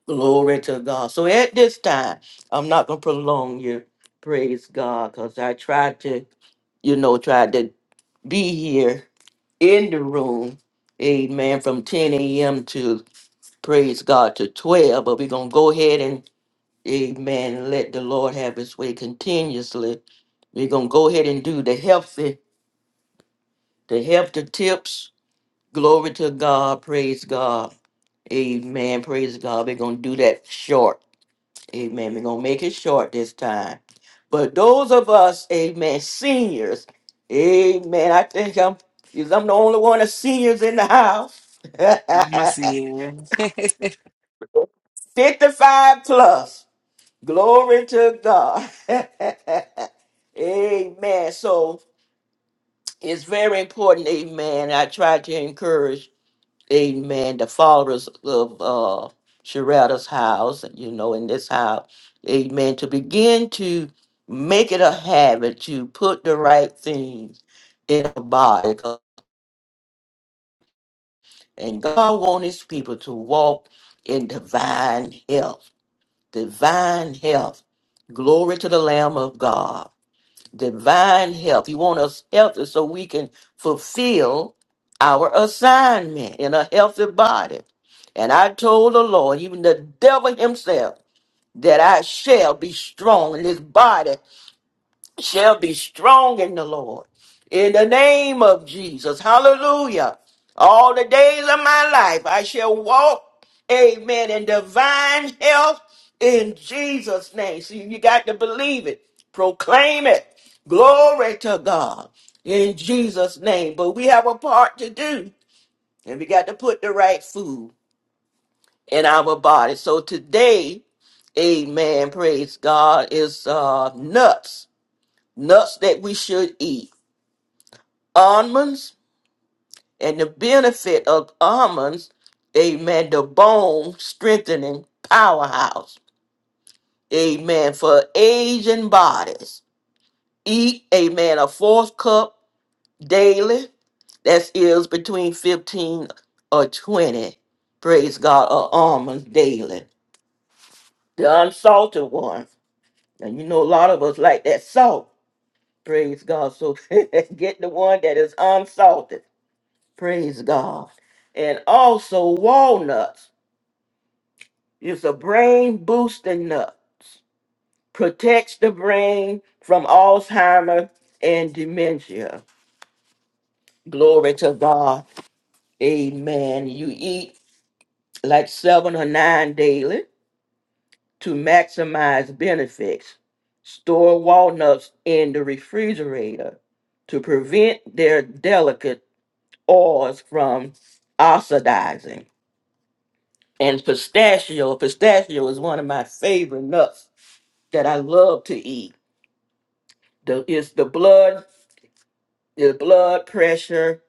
A: Glory to God. So at this time, I'm not gonna prolong you. Praise God, because I tried to, you know, tried to be here in the room, amen, from 10 a.m. to praise God to 12. But we're gonna go ahead and amen, let the Lord have his way continuously. We're gonna go ahead and do the healthy, the healthy tips. Glory to God, praise God, amen, praise God. We're gonna do that short. Amen. We're gonna make it short this time. But those of us, amen, seniors, amen. I think I'm 'cause I'm the only one of seniors in the house.
G: I'ma see it.
A: 55 plus. Glory to God. amen. So it's very important, amen. I try to encourage amen, the fathers of uh, Sharada's house, you know, in this house, amen, to begin to make it a habit to put the right things in the body. 'Cause- And God wants his people to walk in divine health, divine health. Glory to the Lamb of God, divine health. He wants us healthy so we can fulfill our assignment in a healthy body. And I told the Lord, even the devil himself, that I shall be strong, and this body shall be strong in the Lord. In the name of Jesus. Hallelujah. All the days of my life I shall walk, amen, in divine health in Jesus' name. See, you got to believe it, proclaim it. Glory to God in Jesus' name. But we have a part to do, and we got to put the right food in our body. So today, amen, praise God, is uh, nuts, nuts that we should eat. Almonds and the benefit of almonds, amen, the bone strengthening powerhouse, amen, for aging bodies. Eat, amen, a fourth cup daily. That is between 15 or 20, praise God, of almonds daily. The unsalted one And you know, a lot of us like that salt. Praise God. So get the one that is unsalted. Praise God. And also walnuts. It's a brain boosting nut. Protects the brain from Alzheimer and dementia. Glory to God. Amen. You eat like seven or nine daily to maximize benefits. Store walnuts in the refrigerator to prevent their delicate oils from oxidizing. And pistachio, pistachio is one of my favorite nuts that I love to eat. The, it's the blood, the blood pressure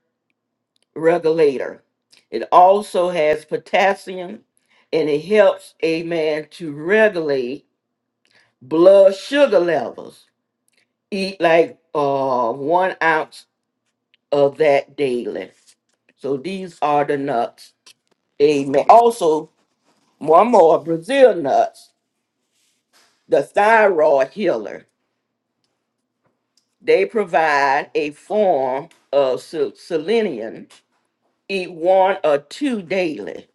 A: regulator. It also has potassium and it helps a man to regulate blood sugar levels eat like uh one ounce of that daily. So these are the nuts. Amen. Also, one more Brazil nuts, the thyroid healer. They provide a form of se- selenium. Eat one or two daily.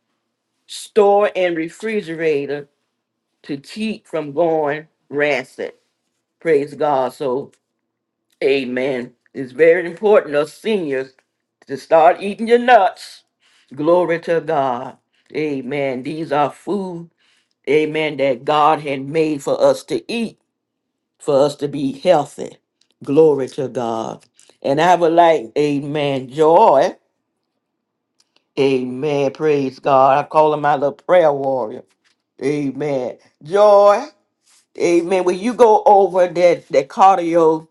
A: Store in refrigerator to keep from going rancid. Praise God. So, amen. It's very important us seniors to start eating your nuts Glory to God. Amen. These are food, amen, that God had made for us to eat, for us to be healthy. Glory to God. And I would like, amen, Joy. Amen. Praise God. I call him my little prayer warrior. Amen. Joy. Amen. When you go over that, that cardio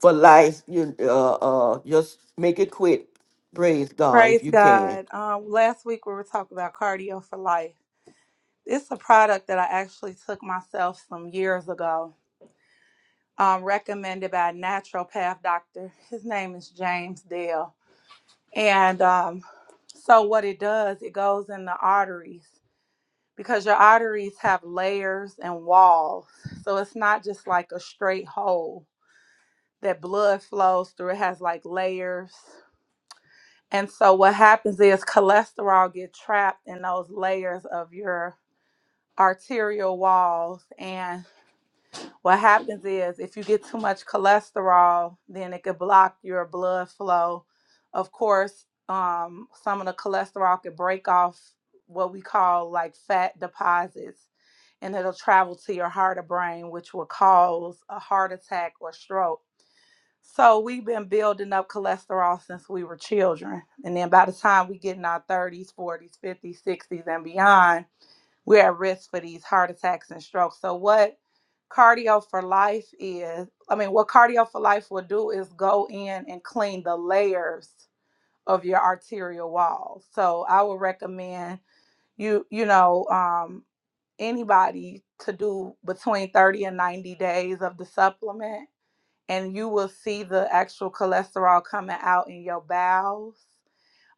A: for life, you uh uh just make it quit. Praise God if
E: Praise
A: you can.
E: God. Um, last week we were talking about cardio for life. It's a product that I actually took myself some years ago, um, recommended by a naturopath doctor. His name is James Dale. And um, so what it does, it goes in the arteries because your arteries have layers and walls. So it's not just like a straight hole that blood flows through. It has like layers. And so what happens is cholesterol get trapped in those layers of your arterial walls and What happens is if you get too much cholesterol, then it could block your blood flow. Of course, um, some of the cholesterol could break off what we call like fat deposits and it'll travel to your heart or brain, which will cause a heart attack or stroke. So we've been building up cholesterol since we were children. And then by the time we get in our 30s, 40s, 50s, 60s, and beyond, we're at risk for these heart attacks and strokes. So what cardio for life is, I mean, what cardio for life will do is go in and clean the layers of your arterial wall. So I would recommend you, you know, um, anybody to do between 30 and 90 days of the supplement and you will see the actual cholesterol coming out in your bowels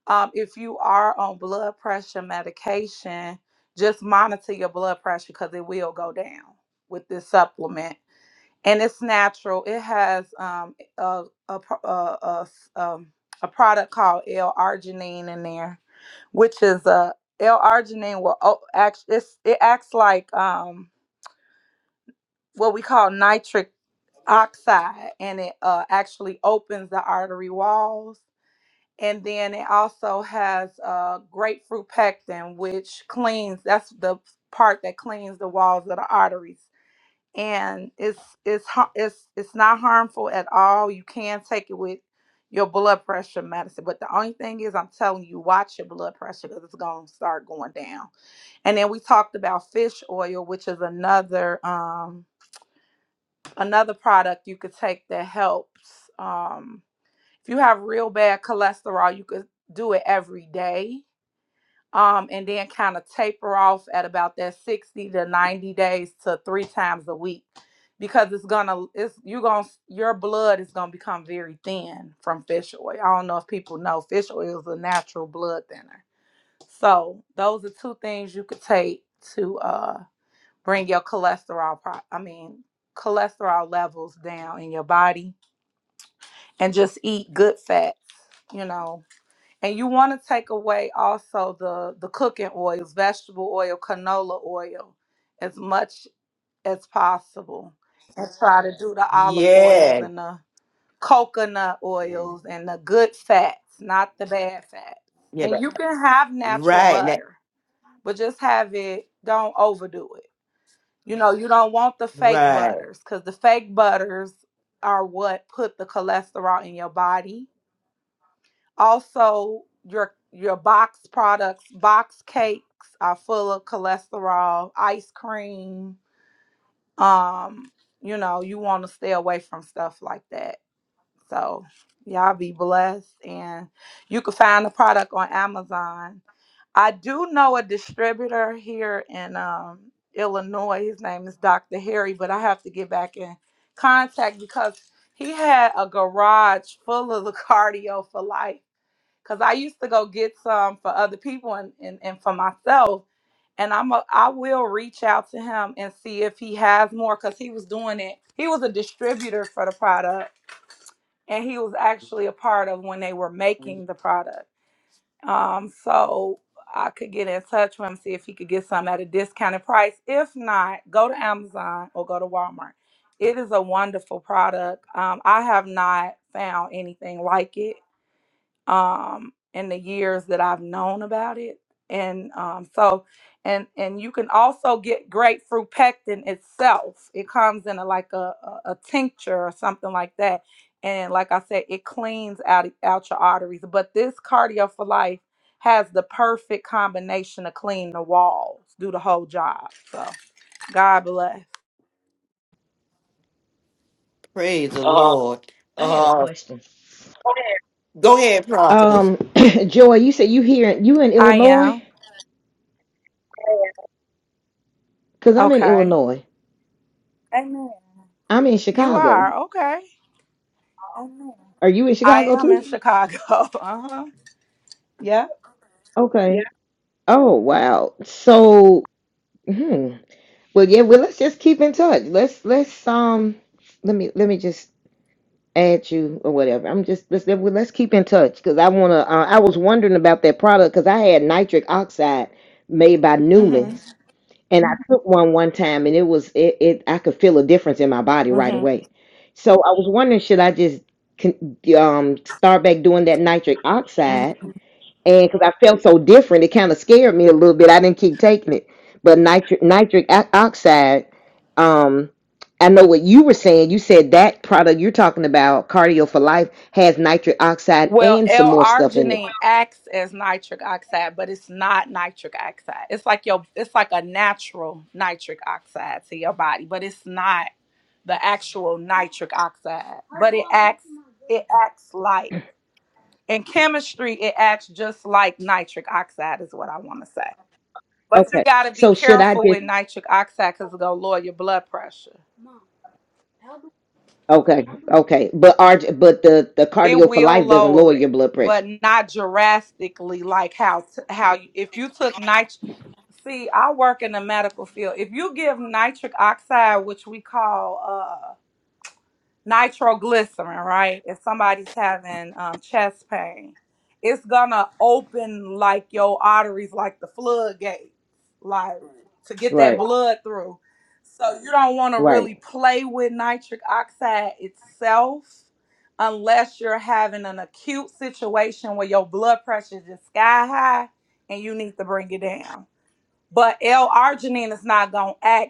E: um, if you are on blood pressure medication, just monitor your blood pressure because it will go down with this supplement. And it's natural. It has um, a, a, pro- a, a s- um, a product called L-arginine in there, which is a L-arginine will o- act, it's, it acts like um, what we call nitric oxide, and it uh, actually opens the artery walls and then it also has uh, grapefruit pectin, which cleans. That's the part that cleans the walls of the arteries, and it's it's har- it's it's not harmful at all. You can take it with your blood pressure medicine, but the only thing is, I'm telling you, watch your blood pressure because it's gonna start going down. And then we talked about fish oil, which is another um another product you could take that helps. Um, if you have real bad cholesterol, you could do it every day. Um, and then kind of taper off at about that 60 to 90 days to three times a week because it's gonna it's you're gonna your blood is gonna become very thin from fish oil. I don't know if people know fish oil is a natural blood thinner. So those are two things you could take to uh bring your cholesterol pro- I mean cholesterol levels down in your body and just eat good fats, you know, and you want to take away also the the cooking oils, vegetable oil, canola oil, as much as possible, and try to do the olive oils
A: Yeah.
E: and the coconut oils and the good fats, not the bad fats.
A: Yeah.
E: And
A: that-
E: you can have natural
A: Right.
E: butter, but just have it. Don't overdo it. You know, you don't want the fake
A: Right.
E: butters because the fake butters are what put the cholesterol in your body also, your your box products, box cakes are full of cholesterol, ice cream. Um, you know, you want to stay away from stuff like that. So, y'all be blessed and you can find the product on Amazon. I do know a distributor here in um, Illinois. His name is Dr. Harry, but I have to get back in contact because he had a garage full of the cardio for life because I used to go get some for other people and, and, and for myself. And I'm a, I will reach out to him and see if he has more because he was doing it. He was a distributor for the product and he was actually a part of when they were making the product. Um, so I could get in touch with him, see if he could get some at a discounted price. If not, go to Amazon or go to Walmart. It is a wonderful product. Um, I have not found anything like it um, in the years that I've known about it. And um, so, and and you can also get grapefruit pectin itself. It comes in a, like a, a, a tincture or something like that. And like I said, it cleans out out your arteries. But this cardio for life has the perfect combination to clean the walls, do the whole job. So God bless.
A: Praise the
H: Uh,
A: Lord.
H: I had a
A: Uh,
H: question.
A: go ahead, prophetess.
H: Um, Joy, you said you here you in
E: I
H: Illinois?
E: am
H: Cause I'm in
E: okay.
H: Illinois.
E: Amen.
H: I'm in
E: You
H: Chicago.
E: are okay. Amen.
H: Are you in
E: I
H: Chicago
E: am in
H: too?
E: Chicago. Uh-huh. Yeah.
H: Okay. yeah. Oh wow. So hmm. Well yeah, well let's just keep in touch. Let's let's um let me let me just add you or whatever. I'm just let's let- well, let's keep in touch because I wanna uh, I was wondering about that product because I had nitric oxide made by
E: Mm-hmm.
H: Newman's. and I took one one time, and it was it, it I could feel a difference in my body right
E: Mm-hmm.
H: away. So I was wondering, should I just con- um start back doing that nitric
E: hmm
H: oxide? And because I felt so different, it kind of scared me a little bit. I didn't keep taking it, but nitric nitric o- oxide, um. I know what you were saying. You said that product you're talking about, Cardio for Life, has nitric oxide
E: Well,
H: and some more stuff in it.
E: L-arginine acts as nitric oxide, but it's not nitric oxide. It's like your it's like a natural nitric oxide to your body, but it's not the actual nitric oxide. But it acts it acts like in chemistry it acts just like nitric oxide is what I want to say. But you
H: Okay.
E: got to be
H: So should I
E: careful
H: just
E: with nitric oxide cuz it'll lower your blood pressure.
H: Okay, okay, but our but the the
E: it
H: cardio for
E: will
H: life doesn't lower
E: lower it,
H: your blood
E: but
H: pressure.
E: not drastically like how t- how you, if you took nit See, I work in the medical field. If you give nitric oxide, which we call uh, nitroglycerin, right? If somebody's having um, chest pain, it's gonna open like your arteries, like the floodgate, like to get
H: Right,
E: that blood through. So you don't want to
H: right.
E: really play with nitric oxide itself unless you're having an acute situation where your blood pressure is just sky high and you need to bring it down. But L-arginine is not gonna act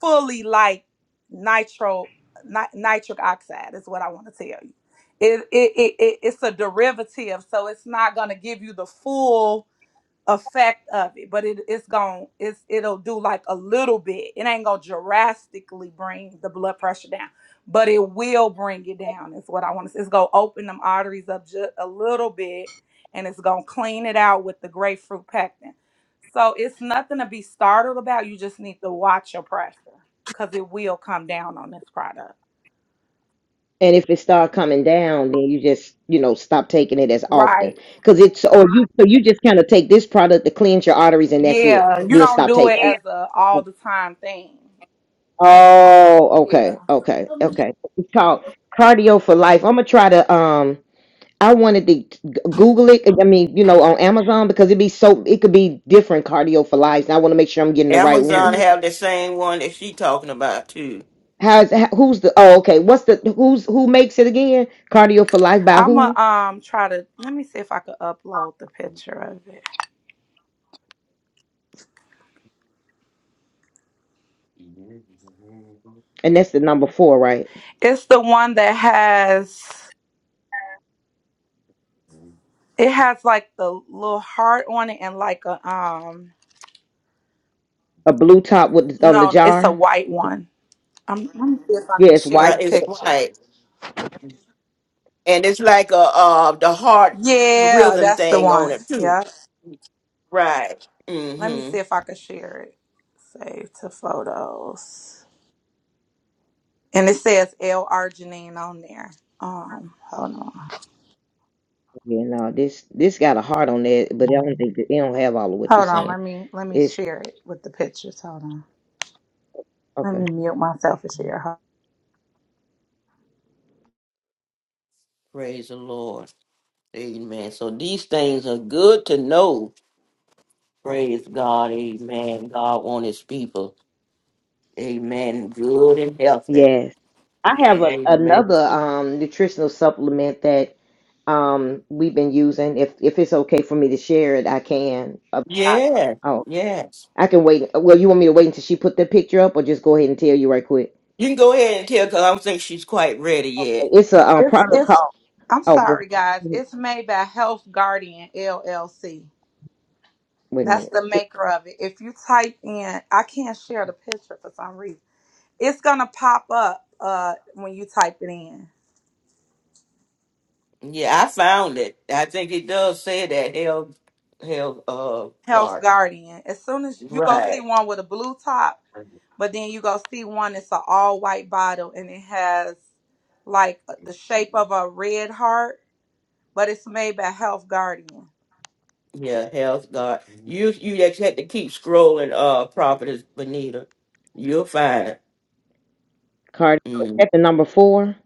E: fully like nitro ni- nitric oxide is what I want to tell you. It, it, it, it it's a derivative, so it's not gonna give you the full effect of it, but it, it's going it's it'll do like a little bit. It ain't gonna drastically bring the blood pressure down, but it will bring it down. Is what I want to. say. It's gonna open them arteries up just a little bit, and it's gonna clean it out with the grapefruit pectin. So it's nothing to be startled about. You just need to watch your pressure because it will come down on this product.
H: And if it start coming down, then you just you know stop taking it as often
E: Right?
H: because it's or you so you just kind of take this product to cleanse your arteries and that's it.
E: Yeah. You
H: Then
E: don't
H: stop
E: do it
H: taking Yeah.
E: as a all
H: it.
E: the time thing.
H: Oh,
E: Yeah.
H: okay, okay, okay. It's called cardio for life. I'm gonna try to um. I wanted to g- Google it. I mean, you know, on Amazon because it be so it could be different cardio for lives, and I want to make sure I'm getting the right
A: Amazon
H: one.
A: have the same one that she talking about too.
H: How's how, who's the oh okay? What's the who's who makes it again? Cardio for life by
E: I'm
H: who?
E: gonna um try to let me see if I could upload the picture of it.
H: And that's the number four, right?
E: It's the one that has it has like the little heart on it and like a um
H: A blue top with on the
E: no, it's a
H: jar.
E: white one. Um let me see if I
H: Yeah,
E: can
H: it's
E: share
H: white.
A: Right.
E: the
A: It's
E: picture.
A: white, and it's like a uh the heart
E: Yeah,
A: rhythm
E: that's the
A: thing
E: one.
A: on it too.
E: Yeah.
A: Right.
E: Let me
A: Mm-hmm.
E: see if I can share it. Save to photos. And it says L Arginine on there. Um, hold on.
H: Yeah, no, this this got a heart on it, but I don't think that, it don't have all of what you're
E: Hold on,
H: saying.
E: let me let me
H: It's
E: share it with the pictures. Hold on. Let
H: okay.
E: me mute myself and share.
A: Praise the Lord. Amen. So these things are good to know. Praise God. Amen. God want His people. Amen. Good and healthy.
H: Yes, I have a,
A: Amen.
H: another um nutritional supplement that um we've been using. If if it's okay for me to share it, I can. Uh,
A: Yeah.
H: oh,
A: Yes.
H: I can wait. Well, you want me to wait until she put the picture up, or just go ahead and tell you right quick?
A: You can go ahead and tell because I don't think she's quite ready yet.
H: It's a um,
E: It's
H: product called.
E: it's. I'm
H: Oh,
E: sorry, guys.
H: but-
E: It's made by Health Guardian LLC.
H: wait a
E: That's
H: minute.
E: the
H: It-
E: maker of it. If you type in, I can't share the picture for some reason. It's gonna pop up uh, when you type it in.
A: Yeah, I found it. I think it does say that hell, hell, uh,
E: Health
A: garden.
E: Guardian. As soon as you go see
A: Right.
E: one with a blue top, but then you go see one that's an all white bottle and it has like uh, the shape of a red heart, but it's made by Health Guardian.
A: Yeah, hell's guard. You you just had to keep scrolling. Uh, properties, Benita. You'll find it.
H: Cardi, is
A: Mm,
H: that the number four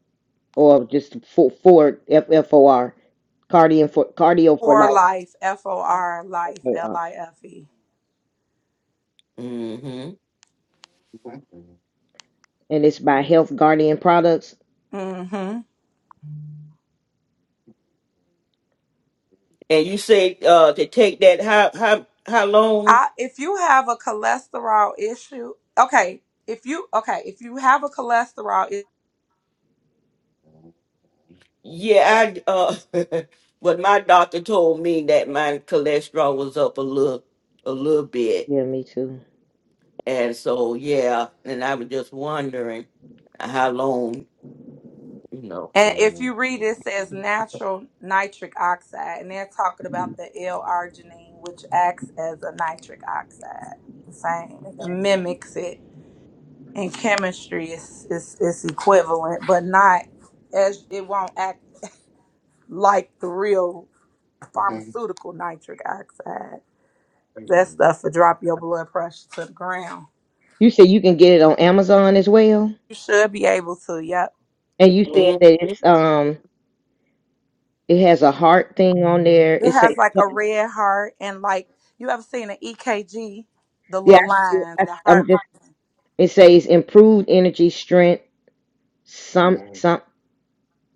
H: or just four, four F F O R cardio for cardio for life
E: For life, F O R life, L
H: F-O-R.
E: I F E.
A: hmm
H: and it's by Health Guardian Products.
E: Mm-hmm.
A: And you say uh to take that how how how long?
E: I if you have a cholesterol issue, okay. If you okay, if you have a cholesterol issue,
A: Yeah, I uh, but my doctor told me that my cholesterol was up a little a little bit
H: Yeah, me too.
A: And so, yeah, and I was just wondering how long, you know.
E: and if you read it says natural nitric oxide, and they're talking about the L-arginine, which acts as a nitric oxide, the same it mimics it. In chemistry, it's it's, it's equivalent, but not as it won't act like the real pharmaceutical nitric oxide. That stuff will drop your blood pressure to the ground.
H: You said you can get it on Amazon as well,
E: You should be able to. Yep.
H: and you said
A: Mm-hmm.
H: that it's um it has a heart thing on there.
E: It
H: It says
E: has like a red heart and like you ever seen an EKG, the
H: yeah,
E: little lines,
H: I,
E: the
H: I'm
E: heart.
H: just
E: rhythm.
H: it says improved energy, strength, some some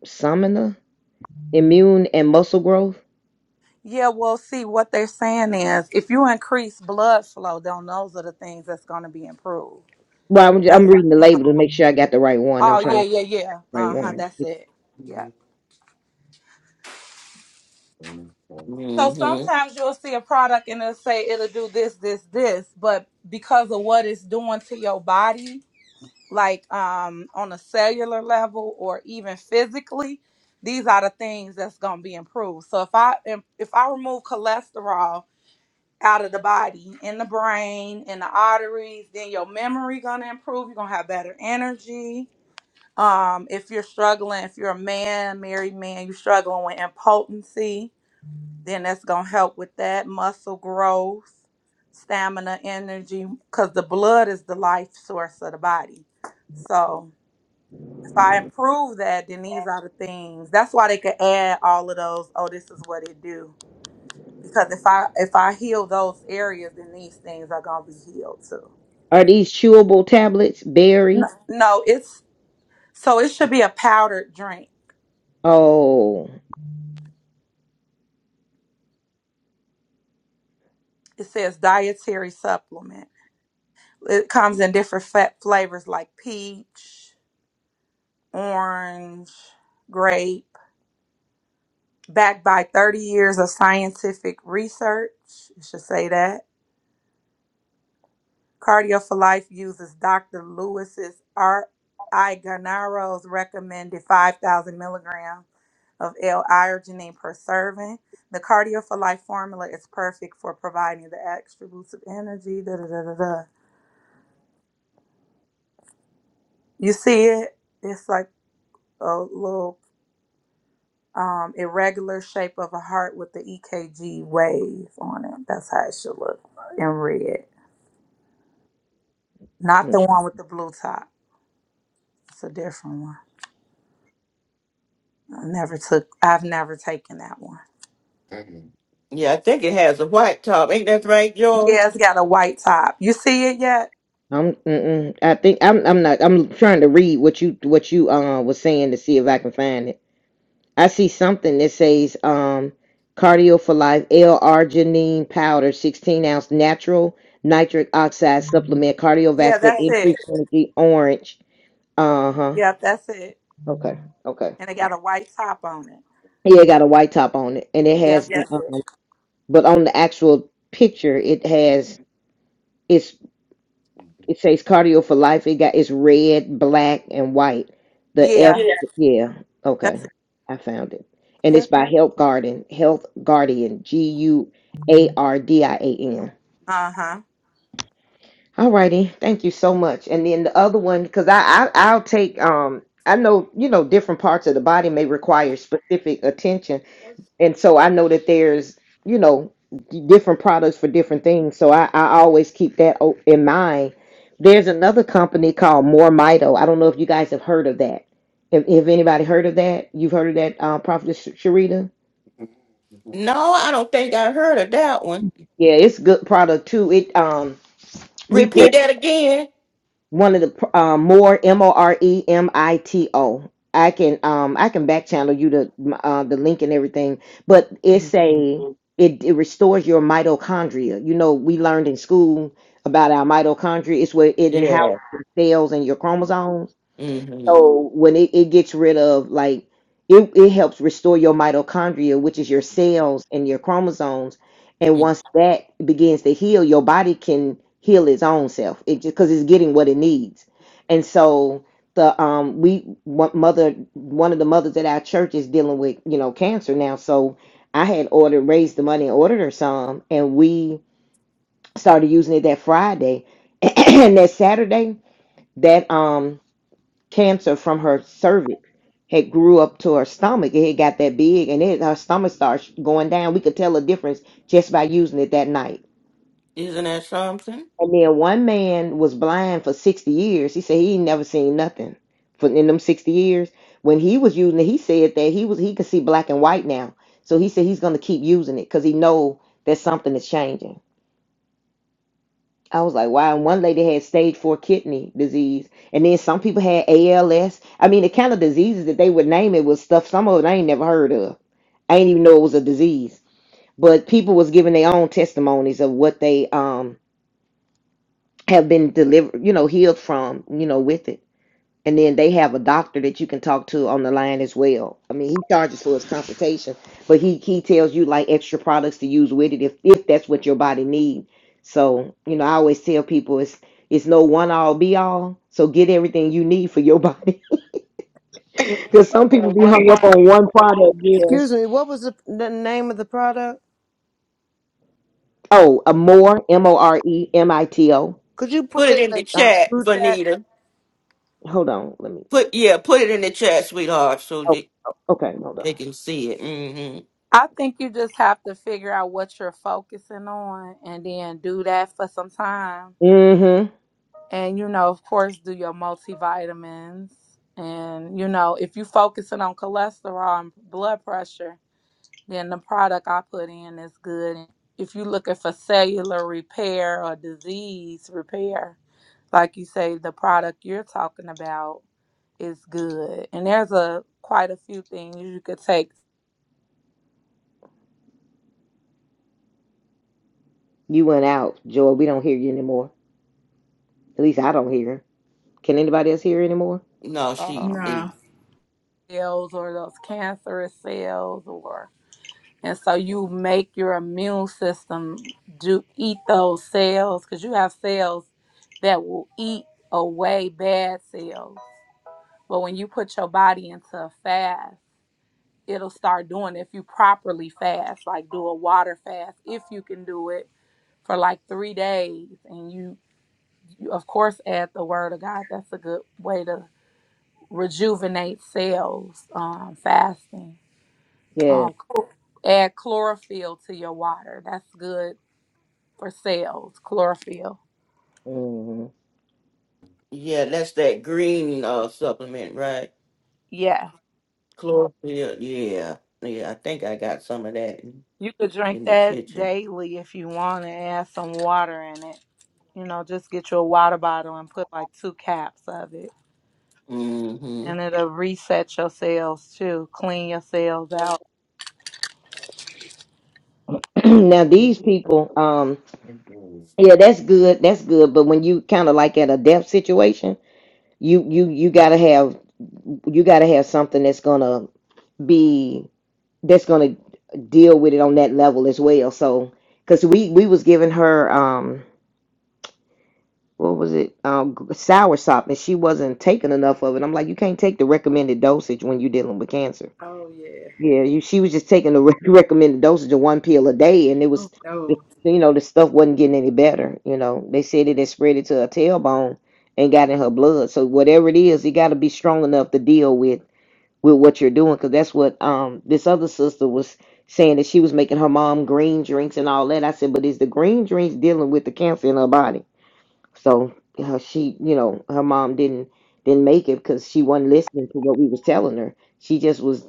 H: summoner, immune and muscle growth.
E: Yeah, well, see what they're saying is if you increase blood flow, then those are the things that's going to be improved.
H: Well, I'm,
E: That's
H: I'm reading the label to make sure I got the right one. I'm
E: oh
H: trying
E: yeah,
H: to
E: yeah, yeah.
H: get the right
E: Uh huh.
H: one.
E: That's it. Yeah. So sometimes you'll see a product and it'll say it'll do this, this, this, but because of what it's doing to your body, like um on a cellular level or even physically these are the things that's going to be improved so if i if if i remove cholesterol out of the body in the brain in the arteries then your memory going to improve you're going to have better energy um if you're struggling if you're a man married man you're struggling with impotency then that's going to help with that muscle growth stamina energy because the blood is the life source of the body so if I improve that, then these are the things. That's why they can add all of those. Oh, this is what it do. Because if I if I heal those areas, then these things are gonna be healed too.
H: Are these chewable tablets?
E: No,
H: Berry?
E: no it's so it should be a powdered drink.
H: Oh,
E: It says dietary supplement. It comes in different fat flavors like peach, orange, grape. Backed by 30 years of scientific research, it should say that Cardio for Life uses Dr. Lewis's R. I. Ganaro's recommended 5,000 milligrams of L-arginine per serving. The Cardio for Life formula is perfect for providing the extra boost of energy. Da, da, da, da, da. You see it? It's like a little um, irregular shape of a heart with the EKG wave on it. That's how it should look in red. Not
H: I'm.
E: the
H: tr-
E: one with the blue top. It's a different one. I never took. I've never taken that one.
A: Yeah, I think it has a white top. Ain't that right, George?
E: Yeah, it's got a white top. You see it yet?
H: I'm mm-mm. I think I'm. I'm not. I'm trying to read what you what you uh was saying to see if I can find it. I see something that says um cardio for life L-arginine powder, 16 ounce natural nitric oxide supplement,
E: Yeah,
H: cardiovascular
E: that's it.
H: increase energy, orange. Uh huh.
E: Yep, that's it.
H: Okay. Okay.
E: And it got a white top on it.
H: Yeah, it got a white top on it, and it
E: Yep,
H: has the
E: that's
H: um,
E: it.
H: but on the actual picture it has it's it says cardio for life it got it's red black and white the f
E: Yeah,
H: Yeah. yeah okay
E: that's it.
H: i found it and
E: Yeah.
H: it's by health Guardian. health guardian g-u-a-r-d-i-a-n
E: Uh huh.
H: all righty thank you so much and then the other one because I, I i'll take um i know you know different parts of the body may require specific attention and so I know that there's you know d- different products for different things. So I, I always keep that o- in mind. There's another company called More Mito. I don't know if you guys have heard of that. If, if anybody heard of that, you've heard of that, uh, Prophet Sharita.
A: No, I don't think I heard of that one.
H: Yeah, it's good product too. It um we put
A: Repeat that again.
H: one of the pr- um, more M O R E M I T O. I can um I can back channel you the uh, the link and everything, but it's
A: Mhm.
H: a it, it restores your mitochondria. You know we learned in school about our mitochondria. It's where it and how
A: Yeah.
H: it cells and your chromosomes.
A: Mm-hmm.
H: So when it, it gets rid of like it, it helps restore your mitochondria, which is your cells and your chromosomes. And once that begins to heal, your body can heal its own self. It just because it's getting what it needs. And so the um we one mother one of the mothers at our church is dealing with you know cancer now. So I had ordered raised the money and ordered her some, and we started using it that Friday and that Saturday that um cancer from her cervix had grew up to her stomach. It had got that big, and it her stomach starts going down. We could tell a difference just by using it that night.
A: Isn't that something?
H: And then one man was blind for sixty years. He said he ain't never seen nothing for in them sixty years. When he was using it, he said that he was he could see black and white now. So he said he's gonna keep using it because he know that something is changing. I was like, wow. And one lady had stage four kidney disease, and then some people had ALS. I mean, the kind of diseases that they would name it was stuff some of it I ain't never heard of. I didn't even know it was a disease. But people was giving their own testimonies of what they um have been delivered, you know, healed from, you know, with it. And then they have a doctor that you can talk to on the line as well. I mean, he charges for his consultation, but he he tells you like extra products to use with it if if that's what your body needs. So, you know, I always tell people it's it's no one all be all. So get everything you need for your body. Because some people be hung up
I: Jesus.
H: on one product, yeah.
I: Excuse me, what was the, the name of the product?
H: Oh, a more M O R E M I T O.
I: Could you put
A: Put it
I: it
A: in
I: in
A: the
I: the um,
A: chat,
I: group chat?
A: Vanita.
H: Hold on. Let me.
A: Put yeah, put it in the chat, sweetheart, so
H: Oh,
A: they,
H: okay. Hold
A: they
H: on.
A: can see it. Mm-hmm.
E: I think you just have to figure out what you're focusing on and then do that for some time.
H: Mm-hmm.
E: And, you know, of course, do your multivitamins. And, you know, if you're focusing on cholesterol and blood pressure, then the product I put in is good. If you're looking for cellular repair or disease repair, like you say, the product you're talking about is good. And there's a quite a few things you could take
H: You went out, Joy. We don't hear you anymore. At least I don't hear. Can anybody else hear anymore?
A: No, she
E: um,
A: is
C: No.
E: cells or those cancerous cells or and so you make your immune system do eat those cells because you have cells that will eat away bad cells. But when you put your body into a fast it'll start doing if you properly fast, like do a water fast if you can do it for like three days. And you, you of course, add the word of God. That's a good way to rejuvenate cells. Um, fasting.
H: Yeah.
E: Um, add chlorophyll to your water. That's good for cells. Chlorophyll.
H: hmm
A: Yeah, that's that green uh supplement, right?
E: Yeah,
A: Chlorophyll. Yeah, yeah. I think I got some of that in,
E: you could drink
A: in the
E: that
A: kitchen.
E: daily if you want to add some water in it. You know, just get you a water bottle and put like two caps of it
A: Mm-hmm.
E: And it'll reset your cells too, clean your cells out.
H: now these people, um, yeah, that's good. That's good. But when you kind of like at a death situation, you you you gotta have you gotta have something that's gonna be that's gonna deal with it on that level as well. So, cause we we was giving her um what was it? Um, g- soursop, and she wasn't taking enough of it. I'm like, you can't take the recommended dosage when you're dealing with cancer.
C: Oh, yeah.
H: Yeah, you, she was just taking the re- recommended dosage of one pill a day, and it was, the-
C: No.
H: you know, the stuff wasn't getting any better. You know, they said it had spread it to her tailbone and got in her blood. So whatever it is, you got to be strong enough to deal with with what you're doing, because that's what um this other sister was saying that she was making her mom green drinks and all that. I said, but is the green drinks dealing with the cancer in her body? So uh, she, you know, her mom didn't didn't make it because she wasn't listening to what we was telling her. She just was,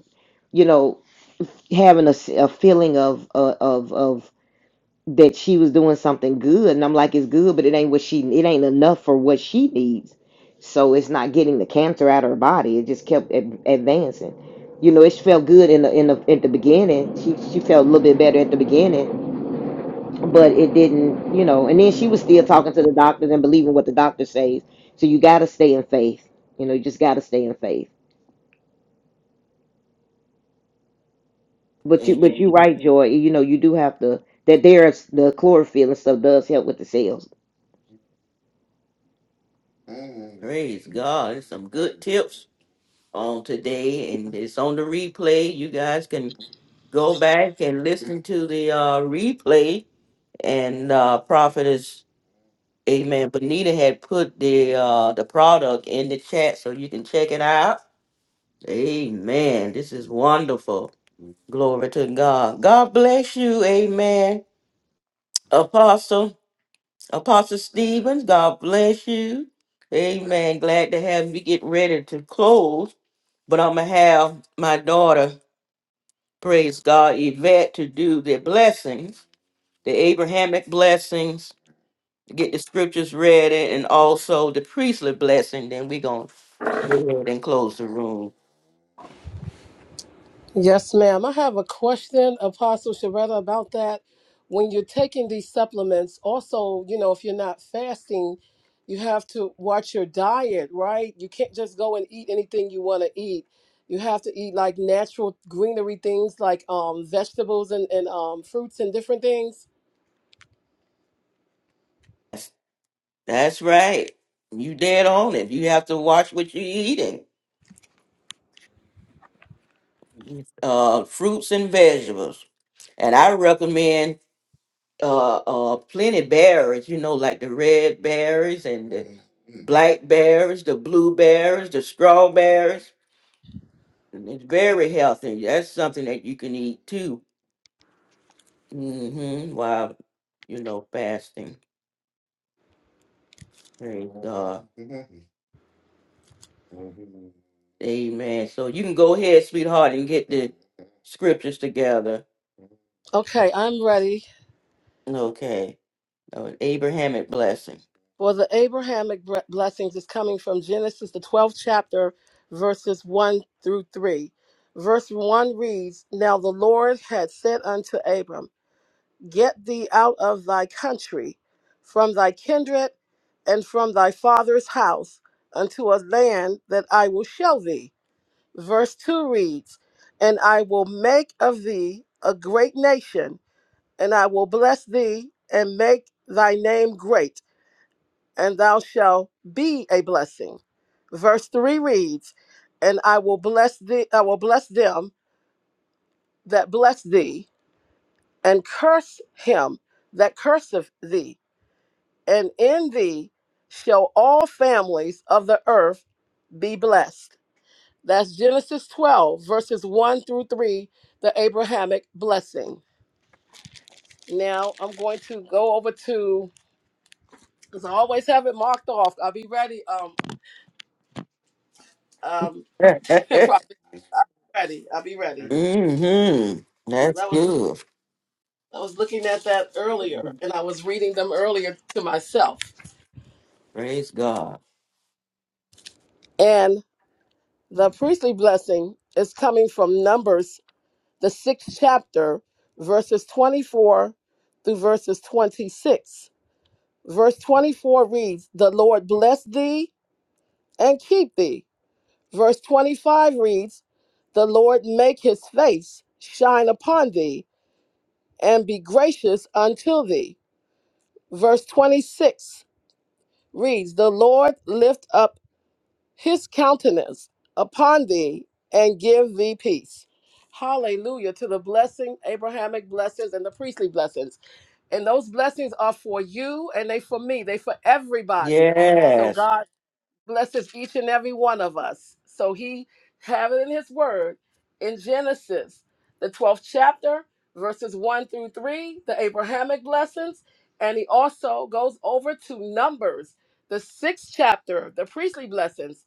H: you know, having a, s- a feeling of uh, of of that she was doing something good. And I'm like, it's good, but it ain't what she it ain't enough for what she needs. So it's not getting the cancer out of her body. It just kept ad- advancing. You know, it felt good in the in the at the beginning. She she felt a little bit better at the beginning, but it didn't, you know. And then she was still talking to the doctors and believing what the doctor says. So you got to stay in faith. You know, you just got to stay in faith. But you, but you
A: Amen.
H: right, Joy. You know, you do have to. That there's the chlorophyll and stuff does help with the cells.
A: Mm, praise God. There's some good tips on today, and it's on the replay. You guys can go back and listen to the uh, replay. And uh, Prophetess, Amen. Bonita had put the uh, the product in the chat, so you can check it out. Amen. This is wonderful. Glory to God. God bless you. Amen. Apostle, Apostle Stevens, God bless you. Amen. Glad to have you get ready to close. But I'm going to have my daughter, praise God, Yvette, to do the blessings, the Abrahamic blessings, get the scriptures ready, and also the priestly blessing. Then we're going to go ahead and close the room.
D: Yes, ma'am. I have a question, Apostle Sharetta, about that. When you're taking these supplements, also, you know, if you're not fasting, you have to watch your diet, right? You can't just go and eat anything you want to eat. You have to eat like natural greenery things like um, vegetables and, and um, fruits and different things.
A: That's right. You dead on it. You have to watch what you're eating. Uh, fruits and vegetables, and I recommend uh, uh, plenty berries. You know, like the red berries and the blackberries, the blueberries, the strawberries. It's very healthy. That's something that you can eat too. hmm While you know fasting. Praise God. Amen. So you can go ahead, sweetheart, and get the scriptures together.
D: Okay, I'm ready.
A: Okay. Oh, an Abrahamic blessing.
D: Well, the Abrahamic bre- blessings is coming from Genesis, the 12th chapter, verses 1 through 3. Verse 1 reads Now the Lord had said unto Abram, Get thee out of thy country, from thy kindred, and from thy father's house, unto a land that I will show thee. Verse 2 reads, And I will make of thee a great nation, and I will bless thee and make thy name great and thou shalt be a blessing. Verse 3 reads, And I will bless thee, I will bless them that bless thee, and curse him that curseth thee, and in thee shall all families of the earth be blessed. That's Genesis 12, verses 1 through 3, the Abrahamic blessing. Now I'm going to go over to because I always have it marked off. I'll be ready. Um, um, probably, I'll be ready. I'll be ready.
A: mm-hmm. That's
D: I was
A: good.
D: I was looking at that earlier, and I was reading them earlier to myself.
A: Praise God.
D: And the priestly blessing is coming from Numbers, the sixth chapter, verses 24 through verses 26. Verse 24 reads, The Lord bless thee and keep thee. Verse 25 reads, The Lord make his face shine upon thee and be gracious unto thee. Verse 26 reads, The Lord lift up his countenance upon thee and give thee peace. Hallelujah to the blessing, Abrahamic blessings and the priestly blessings. And those blessings are for you and they for me, they for everybody. So
A: Yes.
D: God blesses each and every one of us. So he have it in his word in Genesis, the 12th chapter, verses 1 through 3, the Abrahamic blessings. And he also goes over to Numbers, the sixth chapter, the priestly blessings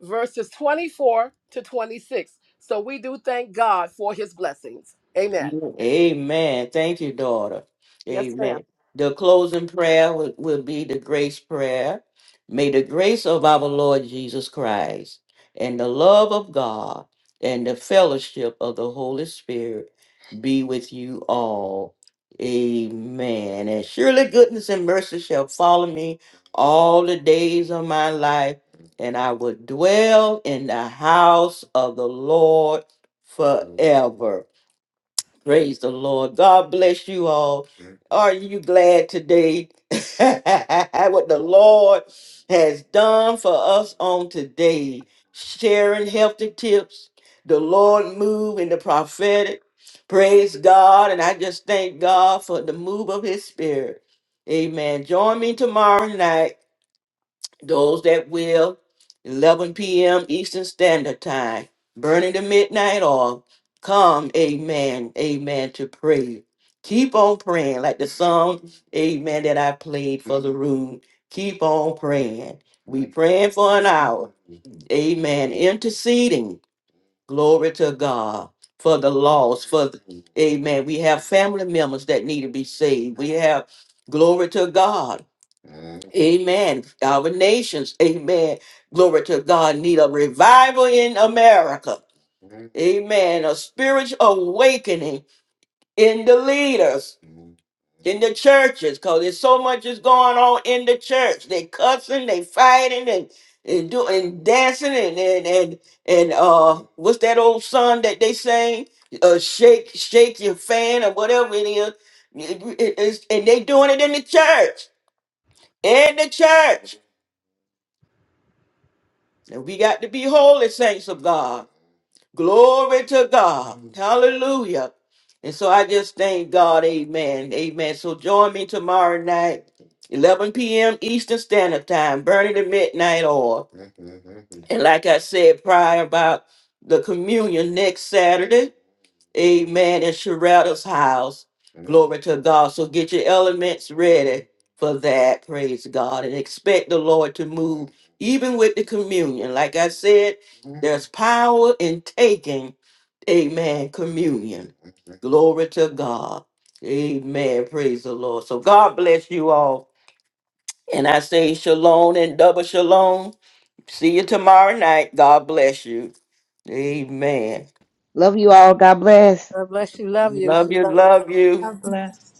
D: verses 24 to 26. So we do thank God for his blessings. Amen.
A: Amen. Thank you, daughter.
D: Yes, ma'am.
A: Amen. The closing prayer will, will be the grace prayer. May the grace of our Lord Jesus Christ and the love of God and the fellowship of the Holy Spirit be with you all. Amen. And surely goodness and mercy shall follow me all the days of my life, and I will dwell in the house of the Lord forever. Praise the Lord. God bless you all. Mhm. Are you glad today what the Lord has done for us on today? Sharing healthy tips, the Lord move in the prophetic. Praise God. And I just thank God for the move of his spirit. Amen. Join me tomorrow night. Those that will, 11 p.m. Eastern Standard Time, burning the midnight oil. Come, amen, amen, to pray. Keep on praying, like the song, amen, that I played for the room. Keep on praying. We praying for an hour. Amen. Interceding. Glory to God for the lost. For the, amen. We have family members that need to be saved. We have glory to God Amen. Our nations, amen. Glory to God, need a revival in America. Amen. A spiritual awakening in the leaders, in the churches, because there's so much is going on in the church. They cussing, they fighting, and and doing dancing and and and and uh what's that old song that they sing? Uh shake, shake your fan or whatever it is. It- it- it's- and they doing it in the church. In the church. And we got to be holy saints of God. Glory to God. Hallelujah. And so I just thank God. Amen. Amen. So join me tomorrow night, 11 p.m. Eastern Standard Time, burning the midnight oil. And like I said prior about the communion next Saturday, Amen. And Sherrata's house. Glory to God. So get your elements ready for that. Praise God. And expect the Lord to move even with the communion. Like I said, there's power in taking, amen, communion. Glory to God. Amen. Praise the Lord. So God bless you all. And I say shalom and double shalom. See you tomorrow night. God bless you. Amen.
H: Love you all. God bless.
D: God bless you. Love you.
A: Love you.
D: Shalom.
A: Love you.
C: I'm blessed.